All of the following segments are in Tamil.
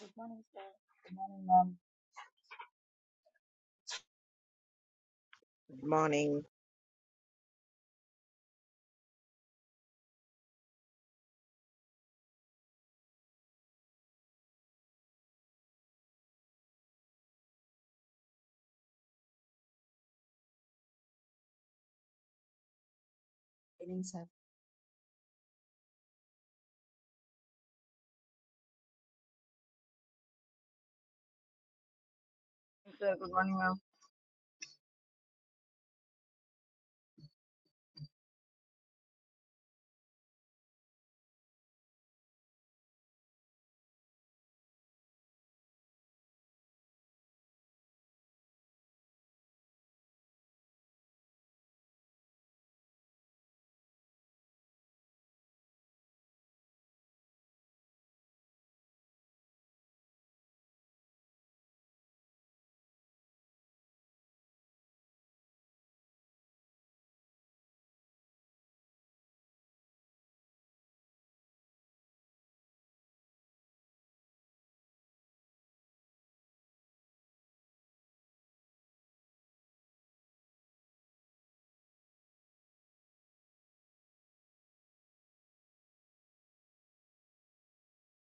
Good morning sir good morning ma'am good morning சரிங்க sir Hey, sir. Good morning, ma'am.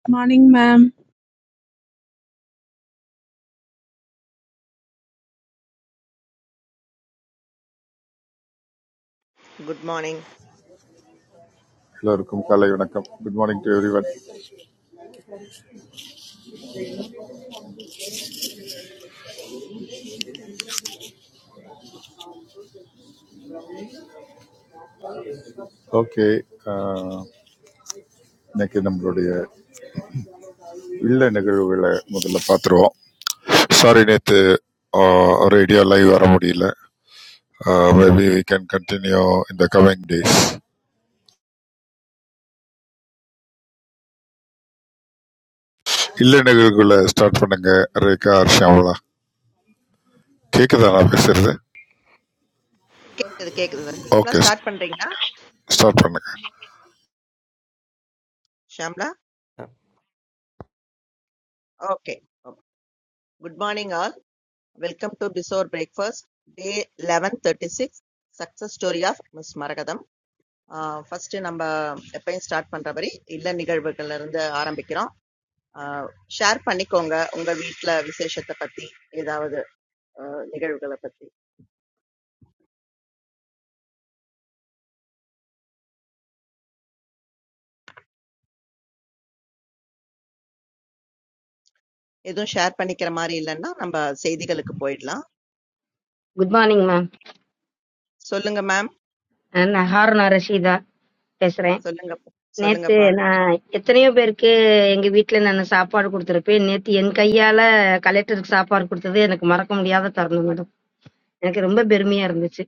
morning ma'am good morning எல்லோருக்கும் காலை வணக்கம் good morning to everyone okay இன்னைக்கு நம்மளுடைய இல்ல நிகழ்வுகளை முதல்ல பார்த்துருவோம் சாரி நேற்று ரேடியோ லைவ் வர முடியல மேபி வி கேன் கண்டினியூ இந்த கமிங் டேஸ் இல்ல நிகழ்வுகளை ஸ்டார்ட் பண்ணுங்க ரேகா ஷியாமலா கேட்குதா நான் பேசுறது கேக்குது கேக்குது ஷாம்லா ஓகே ஸ்டார்ட் பண்றீங்களா ஸ்டார்ட் பண்ணுங்க Shamla okay good morning all welcome to before breakfast day eleven thirty six success story of miss Maragatham first நம்ம எப்பயும் ஸ்டார்ட் பண்ற மாதிரி இல்ல நிகழ்வுகள்ல இருந்து ஆரம்பிக்கிறோம் ஷேர் பண்ணிக்கோங்க உங்க வீட்ல விசேஷத்தை பத்தி ஏதாவது ஆஹ், நிகழ்வுகளை பத்தி எதுவும் ஷேர் பண்ணிக்கிற மாதிரி இல்லைன்னா நம்ம செய்திகளுக்கு போயிடலாம் குட் மார்னிங் மேம் சொல்லுங்க மேம் நான் ஹாருனா ரஷீதா பேசுறேன் சொல்லுங்க நேத்து சொல்லுங்கப்பா நான் எத்தனையோ பேருக்கு எங்க வீட்ல நான் சாப்பாடு கொடுத்துருப்பேன் நேத்து என் கையால கலெக்டருக்கு சாப்பாடு கொடுத்தது எனக்கு மறக்க முடியாத தருணம் மேடம் எனக்கு ரொம்ப பெருமையா இருந்துச்சு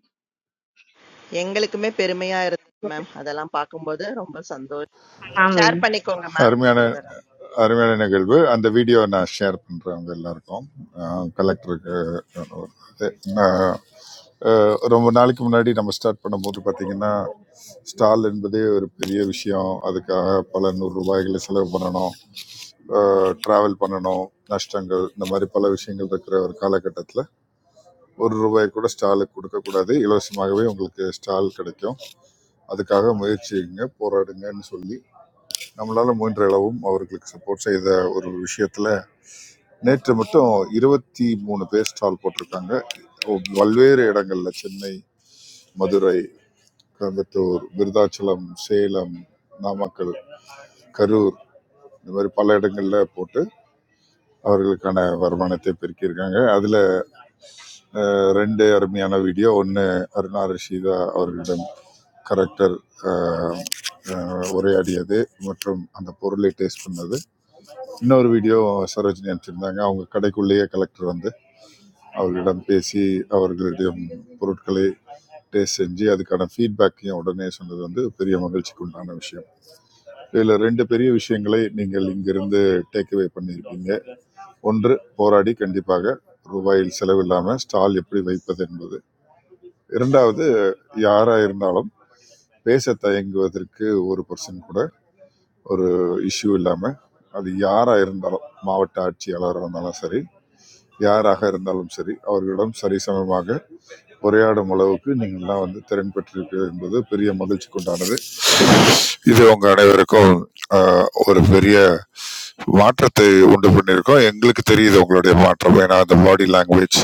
எங்களுக்குமே பெருமையா இருந்தது மேம். அதெல்லாம் பார்க்கும்போது ரொம்ப சந்தோஷம். ஆமா ஷேர் பண்ணிக்கோங்க மேம். அருமையான அடுத்த அருமையான நிகழ்வு அந்த வீடியோ நான் ஷேர் பண்றவங்க எல்லாருக்கும் கலெக்டருக்கு இது. ஆஹ், ரொம்ப நாளைக்கு முன்னாடி நம்ம ஸ்டார்ட் பண்ணும்போது பார்த்தீங்கன்னா ஸ்டால் என்பதே ஒரு பெரிய விஷயம் அதுக்காக பல நூறு ரூபாய்களை செலவு பண்ணணும் ட்ராவல் பண்ணணும் நஷ்டங்கள் இந்த மாதிரி பல விஷயங்கள் இருக்கிற ஒரு காலகட்டத்தில் ஒரு ரூபாய் கூட ஸ்டாலுக்கு கொடுக்கக்கூடாது இலவசமாகவே உங்களுக்கு ஸ்டால் கிடைக்கும் அதுக்காக முயற்சிங்க போராடுங்கன்னு சொல்லி நம்மளால முயன்ற அளவும் அவர்களுக்கு சப்போர்ட் செய்த ஒரு விஷயத்துல நேற்று மட்டும் இருபத்தி மூணு பேர் ஸ்டால் போட்டிருக்காங்க பல்வேறு இடங்கள்ல சென்னை மதுரை கோயம்புத்தூர் விருதாச்சலம் சேலம் நாமக்கல் கரூர் இந்த மாதிரி பல இடங்கள்ல போட்டு அவர்களுக்கான வருமானத்தை பெருக்கியிருக்காங்க அதுல அஹ், ரெண்டு அருமையான வீடியோ ஒன்று அருணா ரஷீதா அவர்களிடம் கரெக்டர் உரையாடியது மற்றும் அந்த பொருளை டேஸ்ட் பண்ணது இன்னொரு வீடியோ சரோஜினி அனுப்பிச்சிருந்தாங்க அவங்க கடைக்குள்ளேயே கலெக்டர் வந்து அவர்களிடம் பேசி அவர்களிடம் பொருட்களை டேஸ்ட் செஞ்சு அதுக்கான ஃபீட்பேக்கையும் உடனே சொன்னது வந்து பெரிய மகிழ்ச்சிக்கு உண்டான விஷயம் இதில் ரெண்டு பெரிய விஷயங்களை நீங்கள் இங்கிருந்து டேக் அவே பண்ணியிருப்பீங்க ஒன்று போராடி கண்டிப்பாக ரூபாயில் செலவில்லாமல் ஸ்டால் எப்படி வைப்பது என்பது இரண்டாவது யாராக இருந்தாலும் பேச தயங்குவதற்கு ஒரு பர்சன் கூட ஒரு இஷ்யூ இல்லாமல் அது யாராக இருந்தாலும் மாவட்ட ஆட்சியாளராக இருந்தாலும் சரி யாராக இருந்தாலும் சரி அவர்களிடம் சரிசமமாக உரையாடும் அளவுக்கு நீங்கள் தான் வந்து திறன் பெற்றிருப்பீர்கள் என்பது பெரிய மகிழ்ச்சிக்குண்டானது இது உங்க அனைவருக்கும் ஆஹ், ஒரு பெரிய மாற்றத்தை உண்டு பண்ணியிருக்கோம் எங்களுக்கு தெரியுது உங்களுடைய மாற்றம் ஏன்னா அந்த பாடி லாங்குவேஜ்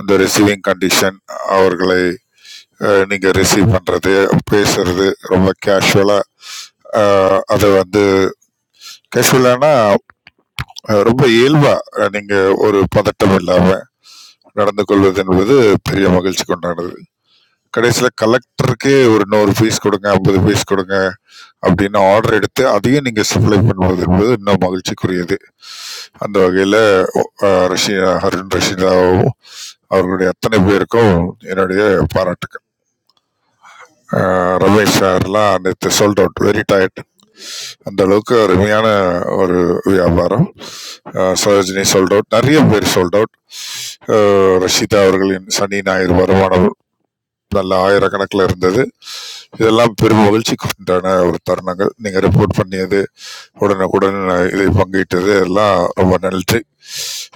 அந்த ரிசீவிங் கண்டிஷன் அவர்களை ஆஹ், நீங்க ரிசீவ் பண்றது பேசுறது ரொம்ப கேஷுவலா அதை வந்து கேஷுவலானா ரொம்ப இயல்பா ஆஹ், நீங்க ஒரு பதட்டம் இல்லாம நடந்து கொள்வது என்பது பெரிய மகிழ்ச்சிக்கு உண்டானது. கடைசியில கலெக்டருக்கே ஒரு 100 பீஸ் கொடுங்க, 50 பீஸ் கொடுங்க அப்படின்னு ஆர்டர் எடுத்து அதையும் நீங்க சப்ளை பண்ணுவது என்பது இன்னும் மகிழ்ச்சிக்குரியது. அந்த வகையில ஒ அ ரஷீனா அருண் ரஷீதாவும், அவர்களுடைய அத்தனை பேருக்கும் என்னுடைய பாராட்டுக்கள். அ ரமேஷ் சார்லாம் நேத்து சோல்ட் அவுட் வெரி டயர்ட். அந்த அளவுக்கு அருமையான ஒரு வியாபாரம். அ சரோஜினி சோல்ட் அவுட். நிறைய பேர் சோல்ட் அவுட். அ ரஷீதா அவர்களின் சனி ஞாயிறு வருமானம் நல்ல ஆயிரக்கணக்கில இருந்தது. இதெல்லாம் பெரும் மகிழ்ச்சிக்கு உண்டான ஒரு தருணங்கள். நீங்க ரிப்போர்ட் பண்ணியது, உடனுக்குடன் இதில் பங்கிட்டது எல்லாம் ரொம்ப நன்றி.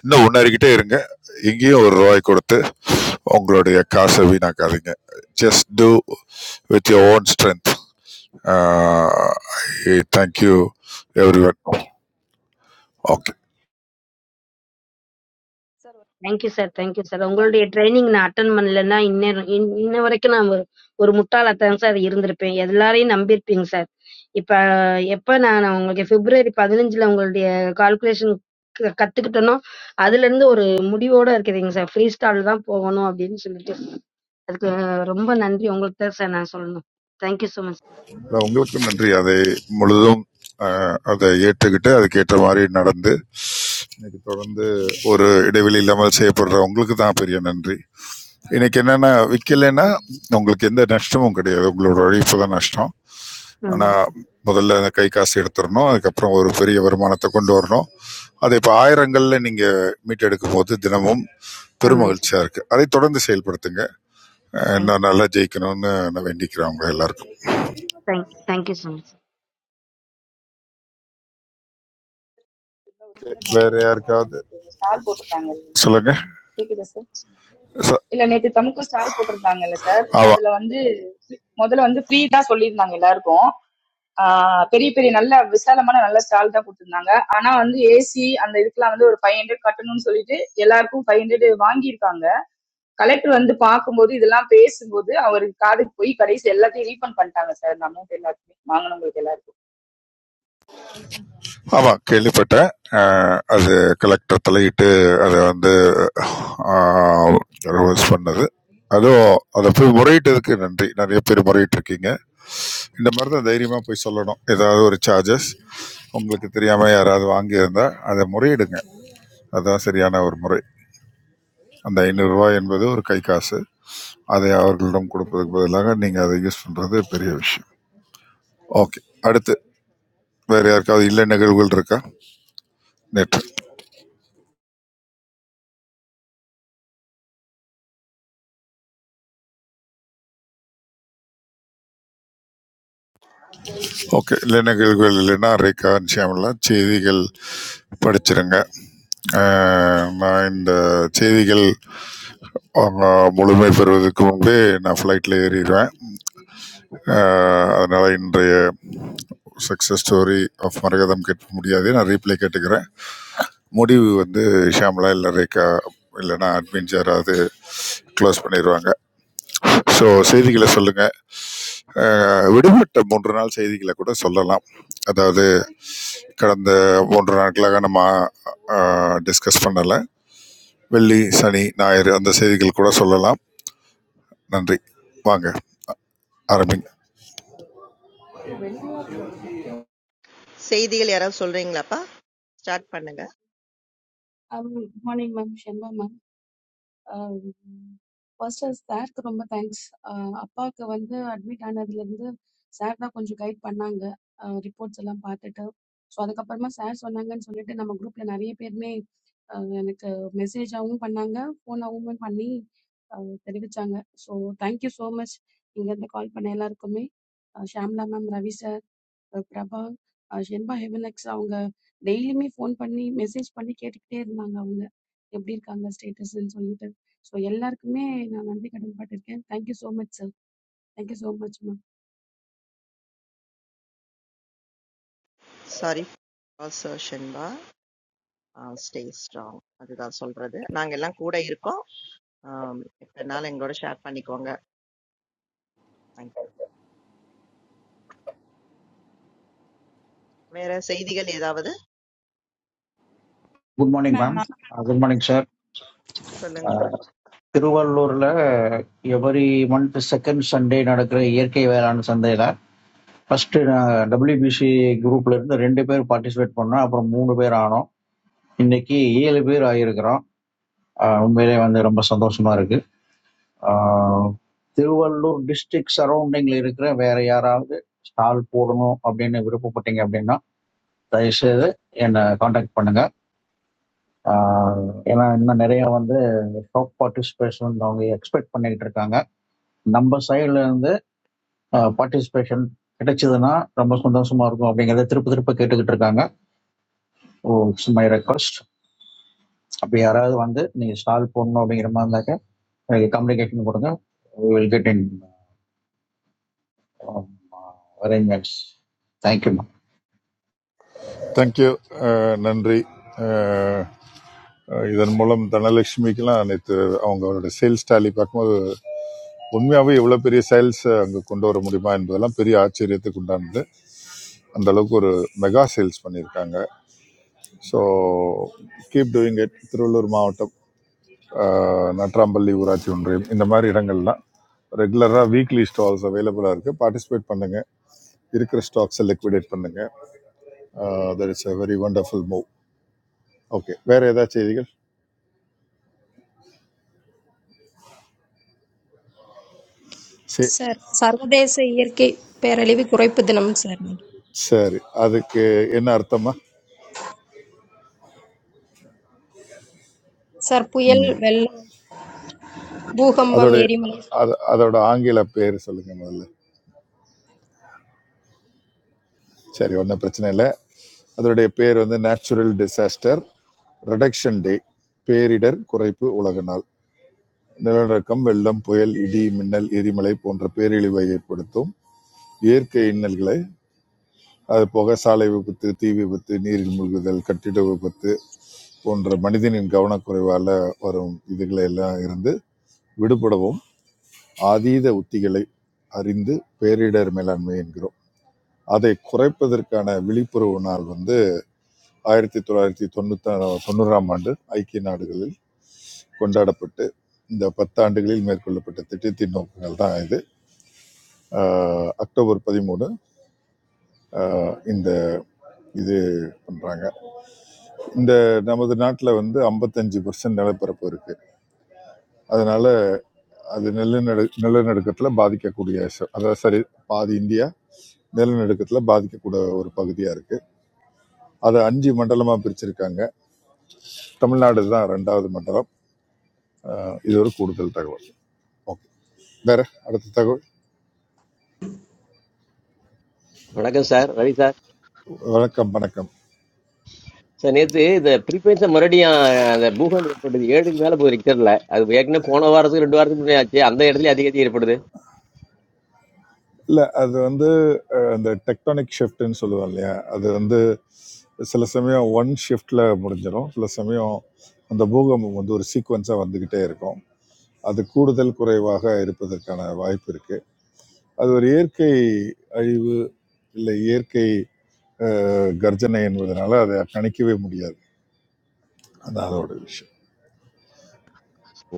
இன்னும் முன்னேறிக்கிட்டே இருங்க. எங்கேயும் ஒரு ரூபாய் கொடுத்து உங்களுடைய காச வீணாக்காதீங்க. Just do with your own strength. I thank you everyone. Okay. Sir ஒரு தேங்க்யூ சார் தகவல் தேங்க்யூ மட்டும் சார் உங்களுடைய சொல்லலாமா ட்ரைனிங் நான் அட்டன் பண்ணலைன்னா இன்னும் இன்ன வரைக்கும் நான் ஒரு ஒரு முட்டாளாத்தான் சார் இருந்திருப்பேன் எல்லாரையும் நம்பியிருப்பீங்க சார் இப்போ எப்போ நான் நான் உங்களுக்கு பிப்ரவரி பதினஞ்சில் உங்களுடைய கால்குலேஷன் கற்றுக்கிட்டனோ அதுலேருந்து ஒரு முடிவோடு இருக்குதுங்க சார் ஃப்ரீ ஸ்டால் தான் போகணும் அப்படின்னு சொல்லிட்டு அதுக்கு ரொம்ப நன்றி உங்களுக்கு தான் சார் நான் சொல்லணும் தேங்க்யூ ஸோ மச் அதான் உங்களுக்கும் நன்றி அதை முழுதும் அஹ், அதை ஏற்றுக்கிட்டு அதுக்கேற்ற மாதிரி நடந்து இன்னைக்கு தொடர்ந்து ஒரு இடைவெளி இல்லாமல் செய்யப்படுற உங்களுக்கு தான் பெரிய நன்றி இன்னைக்கு என்னன்னா விற்கலைன்னா சார் உங்களுக்கு எந்த நஷ்டமும் கிடையாது உங்களோட உழைப்பு தான் நஷ்டம் ஆனா ஆமாம் சார் முதல்ல அந்த கை காசு எடுத்துடணும் அதுக்கப்புறம் ஒரு பெரிய வருமானத்தை கொண்டு வரணும் அதை இப்போ ஆயிரங்கள்ல நீங்க மீட்டெடுக்கும் போது தினமும் ஆமாம் சார் பெருமகிழ்ச்சியா இருக்கு அதை தொடர்ந்து செயல்படுத்துங்க அஹ் தேங்க் இன்னும் நல்லா ஜெயிக்கணும்னு நான் வேண்டிக்கிறேன் உங்க எல்லாருக்கும் தேங்க் தேங்க்யூ ஸோ மச் இல்ல ஒரு சின்ன வேற தகவல் மட்டும் சொல்லணும் யாருக்காவது நேற்று ஸ்டார் போட்டிருந்தாங்க சொல்லுங்க கேக்குதா சார் ச- இல்ல நேற்று தமிழ்க்கு ஸ்டார் போட்டிருந்தாங்கல்ல சார் ஆமா அதுல வந்து முதல்ல வந்து ஃப்ரீ தான் சொல்லியிருந்தாங்க எல்லாருக்கும் ஆஹ் பெரிய பெரிய நல்ல விசாலமான நல்ல ஸ்டால் தான் கொடுத்திருந்தாங்க ஆனா வந்து ஏசி அந்த இதுக்கெல்லாம் வந்து ஒரு ஃபைவ் ஹண்ட்ரட் கட்டணும்னு சொல்லிட்டு எல்லாருக்கும் ஃபைவ் ஹண்ட்ரட் வாங்கியிருக்காங்க கலெக்டர் வந்து பார்க்கும்போது இதெல்லாம் பேசும்போது அவருக்கு காதுக்கு போய் கடைசி எல்லாத்தையும் ரீஃபண்ட் பண்ணிட்டாங்க சார் இந்த அமௌண்ட் எல்லாத்தையும் வாங்கினவங்களுக்கு எல்லாருக்கும் ஆமா கேள்விப்பட்டேன் அஹ், அது கலெக்டர் தலையிட்டு அதை வந்து ரிவர்ஸ் பண்ணது அதுவும் அதை போய் முறையிட்டதுக்கு நன்றி நிறைய பேர் முறையிட்டு இருக்கீங்க இந்த மாதிரி தான் தைரியமாக போய் சொல்லணும் ஏதாவது ஒரு சார்ஜஸ் உங்களுக்கு தெரியாமல் யாராவது வாங்கியிருந்தா அதை முறையிடுங்க அதுதான் சரியான ஒரு முறை அந்த ஐநூறு ரூபாய் என்பது ஒரு கை காசு அதை அவர்களிடம் கொடுப்பதற்கு பதிலாக நீங்கள் அதை யூஸ் பண்ணுறது பெரிய விஷயம் ஓகே அடுத்து வேறு யாருக்காவது இல்லை நிகழ்வுகள் இருக்கா நேற்று ஓகே இல்லை நிகழ்வுகள் இல்லைன்னா அரைக்கான்சியமெல்லாம் செய்திகள் படிச்சிருங்க அஹ், நான் இந்த செய்திகள் அவங்க முழுமை பெறுவதற்கு முன்பே நான் ஃப்ளைட்டில் ஏறிடுவேன் அஹ், அதனால இன்றைய சக்ஸஸ் ஸ்டோரி ஆஃப் மரகதம் கேட்க முடியாது நான் ரீப்ளே கேட்டுக்கிறேன் முடிவு வந்து ஷியாமலா இல்லை ரேகா இல்லைன்னா அட்மின் யாராவது க்ளோஸ் பண்ணிடுவாங்க ஸோ செய்திகளை சொல்லுங்கள் அஹ், விடுபட்ட மூன்று நாள் செய்திகளை கூட சொல்லலாம் அதாவது கடந்த மூன்று நாட்களாக நம்ம டிஸ்கஸ் பண்ணலை வெள்ளி சனி ஞாயிறு அந்த செய்திகள் கூட சொல்லலாம் நன்றி வாங்க ஆரம்பிங்க செய்திகள் யாராவது சொல்றீங்களாப்பா? ஸ்டார்ட் பண்ணுங்க. Good morning, mom. Shyamba, mom. First of all, thank you so much. Papa, the other admit another side. The guide, so so many reports. So so many. So thank you so much. So thank you so much. Prabha, Jyendra, heaven likes you guys. Daily me phone, funny, message, funny, get excited, mangga, you guys. Update, guys, status, and so on. So, yallar kme na nanti kadam patake. Thank you so much, sir. Thank you so much, ma. Sorry for சர்ஷன்பா. Stay strong. அதுதான் சொல்றது. நாங்க எல்லாம் கூட இருக்கோம். ஆம், எப்பனாலும் எங்களோட ஷேர் பண்ணிக்கோங்க. தேங்க்யூ. வேற செய்திகள் ஏதாவது குட் மார்னிங் மேம் மேம் நான் குட் மார்னிங் சார் சொல்லுங்க சார். திருவள்ளூர்ல எவரி மந்த் செகண்ட் சண்டே நடக்கிற இயற்கை வேளாண் சந்தையில ஃபர்ஸ்ட் டபிள்யூபிசி குரூப்ல இருந்து ரெண்டு பேர் பார்ட்டிசிபேட் பண்ணோம் அப்புறம் மூணு பேர் ஆனோம் இன்னைக்கு ஏழு பேர் ஆகியிருக்கிறோம் அஹ் உண்மையிலே வந்து ரொம்ப சந்தோஷமா இருக்கு அஹ் திருவள்ளூர் டிஸ்ட்ரிக்ட் சரௌண்டிங்ல இருக்கிற வேற யாராவது ஸ்டால் போடணும் அப்படின்னு விருப்பப்பட்டீங்க அப்படின்னா தயவுசெய்து என்னை காண்டாக்ட் பண்ணுங்க அஹ் ஏன்னா இன்னும் நிறைய வந்து டாப் பார்ட்டிசிபேஷன் அவங்க எக்ஸ்பெக்ட் பண்ணிட்டு இருக்காங்க நம்ம சைடுல இருந்து பார்ட்டிசிபேஷன் கிடைச்சதுன்னா ரொம்ப சந்தோஷமா இருக்கும் அப்படிங்கறத திருப்ப திருப்ப கேட்டுக்கிட்டு இருக்காங்க ஓ மை ரெக்வஸ்ட் அப்படி யாராவது வந்து நீங்க ஸ்டால் போடணும் அப்படிங்கிற மாதிரி இருந்தாக்க எனக்கு கம்யூனிகேஷன் கொடுங்க will get in arrangements thank you thank you நன்றி அஹ், அஹ், இதன் மூலம் தனலட்சுமிக்கெல்லாம் நேற்று அவங்க அவரோட சேல்ஸ் டாலி பார்க்கும்போது உண்மையாகவே இவ்வளோ பெரிய சேல்ஸ் அங்கே கொண்டு வர முடியுமா என்பதெல்லாம் பெரிய ஆச்சரியத்துக்கு உண்டானது அந்த அளவுக்கு ஒரு மெகா சேல்ஸ் பண்ணியிருக்காங்க so keep doing it Thiruvallur மாவட்டம் ஆஹ் நட்ராம்பள்ளி ஊராட்சி ஒன்றியம் இந்த மாதிரி இடங்கள்லாம் ரெகுலராக வீக்லி ஸ்டால்ஸ் அவைலபிளாக இருக்குது பார்ட்டிசிபேட் பண்ணுங்கள் இருக்கிற ஸ்டாக்ஸை லிக்விடேட் பண்ணுங்கள் that is a very wonderful move okay வேறு ஏதாவது செய்திகள் சரி சார் சர்வதேச இயற்கை பேரழிவு குறைப்பு தினம் சார் சரி அதுக்கு என்ன அர்த்தமா சார் புயல் வெள்ளம் பூகம்பம் அதோட எரிமலை அது அதோட ஆங்கில பேர் சொல்லுங்கள் முதல்ல சரி ஒன்றும் பிரச்சனை இல்லை அதோடைய பேர் வந்து நேச்சுரல் டிசாஸ்டர் ரிடக்ஷன் டே பேரிடர் குறைப்பு உலக நாள் நிலநடுக்கம், வெள்ளம், புயல், இடி, மின்னல், எரிமலை போன்ற பேரழிவை ஏற்படுத்தும் இயற்கை இன்னல்களை அது போக சாலை விபத்து, தீ விபத்து, நீரில் மூழ்குதல், கட்டிட விபத்து போன்ற மனிதனின் கவனக்குறைவால வரும் இதுகளை எல்லாம் இருந்து விடுபடவும் ஆதீத உத்திகளை அறிந்து பேரிடர் மேலாண்மை என்கிறோம் அதை குறைப்பதற்கான விழிப்புணர்வு நாள் வந்து ஆயிரத்தி தொள்ளாயிரத்தி தொண்ணூத்தி தொண்ணூறாம் ஆண்டு ஐக்கிய நாடுகளில் கொண்டாடப்பட்டு இந்த பத்தாண்டுகளில் மேற்கொள்ளப்பட்ட திட்டத்தின் நோக்கங்கள் தான் இது ஆஹ் அக்டோபர் பதிமூணு ஆஹ் இந்த இது பண்றாங்க இந்த நமது நாட்டில் வந்து 55% பர்சன்ட் நிலப்பரப்பு இருக்கு அதனால அது நிலநடு நிலநடுக்கத்தில் பாதிக்கக்கூடிய ச- அதாவது சரி பாதி இந்தியா நிலநடுக்கத்தில் பாதிக்கக்கூட ஒரு பகுதியா இருக்கு அதை அஞ்சு மண்டலமா பிரிச்சிருக்காங்க தமிழ்நாடு தான் ரெண்டாவது மண்டலம் ஆஹ் இது ஒரு கூடுதல் தகவல் ஓகே வேற அடுத்த தகவல் வணக்கம் சார் ரவி சார் வணக்கம் வணக்கம் சார் நேற்று இந்த ப்ரீபேஸை மறுபடியும் அந்த பூகம்பம் ஏற்பட்டது ஏழுக்கு மேலே போகுது ரிக்டரில் அது ஏற்கனவே போன வாரத்துக்கு ரெண்டு வாரத்துக்கு முன்னாடி ஆச்சு அந்த இடத்துல அதிகதி ஏற்படுது இல்லை அது வந்து அஹ், அந்த டெக்டானிக் ஷிஃப்ட்னு சொல்லுவோம் இல்லையா அது வந்து சில சமயம் ஒன் ஷிஃப்டில் முடிஞ்சிடும் சில சமயம் அந்த பூகம்பம் வந்து ஒரு சீக்வன்ஸாக வந்துக்கிட்டே இருக்கும் அது கூடுதல் குறைவாக இருப்பதற்கான வாய்ப்பு இருக்குது அது ஒரு இயற்கை அழிவு இல்லை இயற்கை அஹ், கர்ஜனை என்பதனால அதை கணிக்கவே முடியாது அது அதோட விஷயம்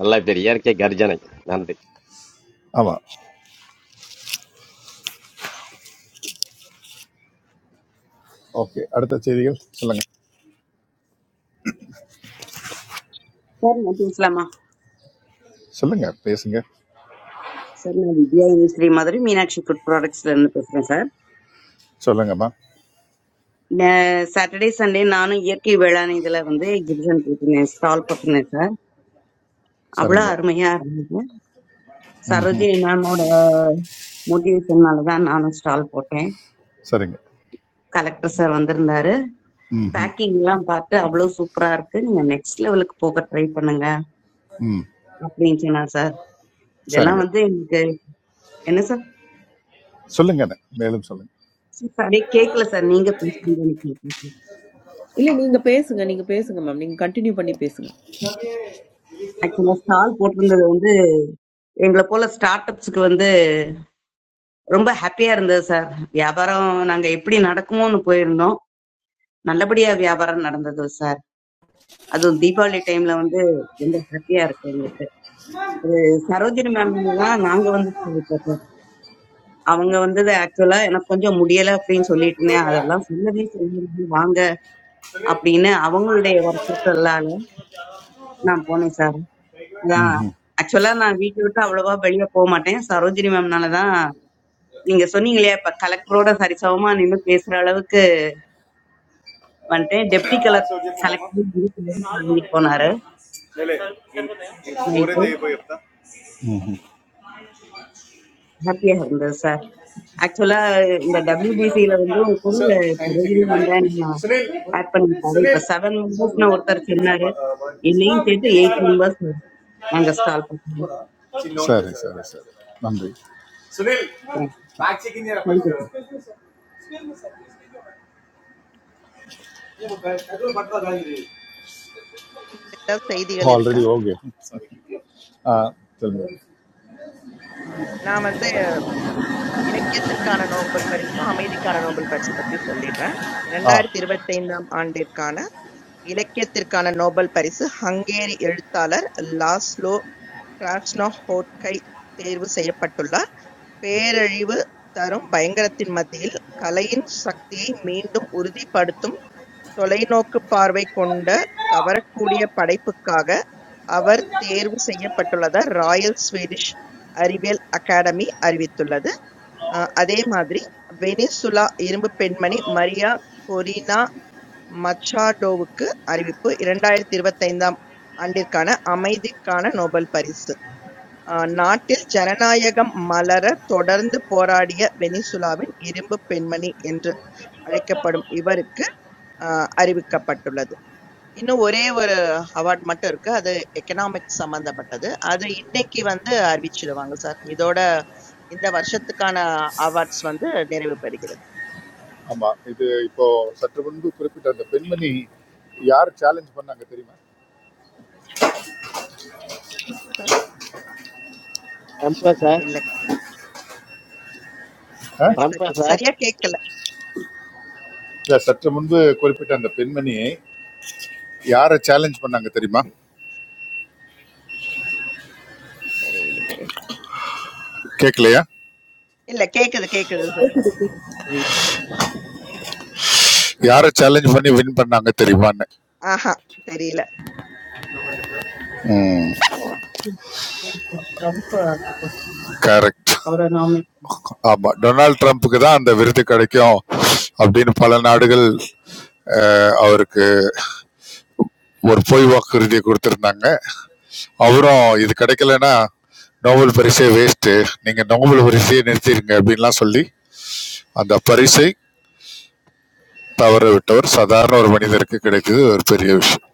நல்லா பேர் இயற்கை கர்ஜனை நன்றி ஆமாம் ஓகே அடுத்த செய்திகள் சொல்லுங்கள் சார் நான் பேசலாமா சொல்லுங்கள் பேசுங்க சார் நான் வித்யா ஸ்ரீ மாதிரி மீனாட்சி ஃபுட் ப்ராடக்ட்ஸ்ல இருந்து பேசுறேன் சார் சொல்லுங்கம்மா நே- சாட்டர்டே சண்டே நானும் இயற்கை வேளாண் இதுல வந்து எக்ஸிபிஷன் போட்டிருந்தேன் ஸ்டால் போட்டிருந்தேன் சார் சரிங்க அவ்வளவு அருமையா இருந்தது சரோஜினி மேமோட மோட்டிவேஷன்னால தான் நானும் ஸ்டால் போட்டேன் சரிங்க கலெக்டர் சார் வந்திருந்தாரு ம் பேக்கிங் எல்லாம் பார்த்து அவ்வளவு சூப்பரா இருக்கு நீங்க நெக்ஸ்ட் லெவலுக்கு போக ட்ரை பண்ணுங்க அப்படின்னு சொன்னார் சார் இதெல்லாம் சரிங்க வந்து எனக்கு என்ன சார் சொல்லுங்க மேலும் சொல்லுங்க சார், அப்படியே கேட்கல சார் நீங்க பேசுறீங்க இல்ல நீங்க பேசுங்க நீங்க பேசுங்க மேம் நீங்க கண்டினியூ பண்ணி பேசுங்க ஆக்சுவலா ஸ்டால் போட்டிருந்தது எங்களை போல ஸ்டார்ட் அப்ஸ்க்கு வந்து ரொம்ப ஹாப்பியா இருந்தது சார் வியாபாரம் நாங்க எப்படி நடக்குமோன்னு போயிருந்தோம் நல்லபடியா வியாபாரம் நடந்தது சார் அதுவும் தீபாவளி டைம்ல வந்து ரொம்ப ஹாப்பியா இருக்கு எங்களுக்கு அது சரோஜினி மேம் தான் நாங்க வந்து சொல்லிட்டோம் அவங்க வந்தது ஆக்சுவலா எனக்கு கொஞ்சம் முடியல அப்படின்னு சொல்லிட்டு இருந்தேன் அதெல்லாம் சொல்லவே சொல்லி வாங்க அப்படின்னு அவங்களுடைய வற்புறுத்தலால நான் போனேன் சார் அதான் ஆக்சுவலா நான் வீட்டை விட்டு அவ்வளவா வெளியே போக மாட்டேன் சரோஜினி மேம்னால தான் நீங்க சொன்னீங்களே இப்ப கலெக்டரோட சரிசமமா நின்னு பேசுற அளவுக்கு வந்துட்டு டெப்டி கலர் கலெக்டர் வாங்கி போனாரு நைட்டு ஹாப்பியா இருந்தது சார் ஆக்சுவலா இந்த டபிள்யூபிசியில வந்து ஒரு பொருள் ரஜினி முந்தானி சரி ஆட் பண்ணிருக்காரு இப்ப செவன் மெம்பர்ஸ் ஒருத்தர் சொன்னாரு என்னையும் சேர்த்து எயிட் மெம்பர்ஸ் நாங்க ஸ்டால் சரி சரி நன்றி பண்ணுவோம் ஏதாவது செய்திகள் இருக்கா? ஆல்ரெடி ஓகே ஆ சொல்லுங்க ஆ, நான் வந்து இலக்கியத்திற்கான நோபல் பரிசும் அமைதிக்கான நோபல் பரிசு பத்தி சொல்லிடுறேன். ஆ 2025 இருபத்தைந்தாம் ஆண்டிற்கான இலக்கியத்திற்கான நோபல் பரிசு ஹங்கேரிய எழுத்தாளர் லாஸ்லோ கிராஸ்னஹோர்க்கை தேர்வு செய்யப்பட்டுள்ளார். பேரழிவு தரும் பயங்கரத்தின் மத்தியில் கலையின் சக்தியை மீண்டும் உறுதிப்படுத்தும் தொலைநோக்குப் பார்வை கொண்ட கவரக்கூடிய படைப்புக்காக அவர் தேர்வு செய்யப்பட்டுள்ளதாக ராயல் ஸ்வீடிஷ் அறிவியல் அகாடமி அறிவித்துள்ளது. அஹ் அதே மாதிரி வெனிசுலா இரும்புப் பெண்மணி மரியா கொரினா மச்சாடோவுக்கு அறிவிப்பு இரண்டாயிரத்து இருபத்தைந்தாம் ஆண்டிற்கான அமைதிக்கான நோபல் பரிசு நாட்டில் ஜனநாயகம் மலர தொடர்ந்து போராடிய வெனிசுலாவின் இரும்புப் பெண்மணி என்று அழைக்கப்படும் இவருக்கு ஆஹ், அறிவிக்கப்பட்டுள்ளது. இன்னும் ஒரே ஒரு அவார்ட் மட்டும் இருக்கு. அது எக்கனாமிக்ஸ் சம்பந்தப்பட்டது. அது இன்னைக்கு வந்து அறிவிச்சிடுவாங்க சார். இதோட இந்த வருஷத்துக்கான அவார்ட்ஸ் வந்து நிறைவு பெறுகிறது. ஆமாம் இது இப்போ சற்று முன்பு குறிப்பிட்ட அந்த பெண்மணி யார் சேலஞ்ச் பண்ணாங்க தெரியுமா சார், ட்ரம்ப்பா சார் இல்ல ஆ இல்ல, ட்ரம்ப்பா சரி- சார் சரியா கேட்கல. இல்லை சற்று முன்பு குறிப்பிட்ட அந்த பெண்மணியை யாரை சேலஞ்ச் பண்ணாங்க தெரியுமா தெரியலையே. கேட்கலையா இல்ல கேக்குது கேக்குது சார். ரவி யாரை சேலஞ்ச் பண்ணி வின் பண்ணாங்க தெரியுமான்னு ஆஹா தெரியல. ரொம்ப கரெக்ட் அவரோனாமி ஆமா டொனால்ட் ட்ரம்ப்புக்கு தான் அந்த விருது கிடைக்கும் அப்படின்னு பல நாடுகள் அஹ், அவருக்கு ஒரு பொய் வாக்குறுதியை கொடுத்திருந்தாங்க அவரும் இது கிடைக்கலன்னா நோபல் பரிசே வேஸ்ட்டு நீங்கள் நோபல் பரிசையே நிறுத்திடுங்க அப்படின்லாம் சொல்லி அந்த பரிசை தவற விட்டவர் சாதாரண ஒரு மனிதருக்கு கிடைத்தது ஒரு பெரிய விஷயம்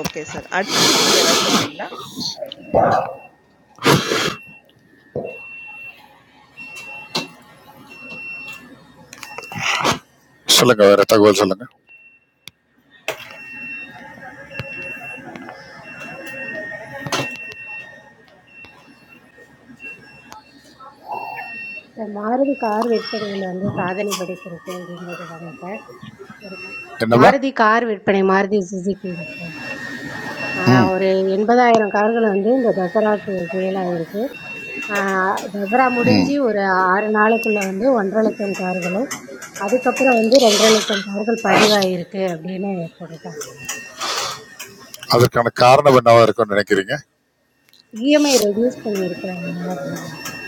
ஓகே சார். அடுத்த செய்தி யாராவது சொல்றீங்களா? சொல்லுங்க வேற தகவல் சொல்லுங்க சார் மாருதி கார் விற்பனையில் வந்து சாதனை படைத்திருக்கு அப்படின்னு போட்டிருக்காங்க சார் ஒரு பா- என்னவா மாருதி கார் விற்பனை மாருதி சுசுகி சார் ஆஹ் ஒரு எண்பதாயிரம் கார்கள் வந்து இந்த தசராக்கு சேல் ஆயிருக்கு ஆஹ் தசரா முடிஞ்சு ஒரு ஆறு நாளுக்குள்ள வந்து ஒன்றரை லட்சம் கார்களும் அதுக்கப்புறம் வந்து ரெண்டரை லட்சம் கார்கள் பதிவாயிருக்கு அப்படின்னு போட்டிருக்காங்க அதற்கான காரணம் என்னவா இருக்கும்னு நினைக்கிறீங்க இஎம்ஐ ரெடியூஸ் பண்ணியிருக்காங்க அப்படின்னு நினைக்கிறேன்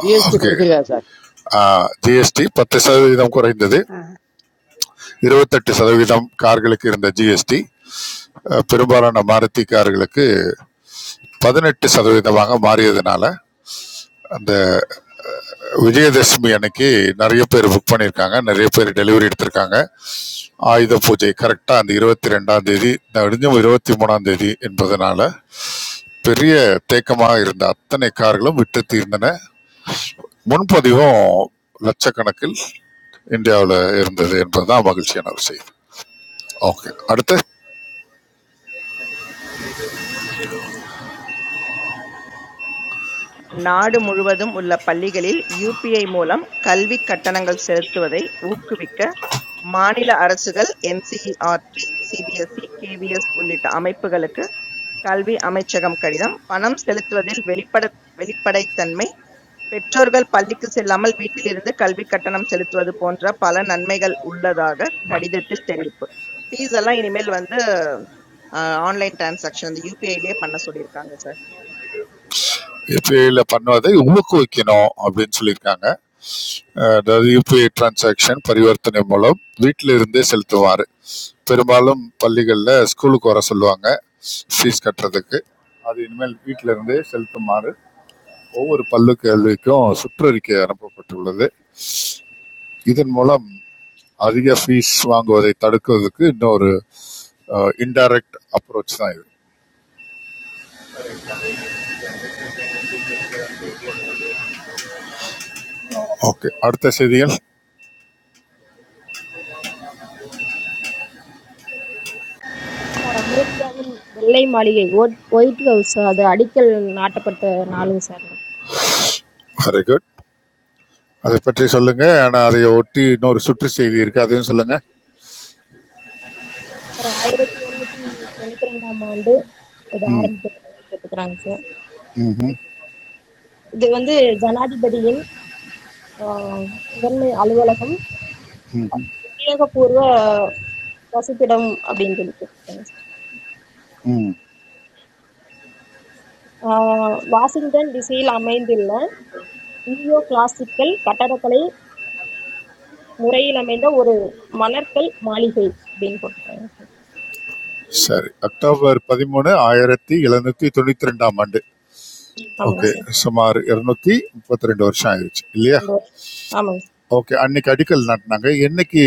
ஜிஎஸ்டி ஓகே குறைச்சிருக்காரு சார் ஜிஎஸ்டி பத்து சதவீதம் குறைந்தது இருபத்தெட்டு சதவீதம் கார்களுக்கு இருந்த ஜிஎஸ்டி பெரும்பாலான மாருதி கார்களுக்கு பதினெட்டு சதவீதமாக மாறியதுனால அந்த விஜயதசமி அன்னைக்கு நிறைய பேர் புக் பண்ணியிருக்காங்க நிறைய பேர் டெலிவரி எடுத்திருக்காங்க ஆயுத பூஜை கரெக்டாக அந்த இருபத்தி ரெண்டாம் தேதி நெடுஞ்சும் இருபத்தி மூணாம் தேதி என்பதனால பெரிய தேக்கமாக இருந்த அத்தனை கார்களும் விட்டு தீர்ந்தன முன்பதிவும் லட்சக்கணக்கில் இந்தியாவில் இருந்தது என்பதுதான் மகிழ்ச்சியான ஒரு செய்தி ஓகே அடுத்து நாடு முழுவதும் உள்ள பள்ளிகளில் யுபிஐ மூலம் கல்விக் கட்டணங்கள் செலுத்துவதை ஊக்குவிக்க மாநில அரசுகள் NCERT, CBSE, KVS உள்ளிட்ட அமைப்புகளுக்கு கல்வி அமைச்சகம் கடிதம். பணம் செலுத்துவதில் வெளிப்பட வெளிப்படைத்தன்மை பெற்றோர்கள் பள்ளிக்குச் செல்லாமல் வீட்டிலிருந்து கல்விக் கட்டணம் செலுத்துவது போன்ற பல நன்மைகள் உள்ளதாக கடிதத்தில் தெரிவிப்பு. ஃபீஸ் எல்லாம் இனிமேல் வந்து ஆன்லைன் டிரான்சாக்ஷன் அந்த யூபிஐலயே பண்ண சொல்லியிருக்காங்க சார். யூபிஐயில் பண்ணுவதை ஊக்குவிக்கணும் அப்படின்னு சொல்லியிருக்காங்க அஹ் அதாவது யூபிஐ டிரான்சாக்ஷன் பரிவர்த்தனை மூலம் வீட்டில் இருந்தே செலுத்துவார் பெரும்பாலும் பள்ளிகளில் ஸ்கூலுக்கு வர சொல்லுவாங்க ஃபீஸ் கட்டுறதுக்கு அது இனிமேல் வீட்டில் இருந்தே செலுத்துமாறு ஒவ்வொரு பள்ளி கல்விக்கும் சுற்றறிக்கை அனுப்பப்பட்டுள்ளது இதன் மூலம் அதிக ஃபீஸ் வாங்குவதைத் தடுக்கிறதுக்கு இன்னொரு இன்டைரக்ட் அப்ரோச் தான் இது ஓகே அடுத்த செய்திகள் சார் அமெரிக்காவின் வெள்ளை மாளிகை ஒட்- ஒயிட் ஹவுஸ் அது அடிக்கல் நாட்டப்பட்ட நாளுங்க சார் வெரி குட் அதை பற்றி சொல்லுங்க ஆனால் அதை ஒட்டி இன்னொரு சுற்று செய்தி இருக்கு அதையும் சொல்லுங்க சார் ஆயிரத்தி எழுநூத்தி தொண்ணூத்தி ரெண்டாம் ஆண்டு இது ஆரம்பிச்சிருக்காங்க போட்டுக்கிறாங்க சார் இது வந்து ஜனாதிபதியின் ஆஹ், முதன்மை அலுவலகம் உத்தியோகபூர்வ வசிப்பிடம் அப்படின்னு சொல்லி போட்டுருக்காங்க சார் ம். ஆஹ், வாஷிங்டன் டிசியில் அமைந்துள்ள நியூயோ கிளாசிக்கல் கட்டடக்கலை முறையில் அமைந்த ஒரு மலர்கள் மாளிகை அப்படின்னு போட்டுருக்காங்க சரி அக்டோபர் பதிமூணு ஆயிரத்தி எழுநூத்தி தொண்ணூத்தி ரெண்டாம் ஆண்டு சார் ஆமாங்க ஓகே சார் சுமார் இருநூத்தி முப்பத்தி ரெண்டு வருஷம் ஆயிடுச்சு இல்லையா ரெண்டு வருஷம் ஆமாங்க ஓகே அன்னைக்கு அடிக்கல் நாட்டினாங்க என்னைக்கு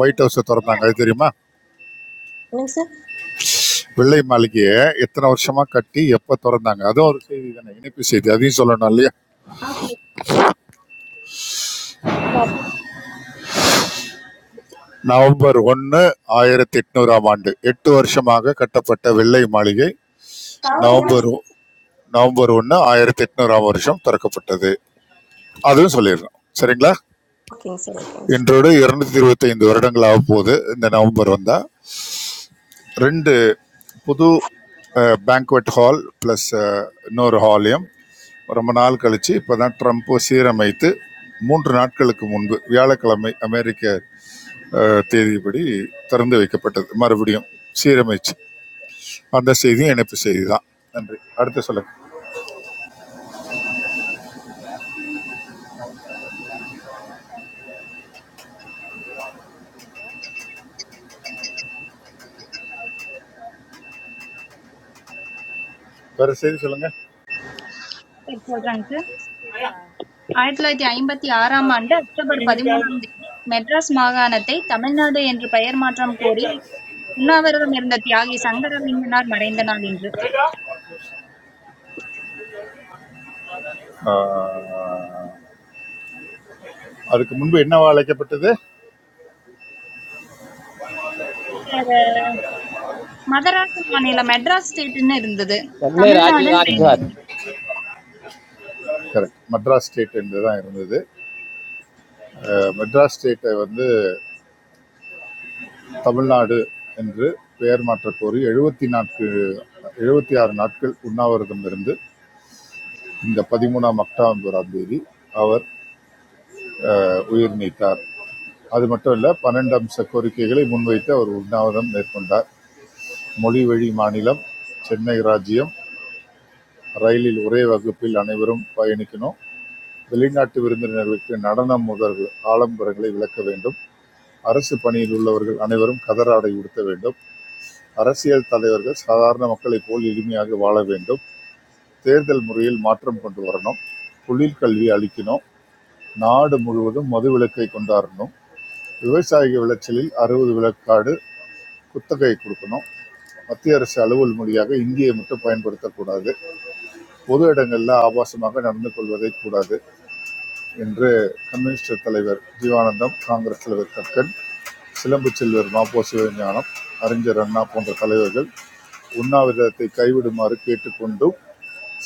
ஒயிட் ஹவுஸை சார் திறந்தாங்க என்னங்க அது தெரியுமா சார் வெள்ளை மாளிகையை எத்தனை வருஷமா கட்டி எப்ப திறந்தாங்க அதுவும் ஒரு செய்தி தானே இணைப்பு செய்தி அதையும் சொல்லணும் இல்லையா சார் நவம்பர் ஒன்று ஆயிரத்தி எட்நூறாம் ஆண்டு எட்டு வருஷமாக கட்டப்பட்ட வெள்ளை மாளிகை நவம்பர் ஒ- நவம்பர் ஒன்று ஆயிரத்தி எட்நூறாம் வருஷம் திறக்கப்பட்டது அதுவும் சொல்லிடுறோம் சரிங்களா ஓகேங்க சார் ஓகேங்க சார் இன்றோடு இருநூத்தி இருபத்தைந்து வருடங்கள் ஆக போகுது இந்த நவம்பர் வந்தால் ரெண்டு புது பேங்க்வெட் ஹால் ப்ளஸ் இன்னொரு ஹாலையும் ரொம்ப நாள் கழித்து இப்போ தான் ட்ரம்ப்பு சீரமைத்து மூன்று நாட்களுக்கு முன்பு வியாழக்கிழமை அமெரிக்க அஹ், தேதிப்படி திறந்து வைக்கப்பட்டது மறுபடியும் சீரமைச்சு அந்த செய்தியும் இணைப்பு செய்தி தான் நன்றி அடுத்து சொல்லுங்க வேற செய்தி சொல்லுங்க பேர் ஷாமா சொல்றேங்க நான் சார் பேசி கேக்குதா ஆயிரத்தி தொள்ளாயிரத்தி ஐம்பத்தி ஆறாம் ஆண்டு அக்டோபர் பதிமூணாம் தேதி மெட்ராஸ் மாகாணத்தை தமிழ்நாடு என்று பெயர் மாற்றம் கோரி உண்ணாவிரதம் இருந்த தியாகி சங்கரலிங்கனார் மறைந்த நாள் இன்று அஹ், அதுக்கு முன்பு என்னவா அழைக்கப்பட்டது மதராஸ் மாநிலம் மெட்ராஸ் ஸ்டேட்னு இருந்தது சென்னை தமிழ்நாடன் ராஜீவ்தானி சார் கரெக்ட் மெட்ராஸ் ஸ்டேட் என்று தான் இருந்தது அஹ், மெட்ராஸ் ஸ்டேட்டை வந்து தமிழ்நாடு என்று பெயர் மாற்றக் கோரி எழுபத்தி நான்கு எழுபத்தி ஆறு நாட்கள் உண்ணாவிரதம் இருந்து இந்த பதிமூணாம் அக்டோபராம் தேதி அவர் அஹ், உயிர் நீத்தார் அது மட்டும் இல்ல பன்னெண்டு அம்ச கோரிக்கைகளை முன்வைத்து அவர் உண்ணாவிரதம் மேற்கொண்டார் மொழிவழி மாநிலம் சென்னை ராஜ்ஜியம் ரயிலில் ஒரே வகுப்பில் அனைவரும் பயணிக்கணும் வெளிநாட்டு விருந்தினர்களுக்கு நடனம் முதல் ஆலம்பரங்களை விளக்க வேண்டும் அரசு பணியில் உள்ளவர்கள் அனைவரும் கதராடை உடுத்த வேண்டும் அரசியல் தலைவர்கள் சாதாரண மக்களைப் போல் எளிமையாக வாழ வேண்டும் தேர்தல் முறையில் மாற்றம் கொண்டு வரணும் தொழில் கல்வி அளிக்கணும் நாடு முழுவதும் மது விலக்கை கொண்டாடணும் விவசாய விளைச்சலில் அறுபது விளக்காடு குத்தகை கொடுக்கணும் மத்திய அரசு அலுவல் மொழியாக இந்தியை மட்டும் பயன்படுத்தக்கூடாது பொது இடங்களில் ஆபாசமாக நடந்து கொள்வதை கூடாது என்று கம்யூனிஸ்ட் தலைவர் ஜீவானந்தம் காங்கிரஸ் தலைவர் கக்கன் சிலம்பு செல்வர் மாப்போ சிவஞானம் அறிஞர் அண்ணா போன்ற தலைவர்கள் உண்ணாவிரதத்தை கைவிடுமாறு கேட்டுக்கொண்டும்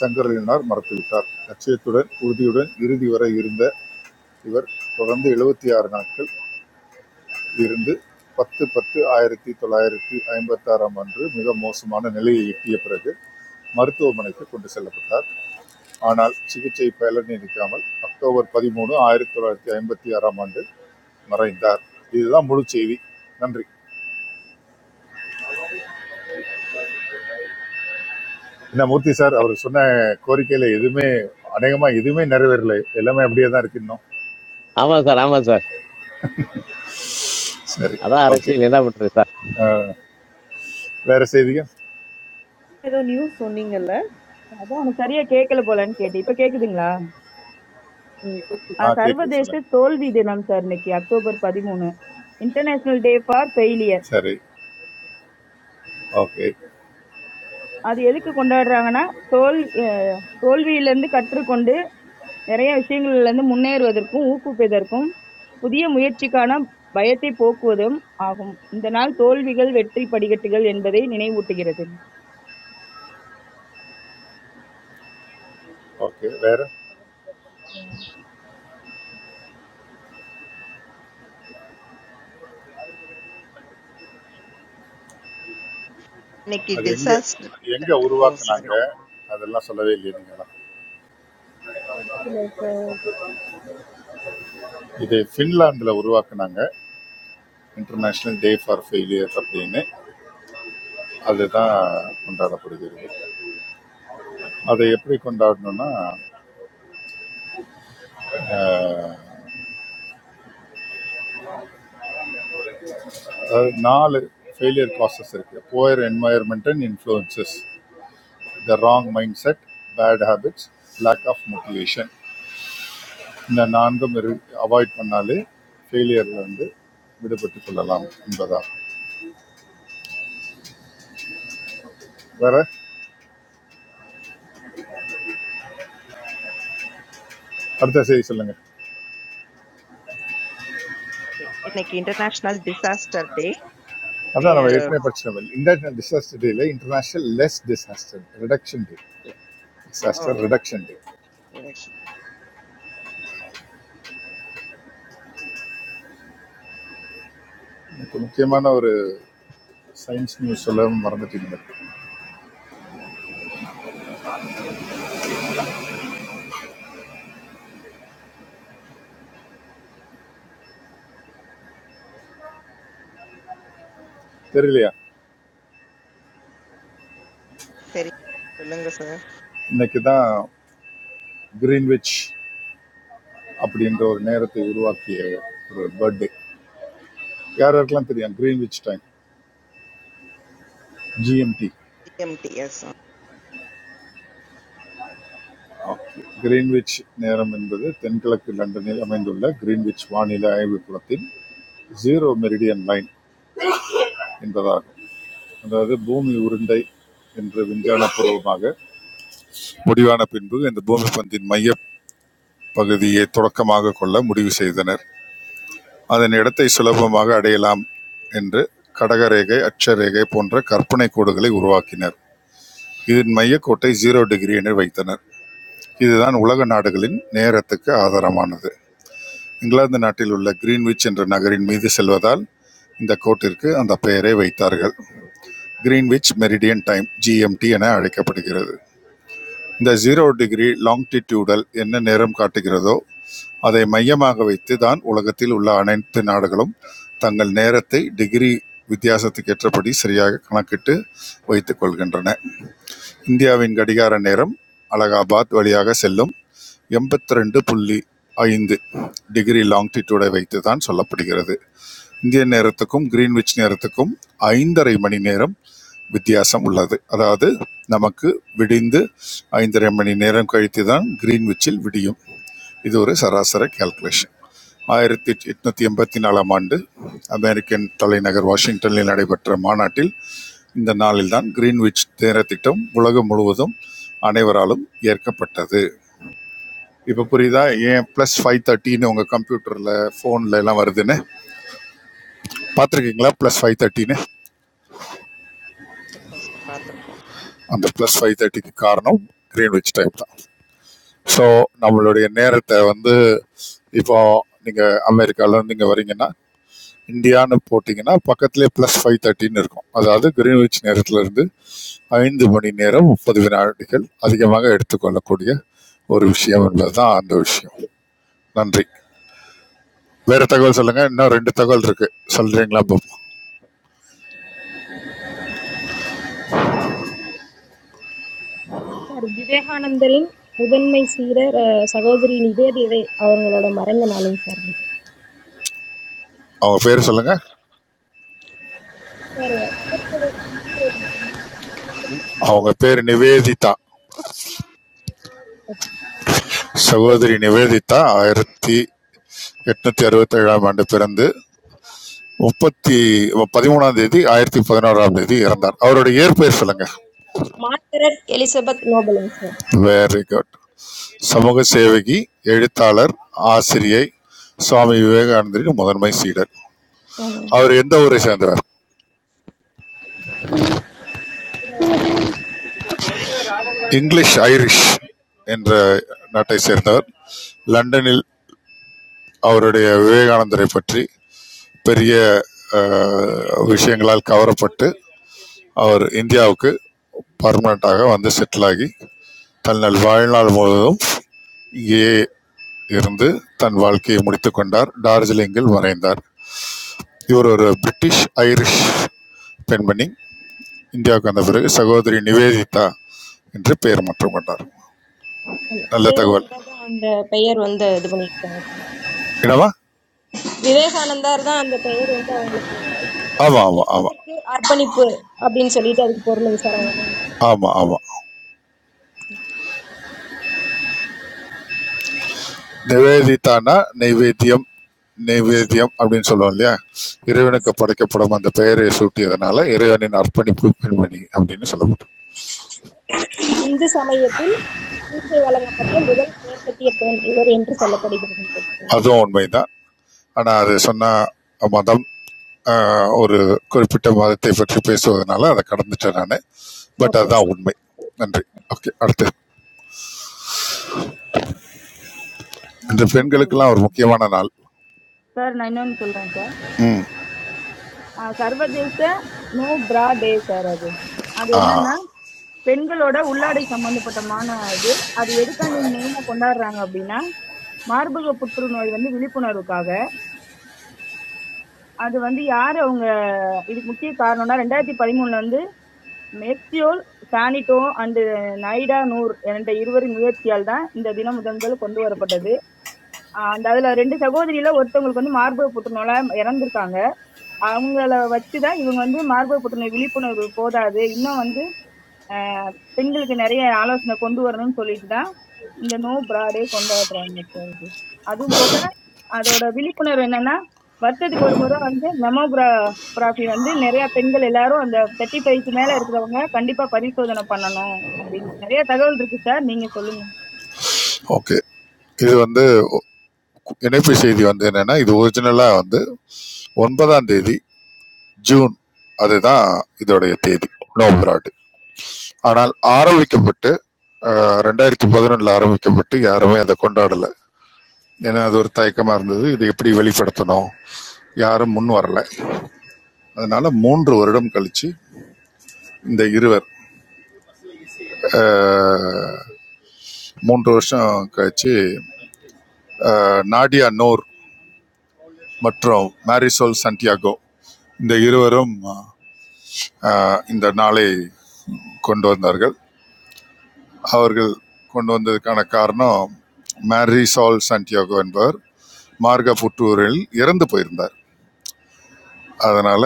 சங்கரலினார் மறுத்துவிட்டார் லட்சியத்துடன் உறுதியுடன் இறுதி வரை இருந்த இவர் தொடர்ந்து 76 ஆறு நாட்கள் இருந்து பத்து பத்து ஆயிரத்தி தொள்ளாயிரத்தி ஐம்பத்தாறாம் அன்று மிக மோசமான நிலையை எட்டிய பிறகு மருத்துவமனைக்கு கொண்டு செல்லப்பட்டார் ஆனால் சிகிச்சை பலனளிக்காமல் அக்டோபர் பதிமூணு ஆயிரத்தி தொள்ளாயிரத்தி ஐம்பத்தி ஆறாம் ஆண்டு மறைந்தார் இதுதான் முழு செய்தி நன்றி என்ன மூர்த்தி சார் அவர் சொன்ன கோரிக்கையில எதுவுமே அநேகமா எதுவுமே நிறைவேறல எல்லாமே அப்படியே தான் இருக்கு இன்னும் ஆமாம் சார் ஆமாம் சார் சரி அதான் ஓகே அரசியல் என்ன பண்ணுறது சார் வேற செய்திகள் ஏதோ நியூஸ் சொன்னீங்கல்ல அதான் எனக்கு சரியா கேட்கல போலன்னு கேட்டேன் இப்ப கேக்குதுங்களா ம். ஆ அஹ் கேட்குது சர்வதேச சொல்லுங்க தோல்வி தினம் சார் இன்னைக்கு அக்டோபர் பதிமூணு இன்டர்நேஷனல் டே ஃபார் ஃபெயிலியர் சரி ஓகே அது எதுக்கு கொண்டாடுறாங்கன்னா தோல் அஹ் தோல்வியிலிருந்து கற்றுக்கொண்டு நிறைய விஷயங்கள்ல இருந்து முன்னேறுவதற்கும் ஊக்குவிப்பதற்கும் புதிய முயற்சிக்கான பயத்தை போக்குவதும் ஆகும் இந்த நாள் தோல்விகள் வெற்றி படிக்கட்டுகள் என்பதை நினைவூட்டுகிறது ஓகே வேற இன்னைக்கு அது எங்க டிசாஸ்டர் எங்க ஓ சாரி உருவாக்குனாங்க அதெல்லாம் சொல்லவே இல்லையா நீங்களாம் படிப்புல இது ஃபின்லாந்துல உருவாக்குனாங்க இன்டர்நேஷனல் டே ஃபார் ஃபெயிலியர் அப்படின்னு அதுதான் கொண்டாடப்படுகிறது அதை எப்படி கொண்டாடணும்னா ஆஹ், அதாவது நாலு ஃபெயிலியர் காசஸ் இருக்கு poor environment and influences the wrong mind set bad habits lack of motivation இந்த நான்கும் அவாய்ட் பண்ணாலே ஃபெயிலியரில் வந்து விடுபட்டு கொள்ளலாம் என்பதாகும் வேற அடுத்த செய்தி சொல்லுங்க இன்னைக்கு இன்டர்நேஷனல் டிசாஸ்டர் டே அதான் நம்ம ஏற்கனவே படிச்சோம் இன்டர்நேஷனல் டிசாஸ்டர் டேல international less disaster reduction day ஓ டிசாஸ்டர் ரிடக்ஷன் டே முக்கியமான ஒரு சயின்ஸ் நியூஸ் எல்லாம் மறந்துட்டீங்க தெரியலையா சரி சொல்லுங்க சார் இன்னைக்கு தான் கிரீன்விச் அப்படின்ற ஒரு நேரத்தை உருவாக்கிய ஒரு பர்த்டே யார் யாருக்கெல்லாம் தெரியும் Greenwich time GMT CMTS okay, Greenwich நேரம் என்பது தென்கிழக்கு லண்டனில் அமைந்துள்ள கிரீன்விச் வானிலை ஆய்வுக்கூடத்தின் ஜீரோ மெரிடியன் லைன் என்பதாகும் அதாவது பூமி உருண்டை என்று விஞ்ஞான பூர்வமாக முடிவான பின்பு இந்த பூமி பந்தின் மைய பகுதியை தொடக்கமாக கொள்ள முடிவு செய்தனர் அதன் இடத்தை சுலபமாக அடையலாம் என்று கடகரேகை, அட்சரேகை போன்ற கற்பனைக் கோடுகளை உருவாக்கினர். இதன் மையக்கோட்டை ஜீரோ டிகிரி என வைத்தனர். இதுதான் உலக நாடுகளின் நேரத்துக்கு ஆதாரமானது. இங்கிலாந்து நாட்டில் உள்ள கிரீன்விச் என்ற நகரின் மீது செல்வதால் இந்த கோட்டிற்கு அந்த பெயரை வைத்தார்கள். கிரீன்விச் மெரிடியன் டைம் (ஜிஎம்டி) என அழைக்கப்படுகிறது. இந்த ஜீரோ டிகிரி லாங்டிடியூடல் என்ன நேரம் காட்டுகிறதோ அதை மையமாக வைத்து தான் உலகத்தில் உள்ள அனைத்து நாடுகளும் தங்கள் நேரத்தை டிகிரி வித்தியாசத்துக்கு ஏற்றபடி சரியாக கணக்கிட்டு வைத்துக் கொள்கின்றன இந்தியாவின் கடிகார நேரம் அலகாபாத் வழியாக செல்லும் எண்பத்தி ரெண்டு புள்ளி ஐந்து டிகிரி லாங்கிடியூடை வைத்து தான் சொல்லப்படுகிறது இந்திய நேரத்துக்கும் கிரீன்விச் நேரத்துக்கும் ஐந்தரை மணி நேரம் வித்தியாசம் உள்ளது அதாவது நமக்கு விடிந்து ஐந்தரை மணி நேரம் கழித்து தான் கிரீன்விச்சில் விடியும் இது ஒரு சராசரி கால்குலேஷன் ஆயிரத்தி எட்நூத்தி எண்பத்தி நாலாம் ஆண்டு அமெரிக்கன் தலைநகர் வாஷிங்டனில் நடைபெற்ற மாநாட்டில் இந்த நாளில்தான் கிரீன்விச் நேரத்திட்டம் உலகம் முழுவதும் அனைவராலும் ஏற்கப்பட்டது இப்போ புரியுதா ஏன் ப்ளஸ் ஃபைவ் தேர்ட்டின்னு உங்கள் கம்ப்யூட்டரில் ஃபோனில் எல்லாம் வருதுன்னு பார்த்துருக்கீங்களா ப்ளஸ் ஃபைவ் தேர்ட்டின்னு பார்த்துருக்கோம் அந்த ப்ளஸ் ஃபைவ் தேர்ட்டிக்கு காரணம் கிரீன்விச் டைம் தான் ஸோ நம்மளுடைய நேரத்தை வந்து இப்போ நீங்கள் அமெரிக்காவிலேருந்து இங்கே வரீங்கன்னா இந்தியான்னு போட்டிங்கன்னா பக்கத்திலே ப்ளஸ் ஃபைவ் தேர்ட்டின்னு இருக்கும் அதாவது கிரீன்விச் நேரத்திலிருந்து ஐந்து மணி நேரம் முப்பது வினாடிகள் அதிகமாக எடுத்துக்கொள்ளக்கூடிய ஒரு விஷயம் என்பது தான் அந்த விஷயம் நன்றி வேறு தகவல் சொல்லுங்கள் இன்னும் ரெண்டு தகவல் இருக்குது சொல்கிறீங்களா பாப்போம் சார் விவேகானந்தரின் முதன்மை சீரர் அஹ், சகோதரி நிவேதிதை அவங்களோட மறைந்த நாளுங்க சார் இது. அவங்க பேர் சொல்லுங்கள் சார் இயற்பெயர் வந்து நீ- அவங்க பேர் நிவேதிதா சகோதரி நிவேதிதா ஆயிரத்தி எட்நூற்றி அறுபத்தேழாம் ஆண்டு பிறந்து முப்பத்தி பதிமூணாம் தேதி ஆயிரத்தி பதினோராம் தேதி இறந்தார் அவருடைய இயற்பெயர் சொல்லுங்க மார்கரெட் எலிசபெத் நோபலுங்க சார். மார்கரெட் எலிசபெத் நோபலுங்க சார் வெரி குட் சமூக சேவகி எழுத்தாளர் ஆசிரியை சுவாமி விவேகானந்தரின் முதன்மை சீடர் ஆமாங்க அவர் எந்த ஊரை சேர்ந்தவர் சார் அது இங்கிலீஷ் ஐரிஷ் என்ற நாட்டை சேர்ந்தவர் லண்டனில் அவருடைய விவேகானந்தரை பற்றி பெரிய அஹ், விஷயங்களால் கவரப்பட்டு அவர் இந்தியாவுக்கு பர்மனண்டாக வந்து செட்டில் ஆகி தன்னால் வாழ்நாள் முழுவதும் இங்கேயே இருந்து தன் வாழ்க்கையை முடித்துக் கொண்டார் டார்ஜிலிங்கில் மறைந்தார் இவர் ஒரு பிரிட்டிஷ் ஐரிஷ் பெண்மணி இந்தியாவுக்கு வந்த பிறகு சகோதரி நிவேதிதா என்று பெயர் மாற்றம் கொண்டார் ஆமா. நல்ல தகவல் விவேகானந்தர் தான் அந்த பெயர் வந்து இது பண்ணியிருக்காங்க சார் என்னவா விவேகானந்தார் தான் அந்த பெயர் வந்து அவங்களுக்கு ஆமா ஆமா ஆமா தெய்வத்திற்கு அர்ப்பணிப்பு அப்படின்னு சொல்லிட்டு அதுக்கு பொருளுங்க சார் அவங்க ஆமா ஆமா நிவேதிதானா நைவேத்தியம் நைவேத்தியம் அப்படின்னு சொல்லுவோம் இல்லையா இறைவனுக்கு நேம் படைக்கப்படும் அந்த பெயரை சூட்டியதனால இறைவனின் அர்ப்பணிப்பு பெண்மணி அப்படின்னு சொல்லப்படும் இந்து சமயத்தில் சிகிச்சை வழங்கப்பட்ட முதல் மேற்கத்திய பெண் இவர் என்று சொல்லப்படுகிறது அதுவும் உண்மைதான் ஆனா அது சொன்ன மதம் ஆஹ், ஒரு குறிப்பிட்ட மதத்தை பற்றி பேசுவதனால அதை கடந்துட்டேன் நான் பட் ஓகே அதுதான் சார். உண்மை நன்றி ஓகே அடுத்து இன்னொரு இந்த news சொல்றேன் பெண்களுக்கெல்லாம் ஒரு முக்கியமான நாள் சார் நான் இன்னொன்னு சொல்றேன் சார் அஹ் சர்வதேச நோ பிரா டே சார் அது அது என்னன்னா பெண்களோட உள்ளாடை சம்பந்தப்பட்டமான இது அது எதுக்காண்டி மெயினா கொண்டாடுறாங்க அப்படின்னா மார்பக புற்றுநோய் வந்து விழிப்புணர்வுக்காக அது வந்து யார் அவங்க இதுக்கு முக்கிய காரணம்னா ரெண்டாயிரத்தி பதிமூணுல வந்து மெக்சியோல் சானிட்டோ அண்ட் நைடா நூர் என்ற இருவரின் முயற்சியால் தான் இந்த தினம் முதல் முதல்ல கொண்டு வரப்பட்டது அண்ட் அதுல ரெண்டு சகோதரியில ஒருத்தவங்களுக்கு வந்து மார்பக புற்றுநோய் இறந்திருக்காங்க அவங்கள வச்சுதான் இவங்க வந்து மார்பக புற்றுநோய் விழிப்புணர்வு போதாது இன்னும் வந்து ஆஹ் பெண்களுக்கு நிறைய ஆலோசனை கொண்டு வரணும்னு சொல்லிட்டு தான் இந்த நோ பிராடே கொண்டாடுறாங்க சார் அதுவும் போக அதோட விழிப்புணர்வு என்னன்னா வருஷத்துக்கு ஒரு முறை வந்து மெமோகிராஃபி வந்து நிறைய பெண்கள் எல்லாரும் அந்த தேர்ட்டி ஃபைவ்க்கு மேல இருக்கிறவங்க கண்டிப்பா பரிசோதனை பண்ணணும் அப்படின்னு நிறைய தகவல் இருக்கு சார் நீங்க சொல்லுங்க ஓகே இது வந்து இணைப்பு செய்தி வந்து என்னன்னா இது ஒரிஜினலாக வந்து ஒன்பதாம் தேதி ஜூன் அதுதான் இதோடைய தேதி நோபராடு ஆனால் ஆரம்பிக்கப்பட்டு அஹ், ரெண்டாயிரத்தி பதினொன்றில் ஆரம்பிக்கப்பட்டு யாருமே அதை கொண்டாடலை ஏன்னா அது ஒரு தயக்கமாக இருந்தது இது எப்படி வெளிப்படுத்தணும் யாரும் முன் வரல அதனால மூன்று வருடம் கழிச்சு இந்த இருவர் அஹ், மூன்று வருஷம் கழிச்சு அஹ், நாடியா நூர் மற்றும் மேரிசோல் சன்டியாகோ இந்த இருவரும் அஹ், இந்த நாளை கொண்டு வந்தார்கள் அவர்கள் கொண்டு வந்ததுக்கான காரணம் மேரிசால் சன்டியாகோ என்பவர் மார்க புற்றூரில் இறந்து போயிருந்தார் அதனால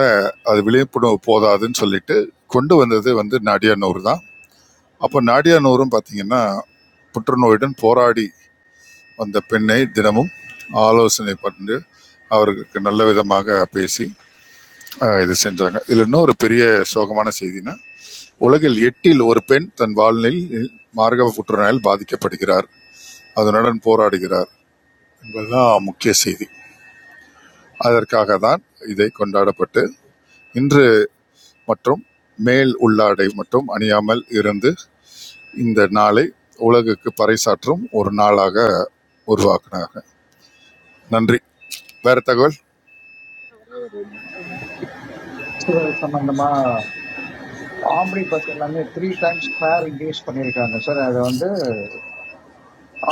அது விழிப்புணர்வு போதாதுன்னு சொல்லிட்டு கொண்டு வந்தது வந்து நாடியானூர் தான் அப்போ நாடியானூரும் பார்த்தீங்கன்னா புற்றுநோயுடன் போராடி வந்த பெண்ணை தினமும் ஆலோசனை பண்ணி அவர்களுக்கு நல்ல விதமாக பேசி ஆஹ் இது செஞ்சாங்க இதுல இன்னொரு பெரிய சோகமான செய்தினா உலகில் எட்டில் ஒரு பெண் தன் வாழ்நிலையில் மார்கவ புற்றுநோயால் பாதிக்கப்படுகிறார் அதனுடன் போராடுகிறார் என்பதுதான் முக்கிய செய்தி அதற்காக தான் இதை கொண்டாடப்பட்டு இன்று மற்றும் மேல் உள்ளாடை மட்டும் அணியாமல் இருந்து இந்த நாளை உலகுக்கு பறைசாற்றும் ஒரு நாளாக உருவாக்குனாங்க நன்றி வேற தகவல் ஒரு சொல்றேன் ஃபெஸ்டிவல் ஆஹ் சம்பந்தமா ஆம்னி பஸ் எல்லாமே த்ரீ டைம்ஸ் ஃபேர் இன்க்ரீஸ் பண்ணியிருக்காங்க சார் அதை வந்து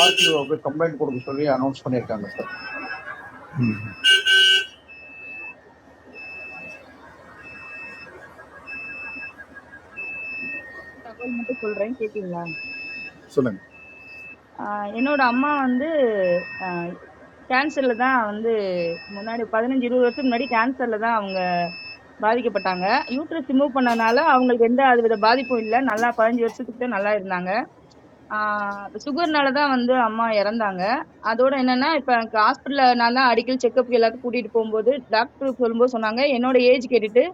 ஆர்டிஓவுக்கு கம்ப்ளைண்ட் கொடுக்க சொல்லி அனௌன்ஸ் பண்ணியிருக்காங்க தகவல் மட்டும் சொல்றேன் கேக்குறீங்களா சொல்லுங்க ஆஹ் என்னோட அம்மா வந்து கேன்சர்ல தான் வந்து முன்னாடி பதினஞ்சு இருபது வருஷம் முன்னாடி கேன்சர்ல தான் அவங்க பாதிக்கப்பட்டாங்க யூட்ரஸ் ரிமூவ் பண்ணனால அவங்களுக்கு எந்த அதுவித பாதிப்பும் இல்ல நல்லா பதினஞ்சு வருஷத்துக்கு தான் நல்லா இருந்தாங்க சுகர்னால தான் வந்து அம்மா இறந்தாங்க அதோட என்னன்னா இப்ப எனக்கு ஹாஸ்பிட்டல்ல நான் தான் அடிக்கடி செக்கப் எல்லாத்தையும் கூட்டிட்டு போகும்போது டாக்டர் சொல்லும்போது சொன்னாங்க என்னோட ஏஜ் கேட்டுட்டு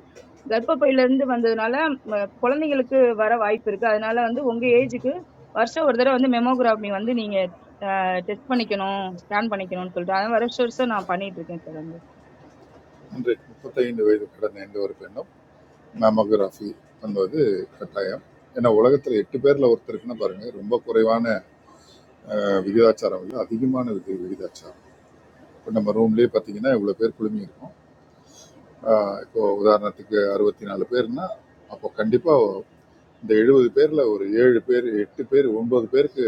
கர்ப்பப்பையில இருந்து வந்ததுனால ம, குழந்தைங்களுக்கு வர வாய்ப்பு இருக்கு அதனால வந்து உங்க ஏஜுக்கு வருஷம் ஒரு தடவை வந்து மெமோகிராபி வந்து நீங்க டெஸ்ட் பண்ணிக்கணும் ஸ்கேன் பண்ணிக்கணும்னு சொல்லிட்டு அதான் வருஷம் வருஷம் நான் பண்ணிட்டு இருக்கேன் சார் அந்த இன்றைக்கு முப்பத்தைந்து வயது கடந்த எந்த ஒரு பெண்ணும் மேமோகிராஃபி பண்ணுவது கட்டாயம் ஏன்னா உலகத்தில் எட்டு பேரில் ஒருத்தருக்குன்னு பாருங்க ரொம்ப குறைவான அஹ், விகிதாச்சாரம் இல்லை அதிகமான விதி விகிதாச்சாரம் இப்போ நம்ம ரூம்லேயே பார்த்தீங்கன்னா இவ்வளோ பேர் குழுமி இருக்கும் அஹ், இப்போ உதாரணத்துக்கு அறுபத்தி நாலு பேர்னா அப்போ கண்டிப்பாக இந்த எழுபது பேரில் ஒரு ஏழு பேர் எட்டு பேர் ஒன்பது பேருக்கு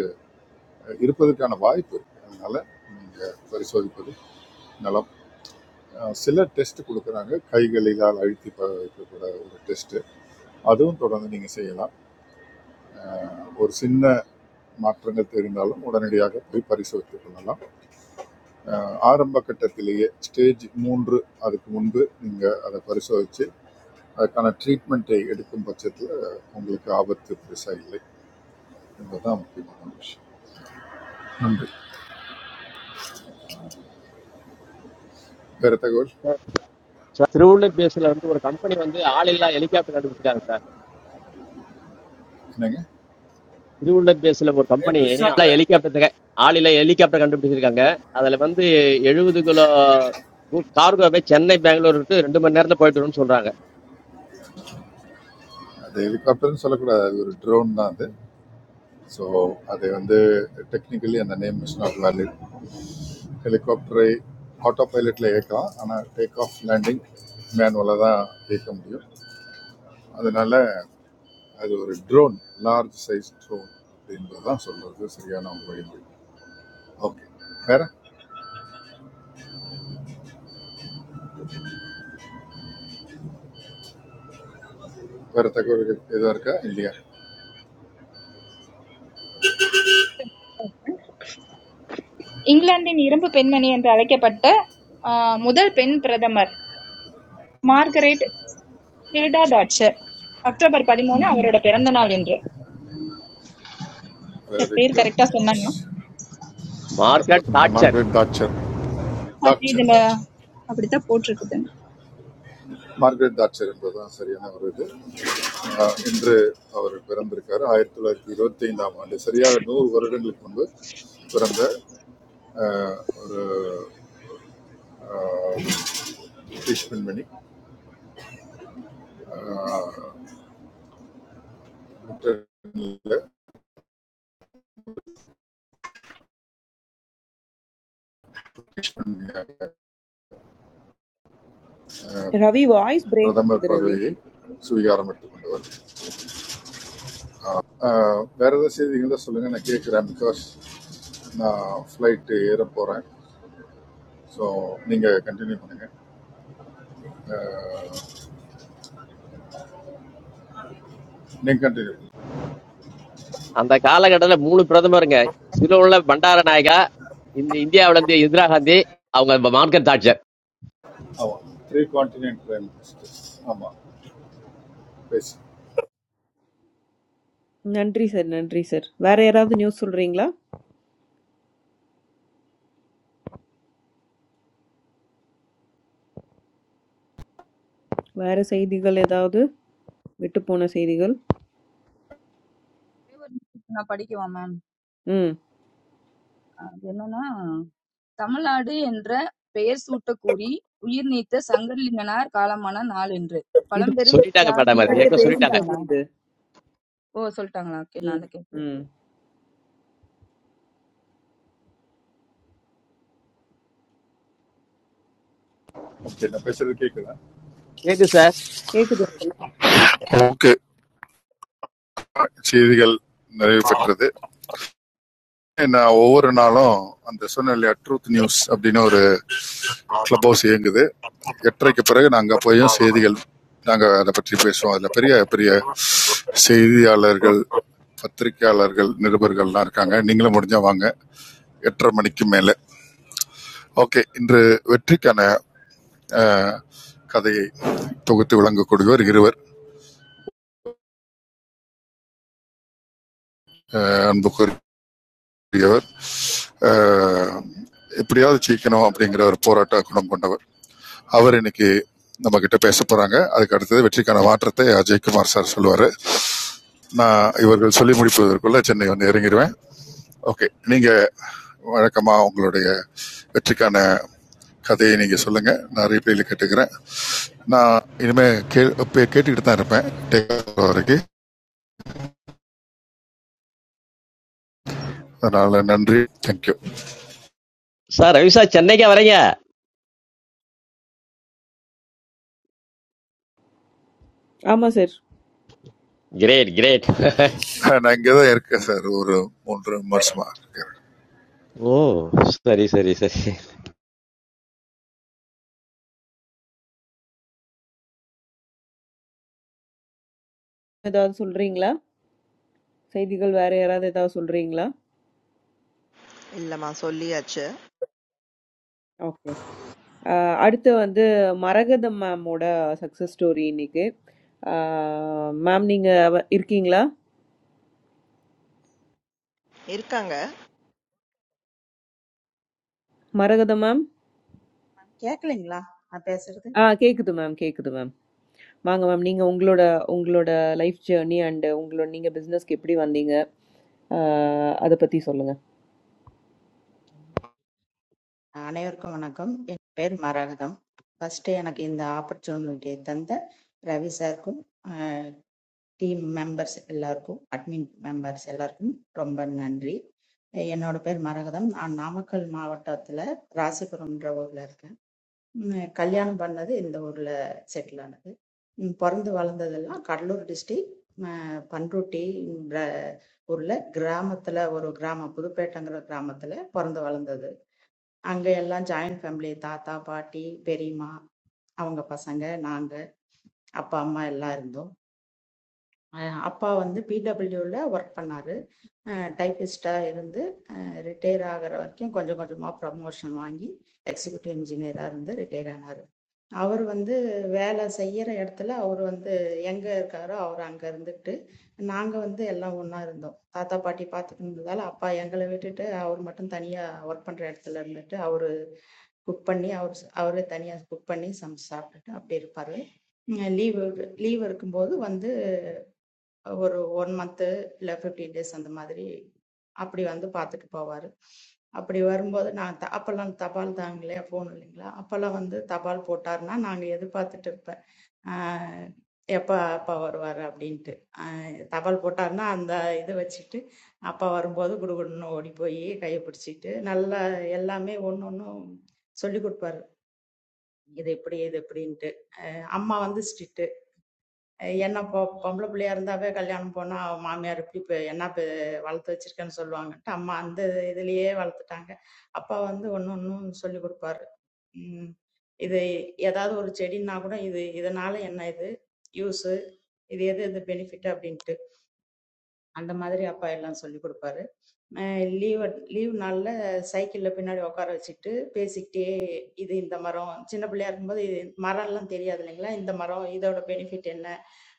அஹ், இருப்பதற்கான வாய்ப்பு இருக்குது அதனால் நீங்கள் பரிசோதிப்பது நலம் அஹ், சில டெஸ்ட் கொடுக்குறாங்க கைகளிலால் அழுத்தி ப- வைக்கக்கூட ஒரு டெஸ்ட்டு அதுவும் தொடர்ந்து நீங்கள் செய்யலாம் ஒரு சின்ன மாற்றங்கள் தெரிந்தாலும் உடனடியாக போய் பரிசோதித்துக் கொள்ளலாம் அஹ் ஆரம்ப கட்டத்திலேயே ஸ்டேஜ் மூன்று அதுக்கு முன்பு நீங்கள் அதை பரிசோதித்து அதுக்கான ட்ரீட்மெண்ட்டை எடுக்கும் பட்சத்தில் உங்களுக்கு ஆபத்து பெருசாக இல்லை என்பதுதான் முக்கியமான விஷயம் நன்றி வேறு தகவல் சார், திருவள்ளூர் பேஸில் வந்து ஒரு கம்பெனி வந்து ஆள் இல்லா ஹெலிகாப்டர் கண்டுபிடிச்சாங்க என்னங்க திருவுள்ளன் பேசுல ஒரு கம்பெனி ஹெலிகாப்டர் ஆளில ஹெலிகாப்டர் கண்டுபிடிச்சிருக்காங்க அதுல வந்து எழுபது கிலோ கார்கோவே சென்னை பெங்களூருக்கு ரெண்டு மணி நேரத்துல போயிட்டு வரும்னு சொல்றாங்க அது ஹெலிகாப்டர்னு சொல்லக்கூடாது அது ஒரு ட்ரோன் தான் அது ஸோ அது வந்து டெக்னிக்கலி அந்த நேம் இஸ் நாட் வேலிட் ஹெலிகாப்டரை ஆட்டோ பைலட்டில் இயக்கலாம் ஆனால் டேக் ஆஃப் லேண்டிங் மேனுவலாக தான் இயக்க முடியும் அதனால் அது ஒரு ட்ரோன் லார்ஜ் சைஸ் ட்ரோன் அப்படின்றது தான் சொல்கிறது சரியான ஒரு வழிமுறை ஓகே வேற வேற தகவல்கள் எதுவும் இருக்கா இல்லையா இங்கிலாந்தின் இரும்பு பெண்மணி என்று அழைக்கப்பட்ட ஆஹ், முதல் பெண் பிரதமர் மார்கரெட் ஹில்டா டாட்சர் அக்டோபர் பதிமூணு அவரோட பிறந்த நாள் என்று சார் வெரி பேர் குட் கரெக்டா நியூஸ் சொன்னாங்க கரெக்டாக மார்க்கெட் சொன்னீங்க டார்ச்சர் மார்கரெட் தாட்சர் அது தாட்சர் இதுல தாட்சர் அப்படித்தான் போட்டிருக்குது மார்கரெட் தாட்சர் என்பதுதான் சரியான ஒரு இது அஹ், இன்று அவர் பிறந்திருக்காரு ஆயிரத்தி தொள்ளாயிரத்தி இருபத்தி ஐந்தாம் ஆண்டு சரியாக நூறு வருடங்களுக்கு முன்பு பிறந்த அஹ், ஒரு அஹ், பிரிட்டிஷ் பெண்மணி அஹ், பிரிட்டனில் அஹ், ரவி வாய்ஸ் பிரேக் பிரதமர் ஆகுது ரவி பதவியை சுவீகாரம் எடுத்துக்கொண்டவர் அஹ், வேற ஏதாவது செய்திகளை சொல்லுங்க நான் கேட்குறேன் பிகாஸ் நான் ஃப்ளைட்டு ஏற போகிறேன் ஸோ நீங்கள் கண்டினியூ பண்ணுங்க நீங்கள் கண்டினியூ அந்த காலகட்டத்துல மூணு பிரதமருங்க சிலுவுள்ள பண்டார நாயகா இந்த இந்தியாவுல இருந்து இந்திரா காந்தி அவங்க மார்க்கெட் டார்ச்சர் ஆமாம் த்ரீ கான்டினென்ட் பிரைம் மினிஸ்டர் ஆமாம் பேசு நன்றி சார் நன்றி சார் வேற யாராவது நியூஸ் சொல்றீங்களா வேற செய்திகள் ஏதாவது விட்டு போன செய்திகள் ஒரே ஒரு நிமிஷம் நான் படிக்கவா மேம் ம் அது என்னன்னா தமிழ்நாடு என்ற பெயர் சூட்டக் கூறி உயிர் நீத்த சங்கரலிங்கனார் காலமான நாள் என்று இது பழம்பெரும் சொல்லிட்டாங்க மேடம் அது தியாகியார் முன்னாடியே ஏற்கனவே சொல்லிட்டாங்க பேசிட்டோம் சொல்லிட்டாங்களா இது ஓ சொல்லிட்டாங்களா ஓகே நான் ம் அதை கேட்கல ம் ஓகே நான் பேசுறது கேட்குதா கேக்கு சார் கேக்குது sir. ஓகே செய்திகள் நிறைவு பெற்றது நான் ஒவ்வொரு நாளும் அந்த சொன்ன இல்லையா ட்ரூத் நியூஸ் அப்படின்னு ஒரு கிளப் ஹவுஸ் இயங்குது எட்டரைக்கு பிறகு நாங்கள் போயும் செய்திகள் நாங்கள் அதை பற்றி பேசுவோம் அதில் பெரிய பெரிய செய்தியாளர்கள் பத்திரிகையாளர்கள் நிருபர்கள்லாம் இருக்காங்க நீங்களும் முடிஞ்சா வாங்க எட்டரை மணிக்கு மேலே ஓகே இன்று வெற்றிக்கான அஹ், கதையை தொகுத்து விளங்கக்கூடியவர் இருவர் அஹ், அன்புக்குரியவர் அஹ், எப்படியாவது ஜெயிக்கணும் அப்படிங்கிற ஒரு போராட்ட குணம் கொண்டவர் அவர் இன்னைக்கு நம்ம கிட்ட பேச போறாங்க அதுக்கு அடுத்தது வெற்றிக்கான மாற்றத்தை அஜய் குமார் சார் சொல்லுவாரு நான் இவர்கள் சொல்லி முடிப்பதற்குள்ள சென்னை வந்து இறங்கிடுவேன் ஓகே நீங்க வழக்கமா உங்களுடைய வெற்றிக்கான கதையை நீங்க சொல்லுங்க நான் ரீப்ளேல கேட்டுக்கிறேன் நான் இனிமே கே கேட்டுக்கிட்டு தான் இருப்பேன் டேக் வரைக்கும் அதனால நன்றி தேங்க்யூ சார் ரவி சார் சென்னைக்கா வரீங்க ஆமா சார் கிரேட் கிரேட் நான் இங்கே தான் இருக்கேன் சார் ஒரு மூன்று மாசமா இருக்கேன் ஓ சரி சரி சரி ஏதாவது சொல்றீங்களா செய்திகள் வேற யாராவது ஏதாவது சொல்றீங்களா இல்லம்மா சொல்லியாச்சு ஆஹ் அடுத்து வந்து மரகதம் மேமோட சக்ஸஸ் ஸ்டோரி இன்னைக்கு மேம் நீங்க அவ- இருக்கீங்களா இருக்காங்க மரகதம் மேம் மேம் கேட்கலைங்களா நான் பேசுறது ஆ கேக்குது மேம் கேக்குது மேம் வாங்க மேம் நீங்க உங்களோட உங்களோட லைஃப் ஜேர்னி அண்ட் உங்களோட நீங்க பிசினஸ்க்கு எப்படி வந்தீங்க அதை பத்தி சொல்லுங்க அனைவருக்கும் வணக்கம் என் பேர் மரகதம் ஃபர்ஸ்ட் எனக்கு இந்த ஆப்பர்ச்சுனிட்டியை தந்த ரவி சாருக்கும் டீம் மெம்பர்ஸ் எல்லாருக்கும் அட்மின் மெம்பர்ஸ் எல்லாருக்கும் ரொம்ப நன்றி என்னோட பேர் மரகதம் நான் நாமக்கல் மாவட்டத்துல ராசிபுரம்ன்ற ஊர்ல இருக்கேன் ம், கல்யாணம் பண்ணது இந்த ஊர்ல செட்டில் ஆனது ம், பிறந்து வளர்ந்ததெல்லாம் கடலூர் டிஸ்ட்ரிக் பண்ருட்டி என்ற ஊர்ல கிராமத்துல ஒரு கிராமம் புதுப்பேட்டைங்கிற கிராமத்துல பிறந்து வளர்ந்தது அங்க எல்லாம் ஜாயிண்ட் ஃபேமிலி தாத்தா பாட்டி பெரியம்மா அவங்க பசங்க நாங்க அப்பா அம்மா எல்லாம் இருந்தோம் அஹ் அப்பா வந்து பிடபிள்யூல ஒர்க் பண்ணாரு டைபிஸ்டா இருந்து ரிட்டையர் ஆகுற வரைக்கும் கொஞ்சம் கொஞ்சமாக ப்ரமோஷன் வாங்கி எக்ஸிக்யூட்டிவ் இன்ஜினியராக இருந்து ரிட்டையர் ஆனார் அவர் வந்து வேலை செய்கிற இடத்துல அவர் வந்து எங்கே இருக்காரோ அவர் அங்கே இருந்துக்கிட்டு நாங்கள் வந்து எல்லாம் ஒன்றா இருந்தோம் தாத்தா பாட்டி பார்த்துக்கிட்டதால அப்பா எங்களை விட்டுட்டு அவர் மட்டும் தனியாக ஒர்க் பண்ணுற இடத்துல இருந்துட்டு அவர் குக் பண்ணி அவர் அவரே தனியாக குக் பண்ணி சமைச்சு சாப்பிட்டுட்டு அப்படி இருப்பார் லீவு லீவ் இருக்கும்போது வந்து ஒரு ஒன் மந்த்து இல்லை ஃபிஃப்டீன் டேஸ் அந்த மாதிரி அப்படி வந்து பார்த்துட்டு போவார் அப்படி வரும்போது நான் த- அப்பெல்லாம் தபால் தாங்களே போகணும் இல்லைங்களா அப்பெல்லாம் வந்து தபால் போட்டாருன்னா நாங்கள் எதிர்பார்த்துட்டு இருப்பேன் ஆஹ் எப்போ அப்பா வருவார் அப்படின்ட்டு ஆஹ் தபால் போட்டாருன்னா அந்த இதை வச்சுட்டு அப்பா வரும்போது குடுகுடுன்னு ஓடி போய் கையை பிடிச்சிட்டு நல்லா எல்லாமே ஒன்று ஒன்றும் சொல்லி கொடுப்பாரு இது இப்படி இது இப்படின்ட்டு அம்மா வந்து ஸ்ட்ரிக்ட் என்ன பொ பொம்பளை பிள்ளையா இருந்தாவே கல்யாணம் போனா அவ மாமியார் இப்படி பெ- என்ன பெ- வளர்த்து வச்சிருக்கேன்னு சொல்லுவாங்கன்ட்டு அம்மா அந்த இதுலயே வளர்த்துட்டாங்க அப்பா வந்து ஒன்னு ஒன்னும் சொல்லி கொடுப்பாரு உம் இது ஏதாவது ஒரு செடின்னா கூட இது இதனால என்ன இது யூஸ் இது எது எது பெனிஃபிட் அப்படின்ட்டு அந்த மாதிரி அப்பா எல்லாம் சொல்லி கொடுப்பாரு லீவ் லீவ் நாள்ல சைக்கிள்ல பின்னாடி உட்கார வச்சுட்டு பேசிக்கிட்டே இது இந்த மரம் சின்ன பிள்ளையா இருக்கும்போது இது மரம்லாம் தெரியாது இல்லைங்களா இந்த மரம் இதோட பெனிஃபிட் என்ன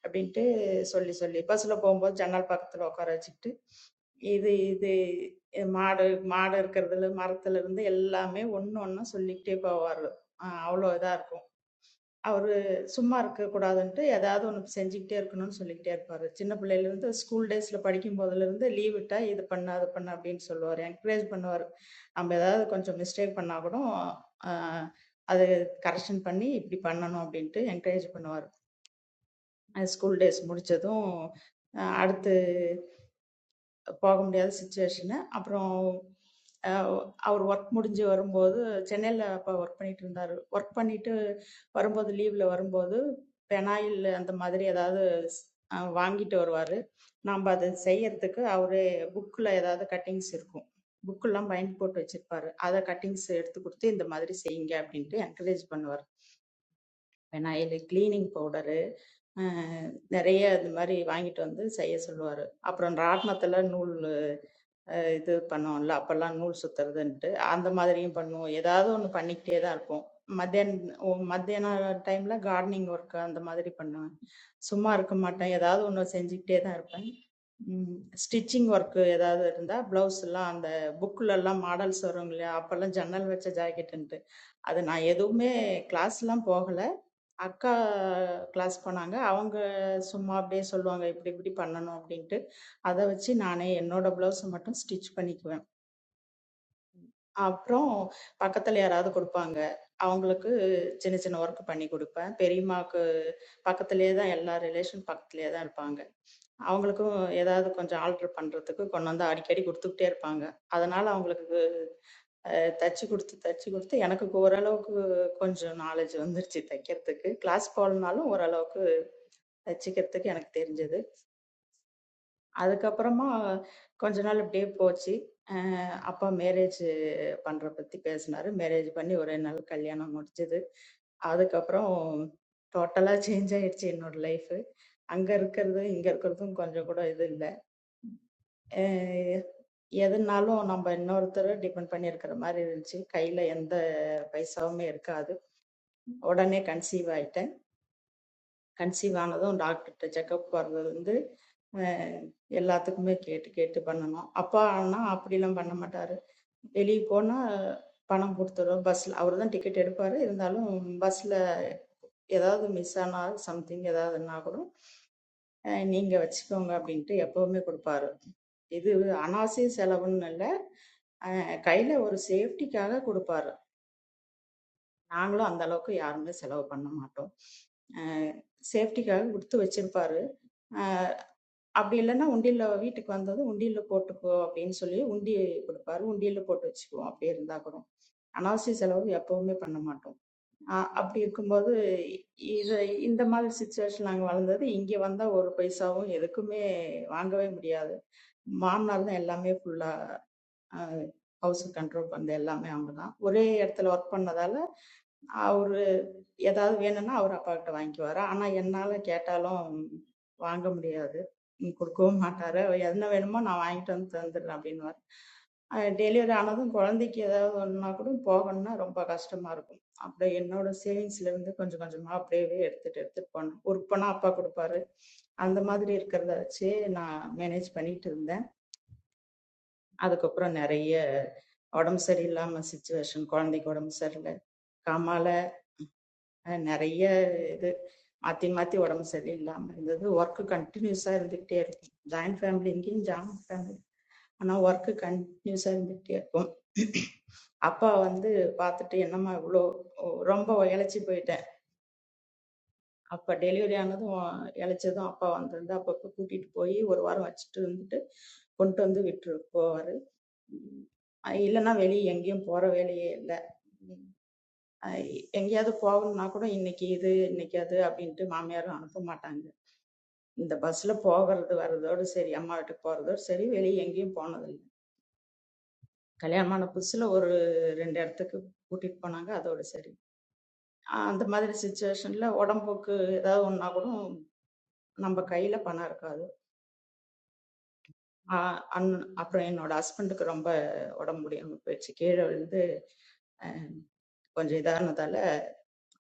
அப்படின்ட்டு சொல்லி, சொல்லி பஸ்ல போம்போது ஜன்னல் பக்கத்துல உட்கார வச்சுக்கிட்டு, இது இது மாடு மாடு இருக்கிறதுல, மரத்துலருந்து எல்லாமே ஒண்ணு ஒண்ணா சொல்லிக்கிட்டே போவாரு. அ அவ்ளோ இதா இருக்கும். அவரு சும்மா இருக்கக்கூடாதுன்ட்டு ஏதாவது ஒண்ணு செஞ்சுக்கிட்டே இருக்கணும்னு சொல்லிக்கிட்டே இருப்பாரு. சின்ன பிள்ளையிலருந்து ஸ்கூல் டேஸ்ல படிக்கும்போதுலருந்து லீவ் விட்டா இது பண்ணு, அது பண்ணு அப்படின்னு சொல்லுவாரு. என்கரேஜ் பண்ணுவாரு. நம்ம ஏதாவது கொஞ்சம் மிஸ்டேக் பண்ணா கூட, அ அது கரெக்ஷன் பண்ணி இப்படி பண்ணணும் அப்படின்ட்டு என்கரேஜ் பண்ணுவாரு. ஸ்கூல் டேஸ் முடிச்சதும் அஹ் அடுத்து போக முடியாத சுச்சுவேஷனு அப்புறம் அஹ் அவர் ஒர்க் முடிஞ்சு வரும்போது சென்னையில் அப்போ ஒர்க் பண்ணிட்டு இருந்தார் ஒர்க் பண்ணிட்டு வரும்போது லீவில் வரும்போது பெனாயில் அந்த மாதிரி ஏதாவது ஸ்- அஹ் வாங்கிட்டு வருவார் நாம் அதை செய்யறதுக்கு அவரே புக்கில் ஏதாவது கட்டிங்ஸ் இருக்கும் புக்கெல்லாம் பைண்ட் போட்டு வச்சிருப்பாரு அதை கட்டிங்ஸ் எடுத்து கொடுத்து இந்த மாதிரி செய்யுங்க அப்படின்ட்டு என்கரேஜ் பண்ணுவார் பெனாயில் கிளீனிங் பவுடர் அஹ் நிறைய இது மாதிரி வாங்கிட்டு வந்து செய்ய சொல்லுவாரு அப்புறம் ராட்னத்துல நூல் அ இது பண்ணோம்ல, அப்பல்லாம் நூல் சுத்துறதுன்ட்டு. அந்த மாதிரியும் பண்ணுவோம். ஏதாவது ஒண்ணு பண்ணிக்கிட்டே தான் இருப்போம். மத்தியான் ஒ மத்தியான டைம்ல கார்டனிங் ஒர்க் அந்த மாதிரி பண்ணுவேன். சும்மா இருக்க மாட்டேன். ஏதாவது ஒண்ணு செஞ்சுக்கிட்டே தான் இருப்பேன். ம். ஸ்டிச்சிங் ஒர்க் ஏதாவது இருந்தா, பிளவுஸ்லாம் அந்த புக்லலாம் மாடல்ஸ் வரும் இல்லையா? அப்பல்லாம் ஜன்னல் வச்ச ஜாக்கெட்டுன்ட்டு. அது நான் எதுவுமே கிளாஸ்லாம் போகல. அக்கா கிளாஸ் போனாங்க. அவங்க சும்மா அப்படியே சொல்லுவாங்க, "இப்படி இப்படி பண்ணணும்" அப்படின்ட்டு. அதை வச்சு நானே என்னோட பிளவுஸை மட்டும் ஸ்டிச் பண்ணிக்குவேன் அப்புறம் பக்கத்துல யாராவது கொடுப்பாங்க அவங்களுக்கு சின்ன சின்ன ஒர்க் பண்ணி கொடுப்பேன் பெரியம்மாவுக்கு பக்கத்துலேயே தான் எல்லா ரிலேஷன் பக்கத்துலேயே தான் இருப்பாங்க அவங்களுக்கும் ஏதாவது கொஞ்சம் ஆல்டர் பண்றதுக்கு கொண்டு வந்து அடிக்கடி கொடுத்துக்கிட்டே இருப்பாங்க அதனால அவங்களுக்கு அஹ், தச்சு கொடுத்து தச்சு கொடுத்து எனக்கு ஓரளவுக்கு கொஞ்சம் நாலேஜ் வந்துருச்சு தைக்கிறதுக்கு கிளாஸ் போகலனாலும் ஓரளவுக்கு தச்சுக்கிறதுக்கு எனக்கு தெரிஞ்சது அதுக்கப்புறமா கொஞ்ச நாள் இப்படியே போச்சு. அ அப்பா மேரேஜ் பண்ற பத்தி பேசினாரு. மேரேஜ் பண்ணி ஒரே நாள் கல்யாணம் முடிஞ்சது. அதுக்கப்புறம் டோட்டலா சேஞ்ச் ஆயிடுச்சு என்னோட லைஃபு. அங்க இருக்கிறதும், இங்க இருக்கிறதும் கொஞ்சம் கூட இது இல்ல. அ எதுனாலும் நம்ம இன்னொருத்தர டிபெண்ட் பண்ணி இருக்கிற மாரி இருந்துச்சு. கையில எந்த பைசாவுமே இருக்காது. உடனே கன்சீவ் ஆயிட்டேன். கன்சீவ் ஆனதும் டாக்டர்கிட்ட செக்கப் போகிறது வந்து அஹ், எல்லாத்துக்குமே கேட்டு கேட்டு பண்ணணும் அப்பா ஆனால் அப்படிலாம் பண்ண மாட்டார் வெளியே போனால் பணம் கொடுத்துரும் பஸ்ஸில் அவர் தான் டிக்கெட் எடுப்பார் இருந்தாலும் பஸ்ஸில் ஏதாவது மிஸ் ஆனால் சம்திங் ஏதாவதுன்னா கூட அஹ், நீங்க வச்சுக்கோங்க அப்படின்ட்டு எப்பவுமே கொடுப்பாரு இது அனாவசிய செலவுன்னு இல்லை அஹ், கையில ஒரு சேஃப்டிக்காக கொடுப்பாரு நாங்களும் அந்த அளவுக்கு யாருமே செலவு பண்ண மாட்டோம் சேஃப்டிக்காக கொடுத்து வச்சிருப்பாரு அப்படி இல்லன்னா உண்டியல்ல வீட்டுக்கு வந்ததும் உண்டியல்ல போட்டுக்கோ அப்படின்னு சொல்லி உண்டி கொடுப்பாரு உண்டியல்ல போட்டு வச்சுக்குவோம் அப்படியே இருந்தா கூட அனாவசிய செலவு எப்பவுமே பண்ண மாட்டோம் ஆஹ் அப்படி இருக்கும்போது இ- இது இந்த மாதிரி சுச்சுவேஷன் நாங்க வளர்ந்தது இங்க வந்தா ஒரு பைசாவும் எதுக்குமே வாங்கவே முடியாது மாமனார் தான் எல்லாமே ஃபுல்லா ஹவுஸ் கண்ட்ரோல் பண்ணது எல்லாமே அவங்க தான் ஒரே இடத்துல ஒர்க் பண்ணதால அவரு ஏதாவது வேணும்னா அவர் அப்பா கிட்ட வாங்கிக்குவாரு ஆனா என்னால கேட்டாலும் வாங்க முடியாது ம், கொடுக்கவும் மாட்டாரு அவ என்ன வேணுமோ நான் வாங்கிட்டு வந்து தந்துடுறேன் அப்படின்னு டெலிவரி ஆனதும் குழந்தைக்கு ஏதாவது ஒண்ணுனா கூட போகணும்னா ரொம்ப கஷ்டமா இருக்கும் அப்படியே என்னோட சேவிங்ஸ்ல இருந்து கொஞ்சம் கொஞ்சமா அப்படியே எடுத்துட்டு எடுத்துட்டு போனேன் ஒர்க் பண்ணா அப்பா கொடுப்பாரு அந்த மாதிரி இருக்கிறத வச்சு நான் மேனேஜ் பண்ணிட்டு இருந்தேன் அதுக்கப்புறம் நிறைய உடம்பு சரியில்லாம சுச்சுவேஷன் குழந்தைக்கு உடம்பு சரியில்லை கமால அஹ் நிறைய இது மாத்தி மாத்தி உடம்பு சரியில்லாம இருந்தது ஒர்க் கண்டினியூஸா இருந்துகிட்டே இருக்கும் ஜாயின்ட் ஃபேமிலி இங்கேயும் ஜாயின்ட் ஃபேமிலி ஆனா ஒர்க் கண்டினியூஸா இருந்துகிட்டே இருக்கும் அப்பா வந்து பார்த்துட்டு என்னம்மா இவ்வளோ ரொம்ப இழைச்சி போயிட்டேன் அப்ப டெலிவரி ஆனதும் இழைச்சதும் அப்பா வந்திருந்து அப்பப்போ கூட்டிட்டு போய் ஒரு வாரம் வச்சுட்டு இருந்துட்டு கொண்டு வந்து விட்டு போவாரு உம் இல்லைன்னா வெளியே எங்கேயும் போற வேலையே இல்லை அஹ் எங்கேயாவது போகணும்னா கூட இன்னைக்கு இது இன்னைக்கு அது அப்படின்ட்டு மாமியாரும் அனுப்ப மாட்டாங்க இந்த பஸ்ல போகிறது வர்றதோடு சரி அம்மா வீட்டுக்கு போறதோடு சரி வெளியே எங்கேயும் போனதில்லை கல்யாணமான புதுசுல ஒரு ரெண்டு இடத்துக்கு கூட்டிட்டு போனாங்க அதோட சரி அஹ் அந்த மாதிரி சுச்சுவேஷன்ல உடம்புக்கு ஏதாவது ஒன்னா கூட நம்ம கையில பணம் இருக்காது அஹ் அண்ணன் அப்புறம் என்னோட ஹஸ்பண்டுக்கு ரொம்ப உடம்பு முடியாம போயிடுச்சு கீழே விழுந்து கொஞ்சம் இதானதால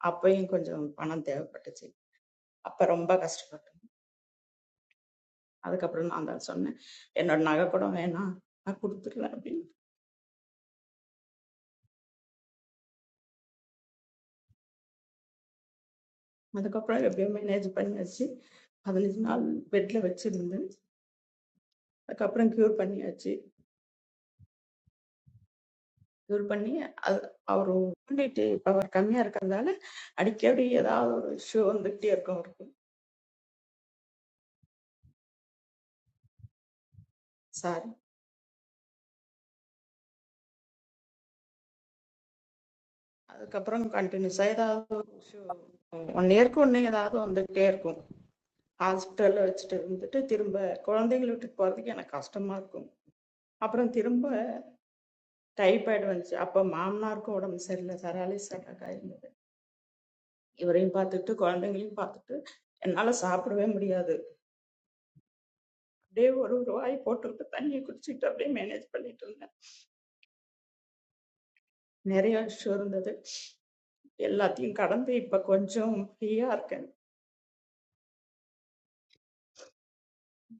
அப்பயும் கொஞ்சம் பணம் தேவைப்பட்டுச்சு அப்ப ரொம்ப கஷ்டப்பட்டோம் அதுக்கப்புறம் நான் தான் சொன்னேன் என்னோட நகை கூட வேணாம் நான் கொடுத்துடுறேன் அப்படின்னு அதுக்கப்புறம் எப்படியோ மேனேஜ் பண்ணி வச்சு பதினஞ்சு நாள் பெட்ல வச்சிருந்து அதுக்கப்புறம் கியூர் பண்ணியாச்சு கியூர் பண்ணி அது அவர் இம்யூனிட்டி பவர் கம்மியா இருக்கிறதால அடிக்கடி ஏதாவது ஒரு இஷ்யூ வந்துகிட்டே இருக்கும் அவருக்கு சார் அதுக்கப்புறம் கண்டினியூஸா ஏதாவது ஒரு இஷ்யூ ஒன் இயர்க்கு ஒன்று ஏதாவது வந்துகிட்டே இருக்கும் ஹாஸ்பிட்டல்ல வச்சுட்டு இருந்துட்டு திரும்ப குழந்தைங்களை விட்டுட்டு போறதுக்கு எனக்கு கஷ்டமா இருக்கும் அப்புறம் திரும்ப டைபாய்டு வந்துச்சு அப்போ மாமனாருக்கும் உடம்பு சரியில்லை சராலிஸ் அட்டாக் ஆயிருந்தது இவரையும் பார்த்துட்டு குழந்தைங்களையும் பார்த்துட்டு என்னால் சாப்பிடவே முடியாது அப்படியே ஒரு ஒரு வாய் போட்டுக்கிட்டு தண்ணியை குடிச்சிட்டு அப்படியே மேனேஜ் பண்ணிட்டு இருந்தேன் நிறைய இஷ்யூ இருந்தது எல்லாத்தையும் கடந்து இப்போ கொஞ்சம் ஃப்ரீயாக இருக்கேன்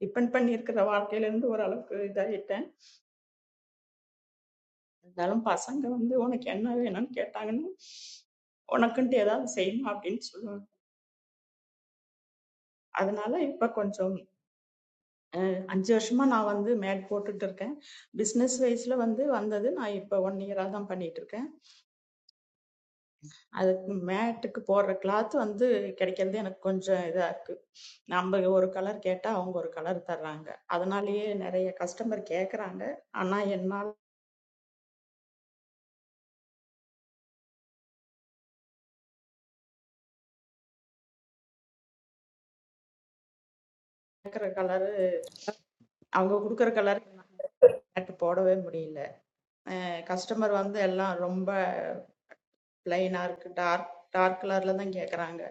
டிபெண்ட் பண்ணியிருக்கிற வாழ்க்கையிலேருந்து ஓரளவுக்கு இதாகிட்டேன் இருந்தாலும் பசங்க வந்து உனக்கு என்ன வேணும்னு கேட்டாங்கன்னா உனக்குன்ட்டு ஏதாவது செய்யணும் அப்படின்னு சொல்லுவேன் அதனால இப்போ கொஞ்சம் அஞ்சு வருஷமா நான் வந்து மேட் போட்டுட்டு இருக்கேன் பிஸ்னஸ் வைஸ்ல வந்து வந்தது நான் இப்போ ஒன் இயரா தான் பண்ணிட்டு இருக்கேன் அதுக்கு மேட்டுக்கு போடுற கிளாத் வந்து கிடைக்கிறது எனக்கு கொஞ்சம் இதா இருக்கு நம்ம ஒரு கலர் கேட்டா அவங்க ஒரு கலர் தர்றாங்க அதனாலயே நிறைய கஸ்டமர் கேக்குறாங்க ஆனா என்னால் கேக்குற கலர் அவங்க கொடுக்குற கலர் மேட் போடவே முடியல கஸ்டமர் வந்து எல்லாம் ரொம்ப பிளைனா இருக்கு டார்க் டார்க் கலர்ல தான் கேக்குறாங்க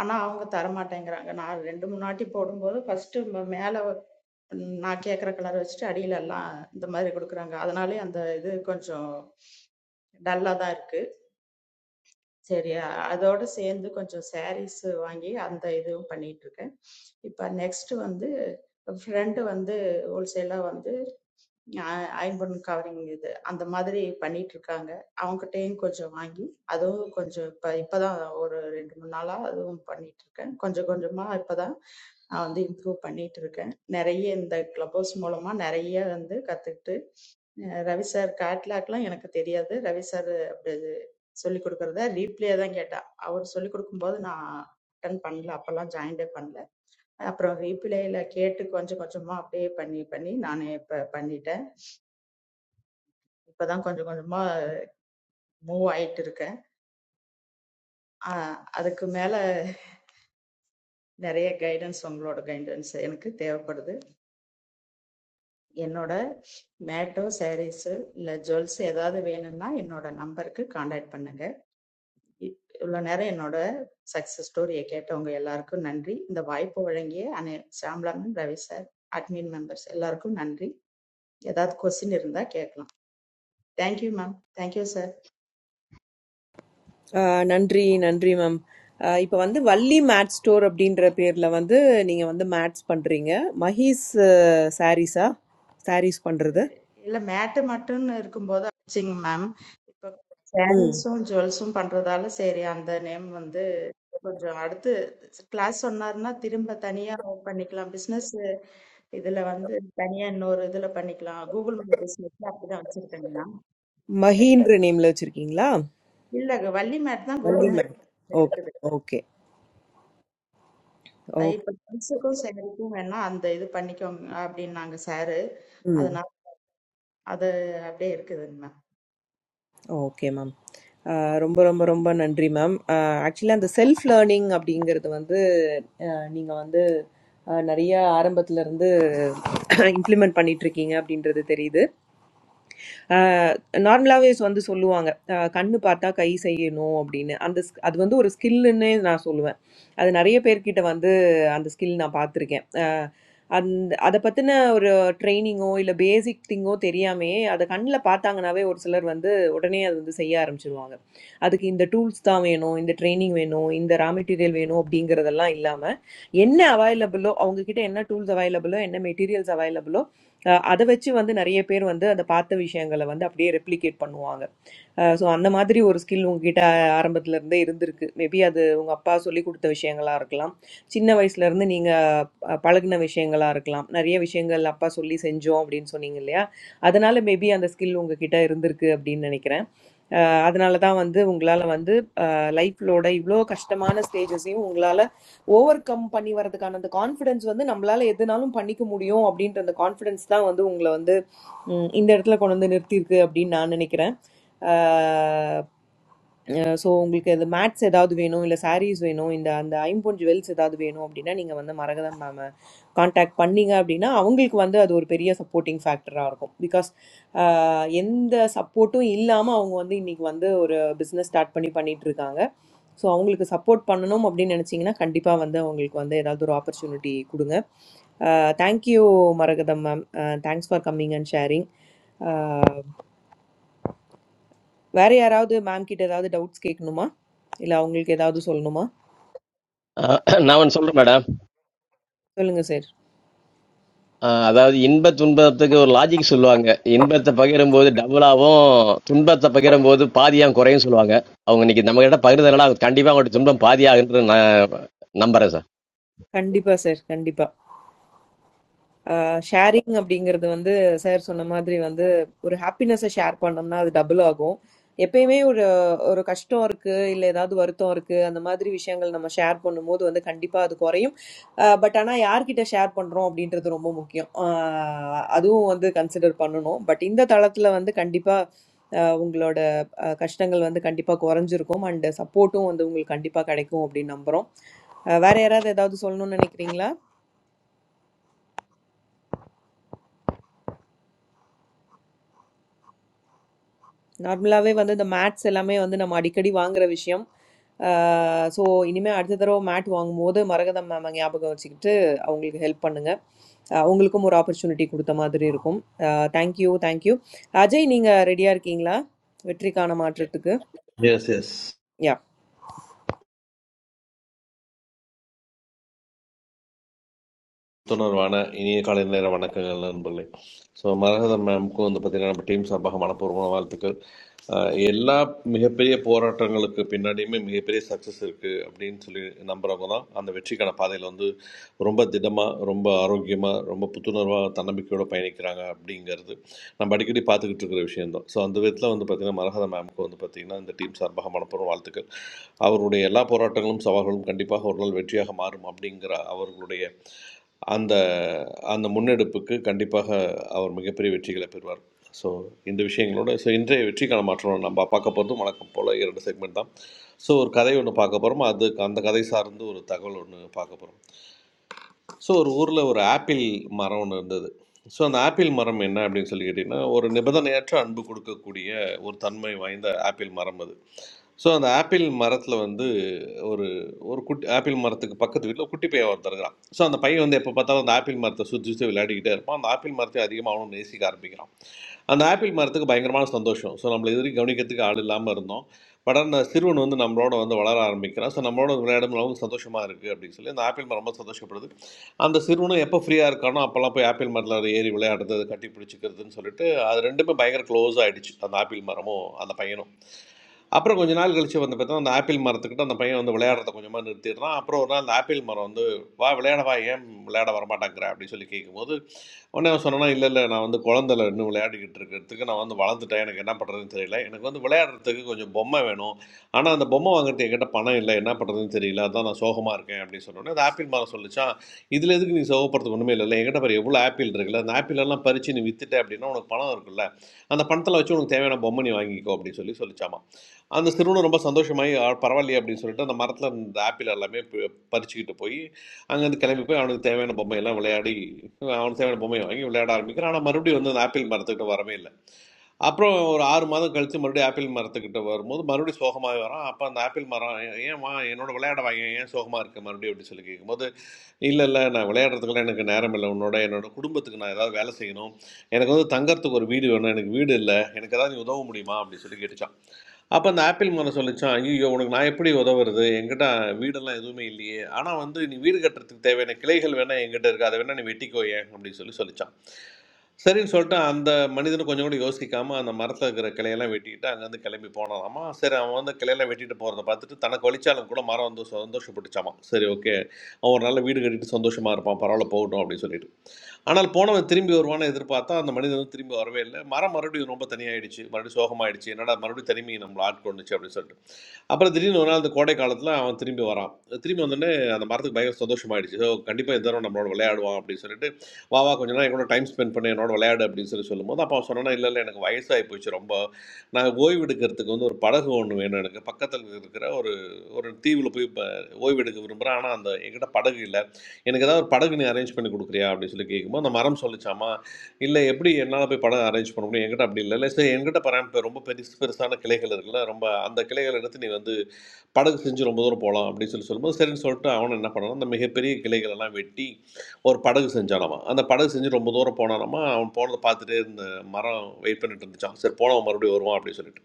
ஆனா அவங்க தர மாட்டேங்கிறாங்க நான் ரெண்டு மூணு வாட்டி போடும்போது ஃபர்ஸ்ட் மேல நான் கேட்குற கலர் வச்சுட்டு அடியில எல்லாம் இந்த மாதிரி கொடுக்குறாங்க அதனாலே அந்த இது கொஞ்சம் டல்லா தான் இருக்கு சரி அ- அதோட சேர்ந்து கொஞ்சம் சாரீஸ் வாங்கி அந்த இதுவும் பண்ணிட்டு இருக்கேன் இப்போ நெக்ஸ்ட் வந்து ஃப்ரெண்டு வந்து ஹோல்சேலாக வந்து அ- அயர்ன் பண்ண கவரிங் இது அந்த மாதிரி பண்ணிட்டு இருக்காங்க அவங்ககிட்டயும் கொஞ்சம் வாங்கி அதுவும் கொஞ்சம் இப்ப இப்பதான் ஒரு ரெண்டு மூணு நாளா அதுவும் பண்ணிட்டு இருக்கேன் கொஞ்சம் கொஞ்சமா இப்பதான் நான் வந்து இம்ப்ரூவ் பண்ணிட்டு இருக்கேன் நிறைய இந்த கிளப் ஹவுஸ் மூலமா நிறைய வந்து கத்துக்கிட்டு அஹ் ரவி சார் கேட்லாக்லாம் எனக்கு தெரியாது ரவி சார் அப்படி சொல்லி கொடுக்கறத ரீப்ளே தான் கேட்டேன் அவர் சொல்லி கொடுக்கும்போது நான் அட்டன் பண்ணல அப்பெல்லாம் ஜாயின்டே பண்ணல அப்புறம் ரீப்ளேல கேட்டு கொஞ்சம் கொஞ்சமா அப்படியே பண்ணி பண்ணி நான் இப்ப பண்ணிட்டேன் இப்பதான் கொஞ்சம் கொஞ்சமா மூவ் ஆயிட்டு இருக்கேன் ஆஹ் அதுக்கு மேல நிறைய கைடன்ஸ் உங்களோட கைடன்ஸ் எனக்கு தேவைப்படுது என்னோட மேட்டோ சாரீஸ் இல்ல ஜுவல்ஸ் ஏதாவது வேணும்னா என்னோட நம்பருக்கு காண்டாக்ட் பண்ணுங்க இ- இவ்வளவு நேரம் என்னோட சக்சஸ் ஸ்டோரியை கேட்டவங்க எல்லாருக்கும் நன்றி இந்த வாய்ப்பு வழங்கிய அனை Shamla ma'am Ravi sir admin members எல்லாருக்கும் நன்றி ஏதாவது கொஸ்டின் இருந்தா கேட்கலாம் தேங்க்யூ மேம் தேங்க்யூ சார் ஆ, நன்றி நன்றி மேம் இப்போ வந்து வள்ளி மேட் ஸ்டோர் அப்படின்ற பேரில் வந்து நீங்கள் வந்து மேட்ஸ் பண்ணுறீங்க மஹீஸ் சாரீஸா சாரீஸ் பண்ணுறது இல்ல மேட்டு மட்டும்னு இருக்கும்போது ஆச்சுங்க மேம். இப்ப ம் சாரீஸும், ஜுவல்ஸும் பண்றதால சரி அந்த நேம் வந்து கொஞ்சம் அடுத்து கிளாஸ் சொன்னாருன்னா திரும்ப தனியா பண்ணிக்கலாம். பிசினஸ் இதுல வந்து தனியா இன்னொரு இதுல பண்ணிக்கலாம். கூகுள் மேப் பிசினஸ்ல அப்படிதான் வச்சிருக்கேங்க மேம். மஹீன்ற நேமில் வச்சுருக்கீங்களா இல்ல வள்ளி மேட் தான் வள்ளி கூகுள் மேம் மேப்ல ஓகே இருக்குது. ஓகே அஹ் ஓகே இப்ப ஜுவல்ஸுக்கும் சாரீக்கும் வேணா அந்த இது பண்ணிக்கோங்க அப்படின்னாங்க சாரு. ம் அதனால அது அப்படியே இருக்குதுங்க மேம். ஓகே மேம் ரொம்ப ரொம்ப ரொம்ப நன்றி மேம் ஆக்சுவலாக அந்த செல்ஃப் லேர்னிங் அப்படிங்கிறது வந்து நீங்கள் வந்து அஹ், நிறைய ஆரம்பத்துல இருந்து இம்ப்ளிமெண்ட் பண்ணிட்டு இருக்கீங்க அப்படின்றது தெரியுது நார்மலாகவே வந்து சொல்லுவாங்க அஹ் கண்ணு பார்த்தா கை செய்யணும் அப்படின்னு அந்த sk- அது வந்து ஒரு ஸ்கில்லுன்னே நான் சொல்லுவேன் அது நிறைய பேர்கிட்ட வந்து அந்த ஸ்கில் நான் பார்த்துருக்கேன் அஹ் அந்த அதை பற்றின ஒரு ட்ரைனிங்கோ இல்லை பேசிக் திங்கோ தெரியாமையே அதை கண்ணில் பார்த்தாங்கனாவே ஒரு சிலர் வந்து உடனே அது வந்து செய்ய ஆரம்பிச்சிருவாங்க அதுக்கு இந்த டூல்ஸ் தான் வேணும் இந்த ட்ரைனிங் வேணும் இந்த ரா மெட்டீரியல் வேணும் அப்படிங்கிறதெல்லாம் இல்லாமல் என்ன அவைலபிளோ அவங்க கிட்ட என்ன டூல்ஸ் அவைலபிளோ என்ன மெட்டீரியல்ஸ் அவைலபிளோ அதை வச்சு வந்து நிறைய பேர் வந்து அந்த பார்த்த விஷயங்களை வந்து அப்படியே ரெப்ளிகேட் பண்ணுவாங்க ஸோ அந்த மாதிரி ஒரு ஸ்கில் உங்ககிட்ட ஆரம்பத்துல இருந்தே இருந்திருக்கு மேபி அது உங்க அப்பா சொல்லி கொடுத்த விஷயங்களா இருக்கலாம் சின்ன வயசுல இருந்து நீங்க அஹ், பழகுன விஷயங்களா இருக்கலாம் நிறைய விஷயங்கள் அப்பா சொல்லி செஞ்சோம் அப்படின்னு சொன்னீங்க இல்லையா அதனால மேபி அந்த ஸ்கில் உங்ககிட்ட இருந்திருக்கு அப்படின்னு நினைக்கிறேன் அதனால தான் வந்து உங்களால வந்து லைஃப்லோட இவ்வளோ கஷ்டமான ஸ்டேஜஸையும் உங்களால ஓவர் கம் பண்ணி வரதுக்கான அந்த கான்ஃபிடன்ஸ் வந்து நம்மளால எதுனாலும் பண்ணிக்க முடியும் அப்படின்ற அந்த கான்ஃபிடன்ஸ் தான் வந்து உங்களை வந்து ம், இந்த இடத்துல கொண்டு வந்து நிறுத்தியிருக்கு அப்படின்னு நான் நினைக்கிறேன் ஸோ உங்களுக்கு இந்த மேட்ஸ் ஏதாவது வேணும் இல்லை சாரீஸ் வேணும் இந்த அந்த ஐம்பொன் ஜுவல்ஸ் ஏதாவது வேணும் அப்படின்னா நீங்கள் வந்து மரகதம் மேம் காண்டாக்ட் பண்ணீங்க அப்படின்னா அவங்களுக்கு வந்து அது ஒரு பெரிய சப்போர்ட்டிங் ஃபேக்டராக இருக்கும் பிகாஸ் எந்த சப்போர்ட்டும் இல்லாமல் அவங்க வந்து இன்னைக்கு வந்து ஒரு பிஸ்னஸ் ஸ்டார்ட் பண்ணி பண்ணிட்டு இருக்காங்க ஸோ அவங்களுக்கு சப்போர்ட் பண்ணணும் அப்படின்னு நினச்சிங்கன்னா கண்டிப்பாக வந்து அவங்களுக்கு வந்து ஏதாவது ஒரு ஆப்பர்ச்சுனிட்டி கொடுங்க thank you Maragatham ma'am thanks for coming and sharing வேற யாராவது மேம் கிட்ட ஏதாவது டவுட்ஸ் கேட்கணுமா இல்லை அவங்களுக்கு ஏதாவது சொல்லணுமா நான் ஒன்று சொல்றேன் மேடம் சொல்லுங்க சார் ஆ, அதாவது இன்ப துன்பத்துக்கு ஒரு லாஜிக் சொல்லுவாங்க. இன்பத்த பகிரும்போது டபுளாவும், துன்பத்த பகிரும்போது பாதியா குறையும்னு சொல்லுவாங்க. அவங்க இன்னைக்கு நம்மகிட்ட பகிர்ந்ததுனால, அது கண்டிப்பா அவங்களோட துன்பம் பாதியாகும்ன்றது நான் நம்புறேன் சார். கண்டிப்பாக சார் கண்டிப்பாக ஷேரிங் அப்படிங்கிறது வந்து சார் சொன்ன மாதிரி வந்து ஒரு ஹாப்பினஸை ஷேர் பண்ணோம்னா அது டபுள் ஆகும் எப்பயுமே ஒரு ஒரு கஷ்டம் இருக்கு இல்ல ஏதாவது வருத்தம் இருக்கு அந்த மாதிரி விஷயங்கள் நம்ம ஷேர் பண்ணும்போது வந்து கண்டிப்பா அது குறையும் பட் ஆனா யார்கிட்ட ஷேர் பண்றோம் அப்படின்றது ரொம்ப முக்கியம் ஆஹ் அதுவும் வந்து கன்சிடர் பண்ணணும் பட் இந்த தளத்துல வந்து கண்டிப்பா ஆஹ் உங்களோட ஆஹ் கஷ்டங்கள் வந்து கண்டிப்பா குறைஞ்சிருக்கும் அண்ட் சப்போர்ட்டும் வந்து உங்களுக்கு கண்டிப்பா கிடைக்கும் அப்படின்னு நம்புறோம் ஆஹ் வேற யாராவது ஏதாவது சொல்லணும்னு நினைக்கிறீங்களா நார்மலாவே வந்து இந்த மேட்ஸ் எல்லாமே வந்து நம்ம அடிக்கடி வாங்குற விஷயம். ஆ ஸோ, இனிமே அடுத்த தடவ மேட் வாங்கும்போது மரகதம் மேம ஞாபகம் வச்சுக்கிட்டு, அவங்களுக்கு ஹெல்ப் பண்ணுங்க. அ உங்களுக்கும் ஒரு ஆப்பர்ட்யூனிட்டி குடுத்த மாதிரி இருக்கும். அ thank you, thank you. Ajay நீங்க ரெடியா இருக்கீங்களா? வெற்றிக்கான மாற்றத்துக்கு. Yes, yes. யா. தொடர்பான இனிய காலை நேர வணக்கங்கள் நண்பர்களே ஸோ மரகதம் மேம்க்கும் வந்து பார்த்தீங்கன்னா நம்ம டீம் சார்பாக மனப்பூர்வமான வாழ்த்துக்கள் அஹ் எல்லா மிகப்பெரிய போராட்டங்களுக்கு பின்னாடியுமே மிகப்பெரிய சக்ஸஸ் இருக்குது அப்படின்னு சொல்லி நம்புறவங்க தான் அந்த வெற்றிக்கான பாதையில் வந்து ரொம்ப திடமாக ரொம்ப ஆரோக்கியமாக ரொம்ப புத்துணர்வாக தன்னம்பிக்கையோடு பயணிக்கிறாங்க அப்படிங்கிறது நம்ம அடிக்கடி பார்த்துக்கிட்டு இருக்கிற விஷயம்தான் ஸோ அந்த விதத்தில் வந்து பார்த்திங்கன்னா மரகத மேம்க்கு வந்து பார்த்திங்கன்னா இந்த டீம் சார்பாக மனப்பூர்வம் வாழ்த்துக்கள் அவருடைய எல்லா போராட்டங்களும் சவால்களும் கண்டிப்பாக ஒரு நாள் வெற்றியாக மாறும் அப்படிங்கிற அவர்களுடைய அந்த அந்த முன்னெடுப்புக்கு கண்டிப்பாக அவர் மிகப்பெரிய வெற்றிகளை பெறுவார் ஸோ இந்த விஷயங்களோட ஸோ இன்றைய வெற்றிக்கான மாற்றம் நம்ம பார்க்க போகிறதும் வழக்கம் போல் இரண்டு செக்மெண்ட் தான் ஸோ ஒரு கதை ஒன்று பார்க்க போகிறோம் அதுக்கு அந்த கதை சார்ந்து ஒரு தகவல் ஒன்று பார்க்க போகிறோம் ஸோ ஒரு ஊரில் ஒரு ஆப்பிள் மரம் ஒன்று இருந்தது ஸோ அந்த ஆப்பிள் மரம் என்ன அப்படின்னு சொல்லி கேட்டிங்கன்னா ஒரு நிபந்தனையற்ற அன்பு கொடுக்கக்கூடிய ஒரு தன்மை வாய்ந்த ஆப்பிள் மரம் அது ஸோ, அந்த ஆப்பிள் மரத்தில வந்து ஒரு ஒரு குட்டி ஆப்பிள் மரத்துக்கு பக்கத்து வீட்ல குட்டி பையன் ஒருத்தன் இருக்கிறான். ஸோ, அந்த பையன் வந்து எப்ப பார்த்தாலும் அந்த ஆப்பிள் மரத்த சுத்தி, சுத்தி விளையாடிக்கிட்டே இருப்பான். அந்த ஆப்பிள் மரத்தையும் அதிகமா அவனும் நேசிக்க ஆரம்பிக்கிறான். அந்த ஆப்பிள் மரத்துக்கு பயங்கரமான சந்தோஷம். ஸோ, நம்மள இதுவரைக்கும் கவனிக்கிறதுக்கு ஆள் இல்லாம இருந்தோம். பட் ஆனா சிறுவன் வந்து நம்மளோட வந்து வளர ஆரம்பிக்கிறான். ஸோ, நம்மளோட விளையாடும் ரொம்ப சந்தோஷமா இருக்கு அப்படின்னு சொல்லி அந்த ஆப்பிள் மரம் ரொம்ப சந்தோஷப்படுது. அந்த சிறுவனும் எப்ப ஃப்ரீயா இருக்கானோ அப்பலாம் போய் ஆப்பிள் மரத்தில ஏறி விளையாடுறது, கட்டி பிடிச்சுக்கிறதுன்னு சொல்லிட்டு, அது 2மே பயங்கர க்ளோஸ் ஆயிடுச்சு. அந்த ஆப்பிள் மரமும், அந்த பையனும். அப்புறம் கொஞ்ச நாள் கழிச்சு வந்து பார்த்தா அந்த ஆப்பிள் மரத்துக்கிட்ட அந்த பையன் வந்து விளையாடுறத கொஞ்சமாக நிறுத்திடுறான் அப்புறம் ஒரு நாள் அந்த ஆப்பிள் மரம் வந்து வா விளையாட வா ஏன் விளையாட வரமாட்டேங்கிற அப்படின்னு சொல்லி கேட்கும்போது உடனே அவன் சொன்னா இல்லை இல்லை நான் வந்து குழந்தைல இன்னும் விளையாடிக்கிட்டு இருக்கிறதுக்கு நான் வந்து வளர்ந்துட்டேன் எனக்கு என்ன பண்ணுறதுன்னு தெரியல எனக்கு வந்து விளையாடுறதுக்கு கொஞ்சம் பொம்மை வேணும் ஆனால் அந்த பொம்மை வாங்குறதுக்கு என்கிட்ட பணம் இல்லை என்ன பண்ணுறதுன்னு தெரியல அதான் நான் சோகமாக இருக்கேன் அப்படின்னு சொன்னோடனே அந்த ஆப்பிள் மரம் சொல்லிச்சான் இதில் எதுக்கு நீ சோகப்படுறதுக்கு ஒன்றுமே இல்லை என்கிட்ட பாரு எவ்வளோ ஆப்பிள் இருக்குல்ல அந்த ஆப்பிள் எல்லாம் பறித்து நீ வித்துட்ட அப்படின்னா உனக்கு பணம் இருக்குல்ல அந்த பணத்தில் வச்சு உனக்கு தேவையான பொம்மை நீ வாங்கிக்கோ அப்படின்னு சொல்லி சொல்லிச்சாமா அந்த சிறுவனும் ரொம்ப சந்தோஷமாகி "ஆ, பரவாயில்லையே அப்படின்னு சொல்லிட்டு அந்த மரத்தில் இந்த ஆப்பிள் எல்லாமே பி- பறிச்சுக்கிட்டு போய் அங்கேருந்து கிளம்பி போய் அவனுக்கு தேவையான பொம்மையெல்லாம் விளையாடி அவனுக்கு தேவையான பொம்மையை வாங்கி விளையாட ஆரம்பிக்கிறான் ஆனால் மறுபடியும் வந்து அந்த ஆப்பிள் மரத்துக்கிட்ட வரவே இல்லை அப்புறம் ஒரு ஆறு மாதம் கழித்து மறுபடியும் ஆப்பிள் மரத்துக்கிட்ட வரும்போது மறுபடியும் சோகமாக வரான் அப்போ அந்த ஆப்பிள் மரம் "ஏ- ஏம்மா என்னோட விளையாட வாங்க ஏன் சோகமாக இருக்க மறுபடியும் அப்படின்னு சொல்லி கேட்கும்போது இல்லை இல்லை நான் விளையாடுறதுக்கெல்லாம் எனக்கு நேரம் இல்லை உன்னோட என்னோட குடும்பத்துக்கு நான் ஏதாவது வேலை செய்யணும் எனக்கு வந்து தங்கறதுக்கு ஒரு வீடு வேணும் எனக்கு வீடு இல்லை எனக்கு ஏதாவது நீ உதவ முடியுமா அப்படின்னு சொல்லி கேட்டுச்சு அப்போ அந்த ஆப்பிள் மரம் சொல்லிச்சான் ஐயோ உனக்கு நான் எப்படி உதவுறது என்கிட்ட வீடெல்லாம் எதுவுமே இல்லையே ஆனால் வந்து நீ வீடு கட்டுறதுக்கு தேவையான கிளைகள் வேணால் என்கிட்ட இருக்கு அதை வேணால் நீ வெட்டிக்கோ ஏன் அப்படின்னு சொல்லி சொல்லிச்சான் சரின்னு சொல்லிட்டு அந்த மனிதனும் கொஞ்சம் கூட யோசிக்காமல் அந்த மரத்தில் இருக்கிற கிளையெல்லாம் வெட்டிக்கிட்டு அங்கேருந்து கிளம்பி போனாலாமா சரி அவன் வந்து கிளையெல்லாம் வெட்டிட்டு போகிறத பார்த்துட்டு தனக்கு வலிச்சாலும் கூட மரம் வந்து சந்தோஷப்பட்டுச்சாமா சரி ஓகே அவன் ஒரு நல்ல வீடு கட்டிட்டு சந்தோஷமாக இருப்பான் பரவாயில்ல போகட்டும் அப்படின்னு சொல்லிட்டு ஆனால் போனவன் திரும்பி வருவான்னு எதிர்பார்த்தா அந்த மனிதன் வந்து திரும்பி வரவே இல்லை மரம் மறுபடியும் ரொம்ப தனியாயிடுச்சு மறுபடியும் சோகமாயிடுச்சு என்னடா மறுபடியும் தனிமையை நம்மளை ஆட்கொண்டுச்சு அப்படின்னு சொல்லிட்டு அப்புறம் திடீர்னு ஒரு நாள் இந்த கோடை காலத்தில் அவன் திரும்பி வரான் திரும்பி வந்தோடனே அந்த மரத்துக்கு பயங்கர சந்தோஷமாயிடுச்சு ஸோ கண்டிப்பாக எந்த நேரம் நம்மளோட விளையாடுவான் அப்படின்னு சொல்லிட்டு வா வா கொஞ்ச நேரம் கூட டைம் ஸ்பெண்ட் பண்ணி என்னோட விளையாடு அப்படின்னு சொல்லி சொல்லும்போது அப்போ அவன் சொன்னா இல்லை இல்லை எனக்கு வயசாகி போச்சு ரொம்ப நான் ஓய்வெடுக்கிறதுக்கு வந்து ஒரு படகு ஒன்று வேணும் எனக்கு பக்கத்தில் இருக்கிற ஒரு ஒரு தீவில் போய் இப்போ ஓய்வெடுக்க விரும்புகிறேன் ஆனால் அந்த என்கிட்ட படகு இல்லை எனக்கு ஏதாவது ஒரு படகு நீ அரேஞ்ச் பண்ணி கொடுக்குறியா அப்படின்னு சொல்லி கேட்கும்போது அந்த மரம் சொல்லிச்சாமா இல்லை எப்படி என்னால் போய் படம் அரேஞ்ச் பண்ண முடியும் என்கிட்ட அப்படி இல்லை இல்லை சரி என்கிட்ட பராமரிப்பு ரொம்ப பெருசு பெருசான கிளைகள் இருக்குல்ல ரொம்ப அந்த கிளைகளை எடுத்து நீ வந்து படகு செஞ்சு ரொம்ப தூரம் போகலாம் அப்படின்னு சொல்லி சொல்லும்போது சரின்னு சொல்லிட்டு அவனும் என்ன பண்ணான் அந்த மிகப்பெரிய கிளைகள் எல்லாம் வெட்டி ஒரு படகு செஞ்சானாமா அந்த படகு செஞ்சு ரொம்ப தூரம் போனானாமா அவன் போனதை பார்த்துட்டே இருந்த மரம் வெயிட் பண்ணிட்டு இருந்துச்சான் சரி போனவன் மறுபடியும் வருவான் அப்படின்னு சொல்லிட்டு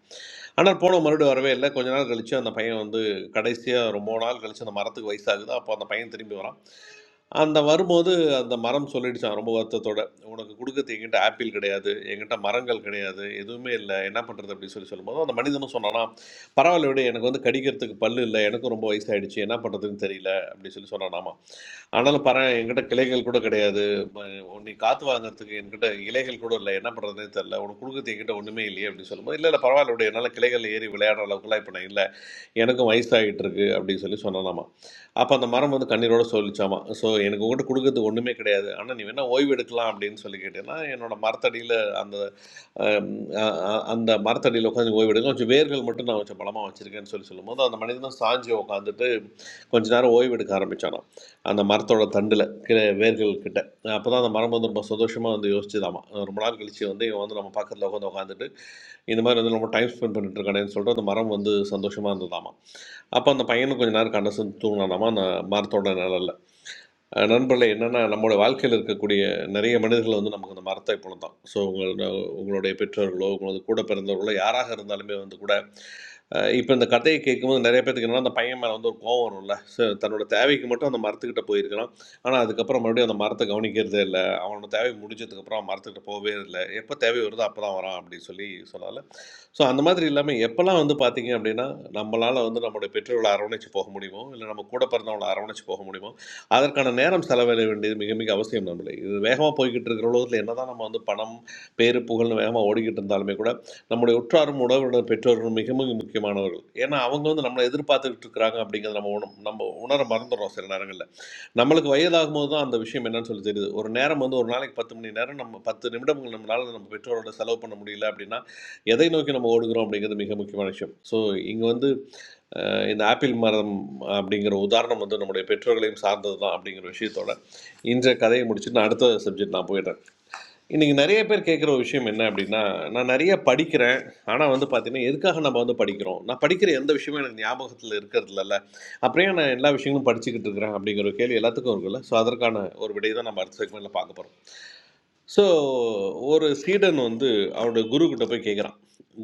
ஆனால் போனவன் மறுபடியும் வரவே இல்லை கொஞ்ச நாள் கழிச்சு அந்த பையன் வந்து கடைசியாக ரொம்ப நாள் கழிச்சு அந்த மரத்துக்கு வயசாகுது அப்போ அந்த பையன் திரும்பி வரான் அந்த வரும்போது அந்த மரம் சொல்லிடுச்சான் ரொம்ப வருத்தத்தோட உனக்கு கொடுக்கறது எங்கிட்ட ஆப்பிள் கிடையாது எங்கிட்ட மரங்கள் கிடையாது எதுவுமே இல்லை என்ன பண்ணுறது அப்படின்னு சொல்லி சொல்லும்போது அந்த மனிதனும் சொன்னானா பரவாயில்ல விட எனக்கு வந்து கடிக்கிறதுக்கு பல்லு இல்லை எனக்கும் ரொம்ப வயசாயிடுச்சு என்ன பண்ணுறதுன்னு தெரியல அப்படின்னு சொல்லி சொன்னான் ஆமாம் ஆனாலும் பாரு என்கிட்ட கிளைகள் கூட கிடையாது ம- நீ காற்று வாங்குறதுக்கு என்கிட்ட இலைகள் கூட இல்லை என்ன பண்ணுறதுனே தெரில உனக்கு கொடுக்குறது என்கிட்ட ஒன்றுமே இல்லையே அப்படின்னு சொல்லும்போது இல்லை இல்லை பரவாயில்ல விட என்னால் கிளைகள் ஏறி விளையாடுற அளவுக்குலாம் இப்போ நான் இல்லை எனக்கும் வயசாகிட்டு இருக்கு அப்படின்னு சொல்லி சொன்னானாமா அப்போ அந்த மரம் வந்து கண்ணீரோட சொல்லிச்சாமா ஸோ எனக்கு உங்கள்கிட்ட கொடுக்கறது ஒன்றுமே கிடையாது ஆனால் நீ வேணால் ஓய்வு எடுக்கலாம் அப்படின்னு சொல்லி கேட்டேன்னா என்னோட மரத்தடியில் அந்த அஹ், அஹ், அஹ், அந்த மரத்தடியில் உட்காந்து ஓய்வு எடுக்க கொஞ்சம் வேர்கள் மட்டும் நான் கொஞ்சம் பலமாக வச்சுருக்கேன்னு சொல்லி சொல்லும்போது அந்த மனிதனும் சாஞ்சு உட்காந்துட்டு கொஞ்ச நேரம் ஓய்வு எடுக்க ஆரம்பிச்சானாம் அந்த மரத்தோட தண்டில் கிட்ட வேர்கள் கிட்ட அப்போ தான் அந்த மரம் வந்து ரொம்ப சந்தோஷமாக வந்து யோசிச்சுதாமா ரொம்ப நாள் கழிச்சு வந்து இவன் வந்து நம்ம பக்கத்தில் உட்காந்து உட்காந்துட்டு இந்த மாதிரி வந்து நம்ம டைம் ஸ்பெண்ட் பண்ணிட்டு இருக்கானேன்னு சொல்லிட்டு அந்த மரம் வந்து சந்தோஷமாக இருந்ததாமா அப்போ அந்த பையனும் கொஞ்ச நேரம் கண்ணை சிந்து தூங்கினானாமா அந்த மரத்தோட நிழல்ல அஹ் நண்பர்களே என்னென்னா நம்மளோட வாழ்க்கையில் இருக்கக்கூடிய நிறைய மனிதர்கள் வந்து நமக்கு அந்த மரத்தை போல தான் ஸோ உங்களோட உங்களுடைய பெற்றோர்களோ உங்களது கூட பிறந்தவர்களோ யாராக இருந்தாலுமே வந்து கூட இப்போ இந்த கதையை கேட்கும்போது நிறைய பேத்துக்கு என்னன்னா அந்த பையன் மேலே வந்து ஒரு கோவம் வரும்ல ஸோ தன்னோட தேவைக்கு மட்டும் அந்த மரத்துக்கிட்ட போயிருக்கிறான் ஆனால் அதுக்கப்புறம் மறுபடியும் அந்த மரத்தை கவனிக்கிறதே இல்லை அவனோட தேவை முடிஞ்சதுக்கப்புறம் மரத்துக்கிட்ட போவே இல்லை எப்போ தேவை வருதோ அப்போ தான் வரான் அப்படின்னு சொல்லி சொல்லலாம் ஸோ அந்த மாதிரி இல்லாம எப்பல்லாம் வந்து பார்த்தீங்க அப்படின்னா, நம்மளால வந்து நம்முடைய பெற்றோர்கள அரவணைச்சு போக முடியுமோ, இல்ல நம்ம கூட பிறந்தவங்கள அரவணைச்சு போக முடியுமோ, அதற்கான நேரம் செலவிட வேண்டியது மிக, மிக அவசியம் நம்மளே. இது வேகமா போய்க்கிட்டு இருக்கிற உலகத்துல என்னதான் நம்ம வந்து பணம், பேரு, புகழ்ன்னு வேகமா ஓடிக்கிட்டு இருந்தாலுமே கூட, நம்முடைய உற்றாரும், உறவினர், பெற்றோர்கள் மிக, மிக முக்கியமானவர்கள். ஏன்னா, அவங்க வந்து நம்மள எதிர்பார்த்துக்கிட்டு இருக்கிறாங்க அப்படிங்கிறத நம்ம உண நம்ம உணர மறந்துடுறோம் சில நேரங்கள்ல. நம்மளுக்கு வயதாகும்போது தான் அந்த விஷயம் என்னன்னு சொல்லி தெரியுது. ஒரு நேரம் வந்து ஒரு நாளைக்கு 10 மணி நேரம் நம்ம 10 நிமிடங்கள் நம்மளால நம்ம பெற்றோரோட செலவு பண்ண முடியல அப்படின்னா, எதை நோக்கி நம்ம ஓடுகிறோம் அப்படிங்கிறது மிக முக்கியமான விஷயம் ஸோ இங்கே வந்து அஹ், இந்த ஆப்பிள் மரம் அப்படிங்கிற உதாரணம் வந்து நம்முடைய பெற்றோர்களையும் சார்ந்தது தான் அப்படிங்கிற விஷயத்தோட இன்றைய கதையை முடிச்சுட்டு நான் அடுத்த சப்ஜெக்ட் நான் போயிடுறேன் இன்றைக்கி நிறைய பேர் கேட்குற ஒரு விஷயம் என்ன அப்படின்னா நான் நிறைய படிக்கிறேன் ஆனால் வந்து பார்த்தீங்கன்னா எதுக்காக நம்ம வந்து படிக்கிறோம் நான் படிக்கிற எந்த விஷயமும் எனக்கு ஞாபகத்தில் இருக்கிறது இல்லைல்ல அப்புறம் ஏன் நான் எல்லா விஷயங்களும் படிச்சுக்கிட்டு இருக்கிறேன் அப்படிங்கிற ஒரு கேள்வி எல்லாத்துக்கும் இருக்குல்ல ஸோ அதற்கான ஒரு விடையை தான் நம்ம அடுத்த செக்மெண்ட்டில் பார்க்க போகிறோம் ஸோ ஒரு சீடன் வந்து அவனுடைய குரு கிட்ட போய் கேட்குறான்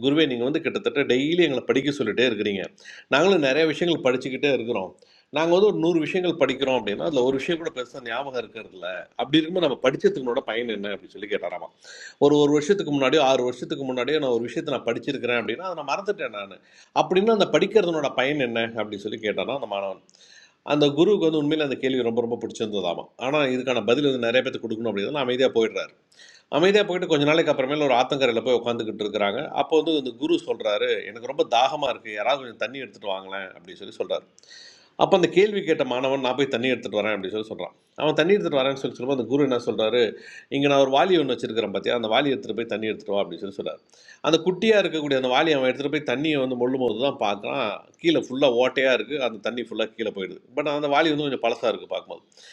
குருவே நீங்கள் வந்து கிட்டத்தட்ட டெய்லி எங்களை படிக்க சொல்லிட்டே இருக்கிறீங்க நாங்களும் நிறைய விஷயங்கள் படிச்சுக்கிட்டே இருக்கிறோம் நாங்கள் வந்து ஒரு நூறு விஷயங்கள் படிக்கிறோம் அப்படின்னா அதில் ஒரு விஷயம் கூட பெருசாக ஞாபகம் இருக்கிறது இல்ல அப்படி இருக்கும்போது நம்ம படிச்சதுக்குனோட பயன் என்ன அப்படின்னு சொல்லி கேட்டாராமா ஒரு ஒரு வருஷத்துக்கு முன்னாடியோ ஆறு வருஷத்துக்கு முன்னாடியோ நான் ஒரு விஷயத்தை நான் படிச்சிருக்கிறேன் அப்படின்னா அதை நான் மறந்துட்டேன் நான் அப்படின்னா அந்த படிக்கிறதுனோட பயன் என்ன அப்படின்னு சொல்லி கேட்டாராம் அந்த மாணவன் அந்த குருவுக்கு வந்து உண்மையில அந்த கேள்வி ரொம்ப ரொம்ப பிடிச்சிருந்ததாமா ஆனால் இதுக்கான பதில் வந்து நிறைய பேர்த்துக்கு கொடுக்கணும் அப்படின்னா அமைதியாக போயிடுறாரு அமைதியாக போயிட்டு கொஞ்ச நாளைக்கு அப்புறமேல ஒரு ஆத்தங்கரையில் போய் உட்காந்துக்கிட்டு இருக்கிறாங்க அப்போ வந்து இந்த குரு சொல்கிறாரு எனக்கு ரொம்ப தாகமாக இருக்குது யாராவது கொஞ்சம் தண்ணி எடுத்துகிட்டு வாங்களேன் அப்படின்னு சொல்லி சொல்கிறாரு அப்போ அந்த கேள்வி கேட்ட மாணவன் நான் போய் தண்ணி எடுத்துகிட்டு வரேன் அப்படின்னு சொல்லி சொல்கிறான் அவன் தண்ணி எடுத்துகிட்டு வரேன்னு சொல்லி சொல்லும்போது அந்த குரு என்ன சொல்கிறாரு இங்கே நான் ஒரு வாளி ஒன்று வச்சிருக்கிறேன் பார்த்தியா அந்த வாளி எடுத்துகிட்டு போய் தண்ணி எடுத்துகிட்டு வா அப்படின்னு சொல்லி சொல்கிறார் அந்த குட்டியாக இருக்கக்கூடிய அந்த வாளி அவன் எடுத்துகிட்டு போய் தண்ணியை வந்து மொள்ளும் போது தான் பார்க்குறான் கீழே ஃபுல்லாக ஓட்டையாக இருக்குது அந்த தண்ணி ஃபுல்லாக கீழே போயிடுது பட் அந்த வாளி வந்து கொஞ்சம் பழசாக இருக்குது பார்க்கும்போது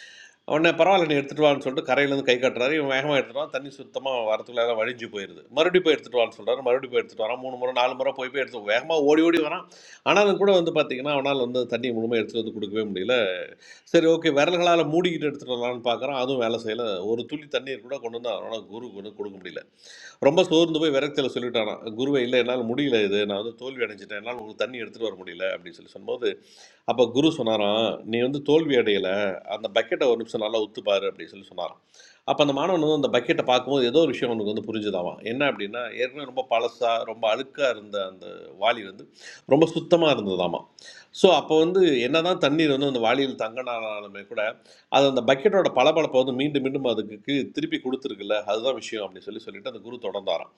உடனே பரவாயில்ல நீ எடுத்துட்டு வான்னு சொல்லிட்டு கரையிலேருந்து கை கட்டுறாரு இவன் வேகமாக எடுத்துட்டு வரான் தண்ணி சுத்தமாக வரத்துக்குள்ள எல்லாம் வழிஞ்சு போயிடுது மறுபடியும் போய் எடுத்துட்டு வான்னு சொல்றாரு மறுபடியும் போய் எடுத்துட்டு வரான் மூணு முறை நாலு முறை போய் போய் எடுத்து வேகமாக ஓடி ஓடி வரான் ஆனாலும் கூட வந்து பார்த்தீங்கன்னா அவனால் வந்து தண்ணி முழுமையாக எடுத்துட்டு வந்து கொடுக்கவே முடியல சரி ஓகே விரல்களால் மூடிக்கிட்டு எடுத்துட்டு வரலான்னு பார்க்குறான் அதுவும் வேலை செய்யல ஒரு துளி தண்ணீர் கூட கொண்டு வந்து அவனால் குரு கொண்டு கொடுக்க முடியல ரொம்ப சோர்ந்து போய் விரக்தியில் சொல்லிட்டானான் குருவை இல்லை என்னால் முடியல இது நான் வந்து தோல்வி அடைஞ்சிட்டேன் என்னால் உங்களுக்கு தண்ணி எடுத்துட்டு வர முடியல அப்படின்னு சொல்லி சொன்னபோது அப்ப குரு சொன்னாராம், "நீ வந்து தோல்வி அடையல. அந்த பக்கெட்ட ஒரு நிமிஷம் நல்லா உத்து பாரு" அப்படின்னு சொல்லி சொன்னாராம். அப்போ அந்த மாணவன் வந்து அந்த பக்கெட்டை பார்க்கும்போது ஏதோ ஒரு விஷயம் அவனுக்கு வந்து புரிஞ்சுதாவான் என்ன அப்படின்னா ஏற்கனவே ரொம்ப பழசாக ரொம்ப அழுக்காக இருந்த அந்த வாளி வந்து ரொம்ப சுத்தமாக இருந்ததாமா ஸோ அப்போ வந்து என்னதான் தண்ணீர் வந்து அந்த வாளியில் தங்கினாலுமே கூட அது அந்த பக்கெட்டோட பளபளப்பை வந்து மீண்டும் மீண்டும் அதுக்கு கீ- திருப்பி கொடுத்துருக்குல்ல அதுதான் விஷயம் அப்படின்னு சொல்லி சொல்லிட்டு அந்த குரு தொடர்ந்தாராம்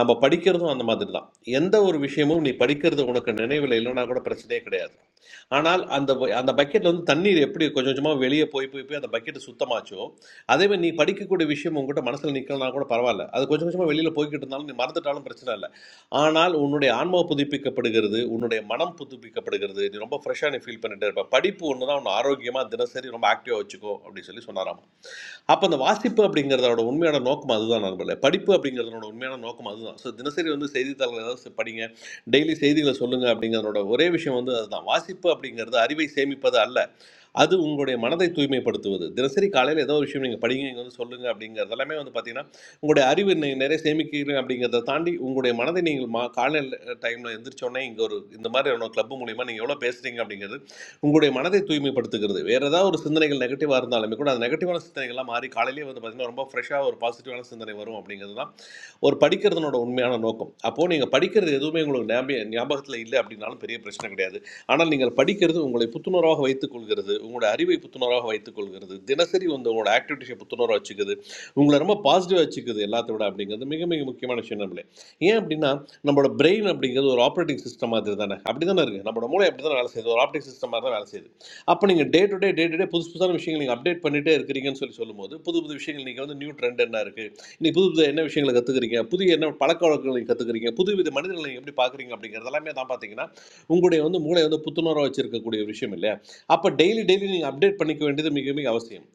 நம்ம படிக்கிறதும் அந்த மாதிரி தான் எந்த ஒரு விஷயமும் நீ படிக்கிறது உனக்கு நினைவில் இல்லைன்னா கூட பிரச்சனையே கிடையாது ஆனால் அந்த வ- அந்த பக்கெட்ல வந்து தண்ணீர் எப்படி கொஞ்சம் கொஞ்சமாக வெளியே போய் போய் போய் அந்த பக்கெட் சுத்தமாச்சோ அதே மாதிரி நீ படிக்கக்கூடிய விஷயம் உங்ககிட்ட மனசில் நிற்கலனா கூட பரவாயில்ல அது கொஞ்சம் கொஞ்சமாக வெளியில் போய்கிட்டு இருந்தாலும் நீ மறந்துட்டாலும் பிரச்சனை இல்லை ஆனால் உன்னுடைய ஆன்மா புதுப்பிக்கப்படுகிறது உன்னுடைய மனம் புதுப்பிக்கப்படுகிறது நீ ரொம்ப ஃப்ரெஷ்ஷாக நீ ஃபீல் பண்ணிட்டே இருப்ப படிப்பு ஒன்று தான் உன்னை ஆரோக்கியமாக தினசரி ரொம்ப ஆக்டிவாக வச்சுக்கோ அப்படின்னு சொல்லி சொன்னாராம் அப்போ அந்த வாசிப்பு அப்படிங்கிறதோட உண்மையான நோக்கம் அதுதான் நண்பர்களே படிப்பு அப்படிங்கிறதோட உண்மையான நோக்கம் அதுதான் ஸோ தினசரி வந்து செய்தித்தாள்கள் ஏதாவது படிங்க டெய்லி செய்திகளை சொல்லுங்க அப்படிங்கிறதோட ஒரே விஷயம் வந்து அதுதான் வாசிப்பு அப்படிங்கிறது அறிவை சேமிப்பது அல்ல அது உங்களுடைய மனதை தூய்மைப்படுத்துவது தினசரி காலையில் ஏதோ ஒரு விஷயம் நீங்கள் படிங்க இங்கே வந்து சொல்லுங்க அப்படிங்கிறது எல்லாமே வந்து பார்த்தீங்கன்னா உங்களுடைய அறிவு நீங்கள் நிறைய சேமிக்கிறீங்க அப்படிங்கிறத தாண்டி உங்களுடைய மனதை நீங்கள் மா காலையில் டைமில் எந்திரிச்சோடனே இங்கே ஒரு இந்த மாதிரி கிளப் மூலியமாக நீங்கள் எவ்வளோ பேசுகிறீங்க அப்படிங்கிறது உங்களுடைய மனதை தூய்மைப்படுத்துகிறது வேறு ஏதாவது ஒரு சிந்தனைகள் நெகட்டிவாக இருந்தாலுமே கூட அந்த நெகட்டிவான சிந்தனைகள்லாம் மாறி காலையிலேயே வந்து பார்த்தீங்கன்னா ரொம்ப ஃப்ரெஷ்ஷாக ஒரு பாசிட்டிவான சிந்தனை வரும் அப்படிங்கிறது தான் ஒரு படிக்கிறதுனோட உண்மையான நோக்கம் அப்போது நீங்கள் படிக்கிறது எதுவுமே உங்களுக்கு ஞாபக ஞாபகத்தில் இல்லை அப்படின்னாலும் பெரிய பிரச்சனை கிடையாது ஆனால் நீங்கள் படிக்கிறது உங்களை புத்துணர்வாக வைத்துக் கொள்கிறது உங்களுடைய அறிவை புத்துணர்வாக வைத்துக் கொள்கிறது தினசரி வந்து உங்களோட ஆக்டிவிட்டிஸை புத்துணர்வாக வச்சுக்குது உங்களை ரொம்ப பாசிட்டிவாக வச்சுக்குது எல்லாத்தை விட அப்படிங்கிறது மிக மிக முக்கியமான விஷயம் நம்மளே ஏன் அப்படின்னா நம்மளோட பிரெயின் அப்படிங்கிறது ஒரு ஆப்ரேட்டிங் சிஸ்டம் மாதிரி தானே அப்படி தானே இருக்குது நம்மளோட மூளை அப்படி தான் வேலை செய்யுது ஒரு ஆப்ரேட்டிங் சிஸ்டம் மாதிரி தான் வேலை செய்யுது அப்போ நீங்கள் day to day day to day புதுசு புதுசான விஷயங்கள் நீங்கள் அப்டேட் பண்ணிகிட்டே இருக்கிறீங்கன்னு சொல்லி சொல்லும்போது புது புது விஷயங்கள் நீங்கள் வந்து நியூ ட்ரெண்ட் என்ன இருக்குது இன்னைக்கு புது புது என்ன விஷயங்களை கற்றுக்குறீங்க புதிய என்ன பழக்க வழக்கங்களை கற்றுக்குறீங்க புது வித மனிதர்களை நீங்கள் எப்படி பார்க்குறீங்க அப்படிங்கிறது எல்லாமே தான் பார்த்தீங்கன்னா உங்களுடைய வந்து மூளை வந்து புத்துணர்வாக வச்சிருக்கக்கூடிய ஒரு விஷயம் இல்லையா அப்போ டெய்லி டெய்லி நீங்கள் அப்டேட் பண்ணிக்க வேண்டியது மிக மிக அவசியம்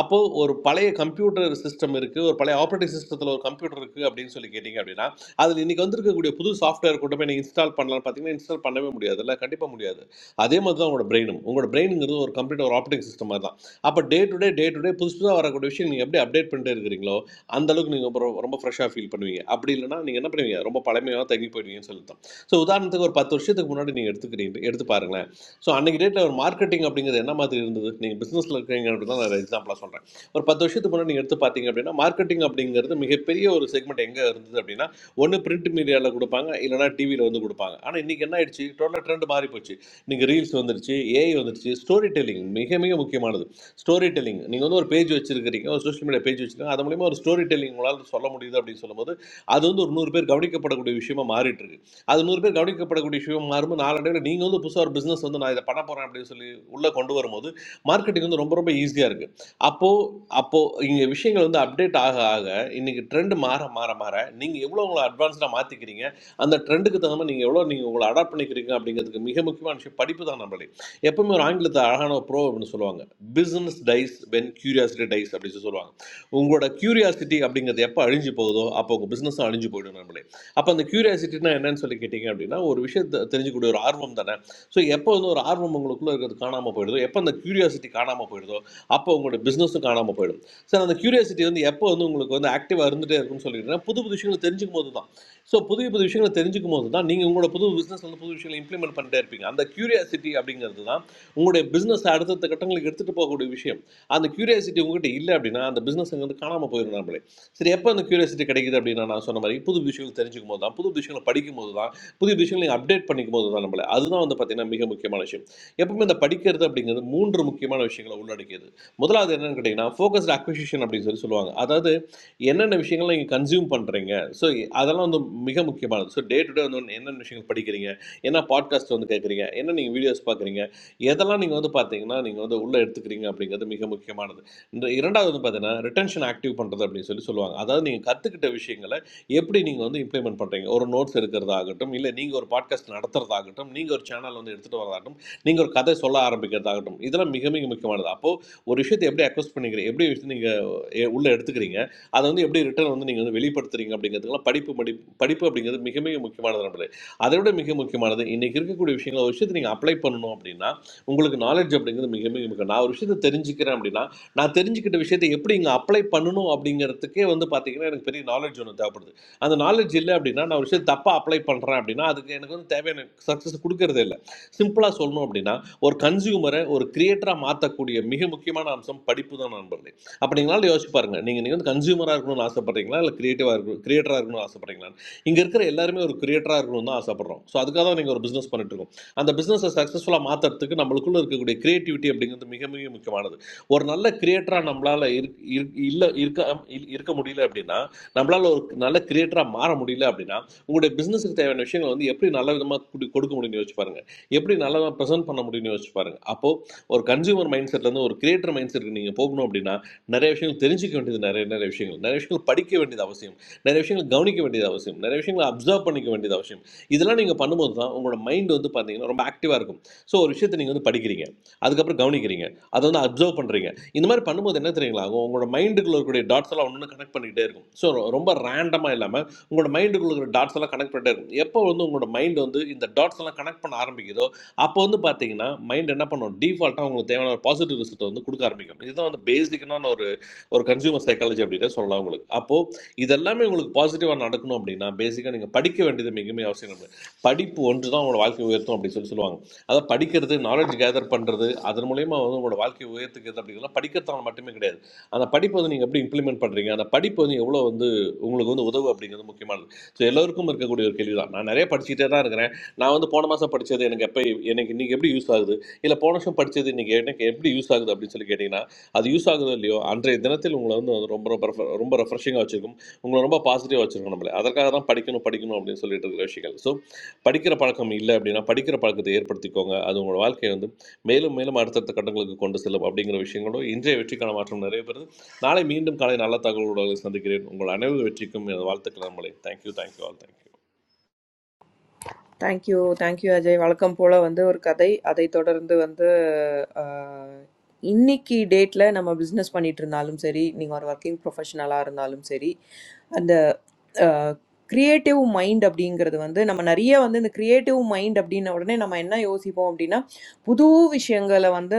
அப்போது ஒரு பழைய கம்ப்யூட்டர் சிஸ்டம் இருக்குது ஒரு பழைய ஆப்ரேட்டிங் சிஸ்டத்தில் ஒரு கம்ப்யூட்டர் இருக்குது அப்படின்னு சொல்லி கேட்டிங்க அப்படின்னா அதில் இன்றைக்கி வந்திருக்கக்கூடிய புது சாஃப்ட்வேர் கொண்டு போய் நீங்கள் இன்ஸ்டால் பண்ணலாம் பார்த்தீங்கன்னா இன்ஸ்டால் பண்ணவே முடியாதுல்ல கண்டிப்பாக முடியாது அதே மாதிரி தான் உங்களோட பிரெயினும் உங்களோட பிரெயினுங்கிறது ஒரு கம்ப்யூட்டர் ஒரு ஆப்ரேட்டிங் சிஸ்டம் மாதிரி தான் அப்போ day to day day to day புதுசு புதுசாக வரக்கூடிய விஷயம் நீங்கள் எப்படி அப்டேட் பண்ணிட்டே இருக்கிறீங்களோ அந்த அளவுக்கு நீங்கள் ரொம்ப ஃப்ரெஷ்ஷாக ஃபீல் பண்ணுவீங்க அப்படி இல்லைன்னா நீங்கள் என்ன பண்ணுவீங்க ரொம்ப பழமையாக தங்கி போயிடுவீங்கன்னு சொல்லி தான் ஸோ உதாரணத்துக்கு ஒரு பத்து வருஷத்துக்கு முன்னாடி நீங்கள் எடுத்துக்கிறீங்க எடுத்து பாருங்களேன் ஸோ அன்றைக்கி டேட்டில் ஒரு மார்க்கெட்டிங் அப்படிங்கிறது என்ன மாதிரி இருந்தது நீங்கள் பிஸ்னஸில் இருக்கிறீங்க அப்படின்னு தான் நான் எக்ஸாம்பிளாக சொல்கிறேன் ஒரு பத்து வருஷத்துக்கு முன்னாடி நீங்கள் எடுத்து பார்த்தீங்க அப்படின்னா மார்க்கெட்டிங் அப்படிங்கிறது மிகப்பெரிய ஒரு செக்மெண்ட் எங்கே இருந்தது அப்படின்னா ஒன்று பிரிண்ட் மீடியாவில் கொடுப்பாங்க இல்லைனா டிவியில் வந்து கொடுப்பாங்க ஆனால் இன்றைக்கி என்ன ஆயிடுச்சு டோட்டலாக ட்ரெண்ட் மாறி போச்சு நீங்கள் ரீல்ஸ் வந்துருச்சு ஏஐ வந்துருச்சு ஸ்டோரி டெல்லிங் மிக மிக முக்கியமானது ஸ்டோரி டெல்லிங் நீங்கள் வந்து ஒரு பேஜ் வச்சிருக்கிறீங்க ஒரு சோஷியல் மீடியா பேஜ் வச்சிருக்கீங்க அது மூலிமா ஒரு ஸ்டோரி டெல்லிங் உங்களால் சொல்ல முடியுது அப்படின்னு சொல்லும்போது அது வந்து ஒரு நூறு பேர் கவனிக்கப்படக்கூடிய விஷயமா மாறிட்டு இருக்கு அது நூறு பேர் கவனிக்கப்படக்கூடிய விஷயம் மாறும் நாளடைவில் நீங்கள் வந்து புதுசாக ஒரு பிஸ்னஸ் வந்து நான் இதை பண்ண போகிறேன் அப்படின்னு சொல்லி உள்ளே கொண்டு வரும்போது மார்க்கெட்டிங் வந்து ரொம்ப ரொம்ப ஈஸியாக இருக்குது அப்போது அப்போது இங்கே விஷயங்கள் வந்து அப்டேட் ஆக ஆக இன்றைக்கி ட்ரெண்ட் மாற மாற மாற நீங்கள் எவ்வளோ உங்களை அட்வான்ஸ்டாக மாற்றிக்கிறீங்க அந்த ட்ரெண்டுக்கு தகுந்த மாதிரி நீங்கள் எவ்வளோ நீங்கள் உங்களை அடாப்ட் பண்ணிக்கிறீங்க அப்படிங்கிறதுக்கு மிக முக்கியமான விஷயம் படிப்பு தான் நம்மளே எப்பவுமே ஒரு ஆங்கிலத்தை அழகான ஒரு ப்ரோ அப்படின்னு சொல்லுவாங்க business dies when curiosity dies அப்படின்னு சொல்லி சொல்லுவாங்க உங்களோட கியூரியாசிட்டி அப்படிங்கிறது எப்போ அழிஞ்சு போகுதோ அப்போ உங்கள் பிஸ்னஸும் அழிஞ்சு போயிடும் நம்மளே அப்போ அந்த கியூரியாசிட்டினா என்னன்னு சொல்லி கேட்டிங்க அப்படின்னா ஒரு விஷயத்தை தெரிஞ்சுக்கூடிய ஒரு ஆர்வம் தானே ஸோ எப்போ வந்து ஒரு ஆர்வம் உங்களுக்குள்ளே இருக்கிறது காணாமல் போயிடுதோ எப்போ அந்த கியூரியாசிட்டி காணாமல் போயிடுதோ அப்போ உங்களோட பிஸ்னஸும் காணாமல் போயிடும் சார் அந்த கியூரியாசிட்டி வந்து எப்போ வந்து உங்களுக்கு வந்து ஆக்டிவாக இருந்துகிட்டே இருக்கும்னு சொல்லிட்டீங்கன்னா புது புது விஷயங்களை தெரிஞ்சுக்கும் போது தான் ஸோ புதிய புது விஷயங்களை தெரிஞ்சுக்கும் போது தான் நீங்கள் உங்களோட புது பிஸ்னஸ் வந்து புது விஷயங்களை இம்ப்ளிமெண்ட் பண்ணிட்டே இருப்பீங்க அந்த கியூரியாசிட்டி அப்படிங்கிறது தான் உங்களுடைய பிஸ்னஸ் அடுத்தடுத்த கட்டங்களுக்கு எடுத்துகிட்டு போகக்கூடிய விஷயம் அந்த கியூரியாசிட்டி உங்ககிட்ட இல்லை அப்படின்னா அந்த பிஸ்னஸ் அங்கே வந்து காணாமல் போயிடும் நம்மளே சரி எப்போ அந்த கியூரியாசிட்டி கிடைக்குது அப்படின்னா நான் சொன்ன மாதிரி புது விஷயங்கள் தெரிஞ்சுக்கும் போது தான் புது விஷயங்களை படிக்கும் போது தான் புது விஷயங்களை அப்டேட் பண்ணிக்கும் போது தான் நம்மளை அதுதான் வந்து பார்த்தீங்கன்னா மிக முக்கியமான விஷயம் எப்பவுமே இந்த படிக்கிறது அப்படிங்கிறது மூன்று முக்கியமான விஷயங்களை உள்ளடக்கியது முதலாவது என்னன்னு கேட்டிங்கன்னா ஃபோக்கஸ்ட் அக்விசிஷன் அப்படின்னு சொல்லி சொல்லுவாங்க அதாவது என்னென்ன விஷயங்களை நீங்கள் கன்சியூம் பண்ணுறீங்க ஸோ அதெல்லாம் வந்து மிக முக்கியமானது ஸோ டே டு டே வந்து ஒண்ணு என்னென்ன விஷயங்கள் படிக்கிறீங்க என்ன பாட்காஸ்ட் வந்து கேட்குறீங்க என்ன நீங்கள் வீடியோஸ் பார்க்குறீங்க எதெல்லாம் நீங்கள் வந்து பார்த்தீங்கன்னா நீங்கள் வந்து உள்ளே எடுத்துக்கிறீங்க அப்படிங்கிறது மிக முக்கியமானது இந்த இரண்டாவது வந்து பார்த்தீங்கன்னா ரிட்டன்ஷன் ஆக்டிவ் பண்ணுறது அப்படின்னு சொல்லி சொல்லுவாங்க அதாவது நீங்கள் கற்றுக்கிட்ட விஷயங்களை எப்படி நீங்கள் வந்து இம்ப்ளிமெண்ட் பண்ணுறீங்க ஒரு நோட்ஸ் இருக்கிறதாகட்டும் இல்லை நீங்கள் ஒரு பாட்காஸ்ட் நடத்துறதாகட்டும் நீங்கள் ஒரு சேனல் வந்து எடுத்துகிட்டு வரதாகட்டும் நீங்கள் ஒரு கதை சொல்ல ஆரம்பிக்கிறதாகட்டும் இதெல்லாம் மிக மிக முக்கியமானது அப்போது ஒரு விஷயத்தை எப்படி அக்வஸ்ட் பண்ணிக்கிறீங்க எப்படி விஷயத்தை நீங்கள் உள்ளே எடுத்துக்கிறீங்க அதை வந்து எப்படி ரிட்டர்ன் வந்து நீங்கள் வந்து வெளிப்படுத்துறீங்க அப்படிங்கிறதுக்கெல்லாம் படிப்பு படி படிப்பு அப்படிங்கிறது மிக மிக முக்கியமானது நம்மளுக்கு அதை விட மிக முக்கியமானது இன்றைக்கி இருக்கக்கூடிய விஷயங்களை ஒரு விஷயத்தை நீங்கள் அப்ளை பண்ணணும் அப்படின்னா உங்களுக்கு நாலேஜ் அப்படிங்கிறது மிக மிக முக்கியம் நான் ஒரு விஷயத்தை தெரிஞ்சுக்கிறேன் அப்படின்னா நான் தெரிஞ்சுக்கிட்ட விஷயத்தை எப்படி இங்கே அப்ளை பண்ணணும் அப்படிங்கிறதுக்கே வந்து பார்த்தீங்கன்னா எனக்கு பெரிய நாலேஜ் ஒன்று தேவைப்படுது அந்த நாலேஜ் இல்லை அப்படின்னா நான் ஒரு விஷயத்தை தப்பாக அப்ளை பண்ணுறேன் அப்படின்னா அதுக்கு எனக்கு வந்து தேவையான சக்ஸஸ் கொடுக்கறதே இல்லை சிம்பிளாக சொல்லணும் அப்படின்னா ஒரு கன்சியூமரை ஒரு கிரியேட்டராக மாற்றக்கூடிய மிக முக்கியமான அம்சம் படிப்பு தான் நண்பர்களே அப்போ நீங்களால யோசிச்சு பாருங்க நீங்கள் நீங்கள் வந்து கன்சியூமராக இருக்கணும்னு ஆசைப்பட்றீங்களா இல்லை கிரியேட்டிவாக இருக்கணும் கிரியேட்டராக இருக்கணும்னு ஆசைப்பட்றீங்களா இங்கே இருக்கிற எல்லாருமே ஒரு கிரியேட்டராக இருக்கணும்னு தான் ஆசைப்படுறோம் ஸோ அதுக்காக தான் நீங்கள் ஒரு பிஸ்னஸ் பண்ணிட்டு இருக்கோம் அந்த பிஸ்னஸை சக்ஸஸ்ஃபுல்லாக மாற்றுறதுக்கு நம்மளுக்குள்ள இருக்கக்கூடிய கிரியேட்டிவிட்டி அப்படிங்கிறது மிக மிக முக்கியமானது ஒரு நல்ல கிரியேட்டரா நம்மளால இருக்- இருக்- இல்ல இருக்க இல்- இருக்க முடியல அப்படின்னா நம்மளால ஒரு நல்ல கிரியேட்டரா மாற முடியல அப்படின்னா உங்களுடைய பிசினஸ்க்கு தேவையான விஷயங்களை வந்து எப்படி நல்ல விதமா குடி- கொடுக்க முடியும்னு யோசிச்சு பாருங்க எப்படி நல்ல விதமா ப்ரெசென்ட் பண்ண முடியும்னு யோசிச்சு பாருங்க அப்போ ஒரு கன்சியூமர் மைண்ட் செட்ல இருந்து ஒரு கிரியேட்டர் மைண்ட் செட்க்கு நீங்க போகணும் அப்படின்னா நிறைய விஷயங்கள் தெரிஞ்சுக்க வேண்டியது நிறைய நிறைய விஷயங்கள் நிறைய விஷயங்கள் படிக்க வேண்டியது அவசியம் நிறைய விஷயங்கள் கவனிக்க வேண்டியது அவசியம் நிறைய விஷயங்களை அப்சர்வ் பண்ணிக்க வேண்டியது அவசியம் இதெல்லாம் நீங்கள் பண்ணும்போது தான் உங்களோட மைண்ட் வந்து பார்த்தீங்கன்னா ரொம்ப ஆக்டிவாக இருக்கும் ஸோ ஒரு விஷயத்தை நீங்கள் வந்து படிக்கிறீங்க அதுக்கப்புறம் கவனிக்கிறீங்க அதை வந்து அப்சர்வ் பண்ணுறீங்க இந்த மாதிரி பண்ணும்போது என்ன தெரியுங்களா ஆகும் உங்களோட மைண்டுக்குள்ள இருக்கக்கூடிய டாட்ஸ் எல்லாம் ஒன்று கனெக்ட் பண்ணிக்கிட்டே இருக்கும் ஸோ ரொம்ப ரேண்டமாக இல்லாமல் உங்களோட மைண்டுக்குள்ள இருக்கிற டாட்ஸ் எல்லாம் கனெக்ட் பண்ணிட்டே இருக்கும் எப்போ வந்து உங்களோட மைண்ட் வந்து இந்த டாட்ஸ் எல்லாம் கனெக்ட் பண்ண ஆரம்பிக்குதோ அப்போ வந்து பார்த்தீங்கன்னா மைண்ட் என்ன பண்ணும் டிஃபால்ட்டாக உங்களுக்கு தேவையான ஒரு பாசிட்டிவ் ரிசல்ட் வந்து கொடுக்க ஆரம்பிக்கும் இதுதான் வந்து பேசிக்கான ஒரு ஒரு கன்சியூமர் சைக்காலஜி அப்படின்னு சொல்லலாம் உங்களுக்கு அப்போது இதெல்லாமே உங்களுக்கு பாசிட்டிவாக நடக்கணும் அப்படின்னா பேசிக்காக நீங்கள் படிக்க வேண்டியது மிகவும் அவசியம் இல்லை படிப்பு ஒன்று தான் உங்களோட வாழ்க்கை உயர்த்தும் அப்படின்னு சொல்லி சொல்லுவாங்க அதாவது படிக்கிறது நாலேஜ் கேதர் பண்ணுறது அதன் மூலயமா வந்து உங்களோட வாழ்க்கை உயர்த்துக்கிறது அப்படிங்கிறது படிக்கிறதால மட்டுமே கிடையாது அந்த படிப்பு வந்து நீங்கள் எப்படி இம்ப்ளிமெண்ட் பண்ணுறீங்க அந்த படிப்பு வந்து எவ்வளோ வந்து உங்களுக்கு வந்து உதவு அப்படிங்கிறது முக்கியமானது ஸோ எல்லோருக்கும் இருக்கக்கூடிய ஒரு கேள்வி தான் நான் நிறைய படிச்சுட்டே தான் இருக்கிறேன் நான் வந்து போன மாதம் படித்தது எனக்கு எப்போ எனக்கு இன்றைக்கி எப்படி யூஸ் ஆகுது இல்லை போன வருஷம் படித்தது இன்றைக்கி எனக்கு எப்படி யூஸ் ஆகுது அப்படின்னு சொல்லி கேட்டிங்கன்னா அது யூஸ் ஆகுதோ இல்லையோ அன்றைய தினத்தில் உங்களை வந்து அது ரொம்ப ரொம்ப refer- ரொம்ப ரெஃப்ரெஷிங்காக வச்சுருக்கும் உங்களை ரொம்ப பாசிட்டிவாக வச்சுருக்கும் நம்மளே அதற்காக தான் படிக்கணும் படிக்கணும் அப்படின்னு சொல்லிட்டு இருக்கிற விஷயங்கள் ஸோ படிக்கிற பழக்கம் இல்லை அப்படின்னா படிக்கிற பழக்கத்தை ஏற்படுத்திக்கோங்க அது உங்களோட வாழ்க்கையை வந்து மேலும் மேலும் அடுத்தடுத்த கட்டங்களுக்கு கொண்டு செல்லும் அப்படிங்கிற விஷயங்களும் இன்றைய வெற்றிக்கான மாற்றம் நிறைய பெறுது நாளை மீண்டும் காலை நல்ல தகவலோடு சந்திக்கிறேன் உங்கள் அனைவரும் வெற்றிக்கும் எனது வாழ்த்துக்கள் நம்மளே thank you thank you all thank you thank you, thank you Ajay. வழக்கம் போல வந்து ஒரு கதை. அதைத் தொடர்ந்து வந்து அ இன்னிக்கு டேட்ல நம்ம பிசினஸ் பண்ணிட்டு இருந்தாலும் சரி, நீங்க ஒரு வொர்க்கிங் ப்ரொஃபஷனலா இருந்தாலும் சரி, அந்த கிரியேட்டிவ் மைண்ட் அப்படிங்கிறது வந்து நம்ம நிறைய வந்து இந்த கிரியேட்டிவ் மைண்ட் அப்படின்ன உடனே நம்ம என்ன யோசிப்போம் அப்படின்னா புது விஷயங்களை வந்து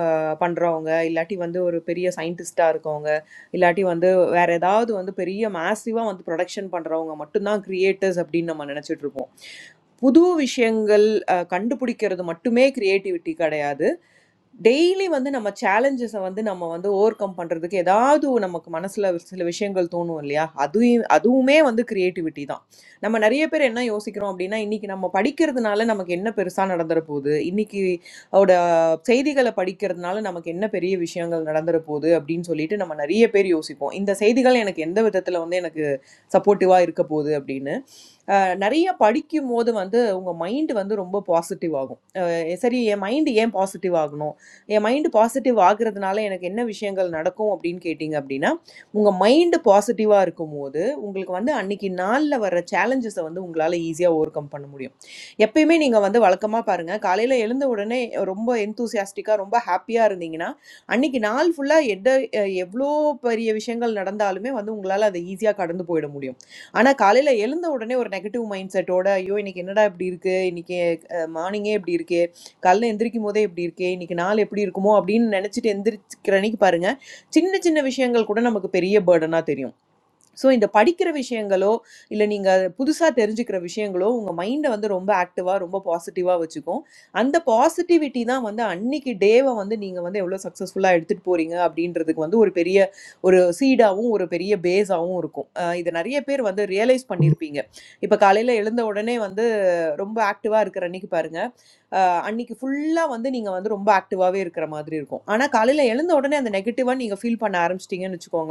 அஹ், பண்றவங்க இல்லாட்டி வந்து ஒரு பெரிய சயின்டிஸ்டா இருக்கவங்க இல்லாட்டி வந்து வேற ஏதாவது வந்து பெரிய மேசிவா வந்து ப்ரொடக்ஷன் பண்றவங்க மட்டும்தான் கிரியேட்டர்ஸ் அப்படின்னு நம்ம நினைச்சிட்டு இருப்போம் புது விஷயங்கள் அஹ், கண்டுபிடிக்கிறது மட்டுமே கிரியேட்டிவிட்டி கிடையாது டெய்லி வந்து நம்ம சேலஞ்சஸை வந்து நம்ம வந்து ஓவர் கம் பண்றதுக்கு ஏதாவது நமக்கு மனசுல சில விஷயங்கள் தோணும் இல்லையா அதுவும் அதுவுமே வந்து கிரியேட்டிவிட்டி தான் நம்ம நிறைய பேர் என்ன யோசிக்கிறோம் அப்படின்னா இன்னைக்கு நம்ம படிக்கிறதுனால நமக்கு என்ன பெருசா நடந்துற போகுது இன்னைக்கு அவட செய்திகளை படிக்கிறதுனால நமக்கு என்ன பெரிய விஷயங்கள் நடந்துற போகுது அப்படின்னு சொல்லிட்டு நம்ம நிறைய பேர் யோசிப்போம் இந்த செய்திகள் எனக்கு எந்த விதத்துல வந்து எனக்கு சப்போர்ட்டிவா இருக்க போகுது அப்படின்னு அஹ் நிறைய படிக்கும் போது வந்து உங்க மைண்ட் வந்து ரொம்ப பாசிட்டிவ் ஆகும் அஹ் சரி என் மைண்ட் ஏன் பாசிட்டிவ் ஆகணும் என் மைண்ட் பாசிட்டிவ் ஆகுறதுனால எனக்கு என்ன விஷயங்கள் நடக்கும் அப்படின்னு கேட்டிங்க அப்படின்னா உங்க மைண்ட் பாசிட்டிவா இருக்கும்போது உங்களுக்கு வந்து அன்னைக்கு நாள்ல வர்ற சேலஞ்சஸை வந்து உங்களால ஈஸியா ஓவர் கம் பண்ண முடியும் எப்பயுமே நீங்க வந்து வழக்கமா பாருங்க காலையில எழுந்த உடனே ரொம்ப எந்தூசியாஸ்டிக்கா ரொம்ப ஹாப்பியா இருந்தீங்கன்னா அன்னைக்கு நாள் ஃபுல்லா எட எவ்வளோ பெரிய விஷயங்கள் நடந்தாலுமே வந்து உங்களால அதை ஈஸியா கடந்து போயிட முடியும் ஆனா காலையில எழுந்த உடனே ஒரு நெகட்டிவ் மைண்ட் செட்டோட ஐயோ இன்னைக்கு என்னடா இப்படி இருக்கு இன்னைக்கு மார்னிங்கே இப்படி இருக்கு காலைல எந்திரிக்கும் போதே இப்படி இருக்கு இன்னைக்கு நாள் எப்படி இருக்குமோ அப்படின்னு நினைச்சிட்டு எந்திரிக்கிற அன்னைக்கு பாருங்க சின்ன சின்ன விஷயங்கள் கூட நமக்கு பெரிய பேர்டனா தெரியும் ஸோ இந்த படிக்கிற விஷயங்களோ இல்லை நீங்கள் புதுசாக தெரிஞ்சுக்கிற விஷயங்களோ உங்கள் மைண்டை வந்து ரொம்ப ஆக்டிவாக ரொம்ப பாசிட்டிவாக வச்சுக்கும் அந்த பாசிட்டிவிட்டி தான் வந்து அன்னைக்கு டேவை வந்து நீங்கள் வந்து எவ்வளோ சக்ஸஸ்ஃபுல்லாக எடுத்துகிட்டு போகிறீங்க அப்படின்றதுக்கு வந்து ஒரு பெரிய ஒரு சீடாகவும் ஒரு பெரிய பேஸாகவும் இருக்கும் அஹ் இது நிறைய பேர் வந்து ரியலைஸ் பண்ணியிருப்பீங்க இப்போ காலையில் எழுந்த உடனே வந்து ரொம்ப ஆக்டிவாக இருக்கிற அன்னைக்கு பாருங்க அஹ் அன்னைக்கு ஃபுல்லாக வந்து நீங்கள் வந்து ரொம்ப ஆக்டிவாகவே இருக்கிற மாதிரி இருக்கும் ஆனால் காலையில் எழுந்த உடனே அந்த நெகட்டிவாக நீங்கள் ஃபீல் பண்ண ஆரம்பிச்சிட்டிங்கன்னு வச்சுக்கோங்களேன்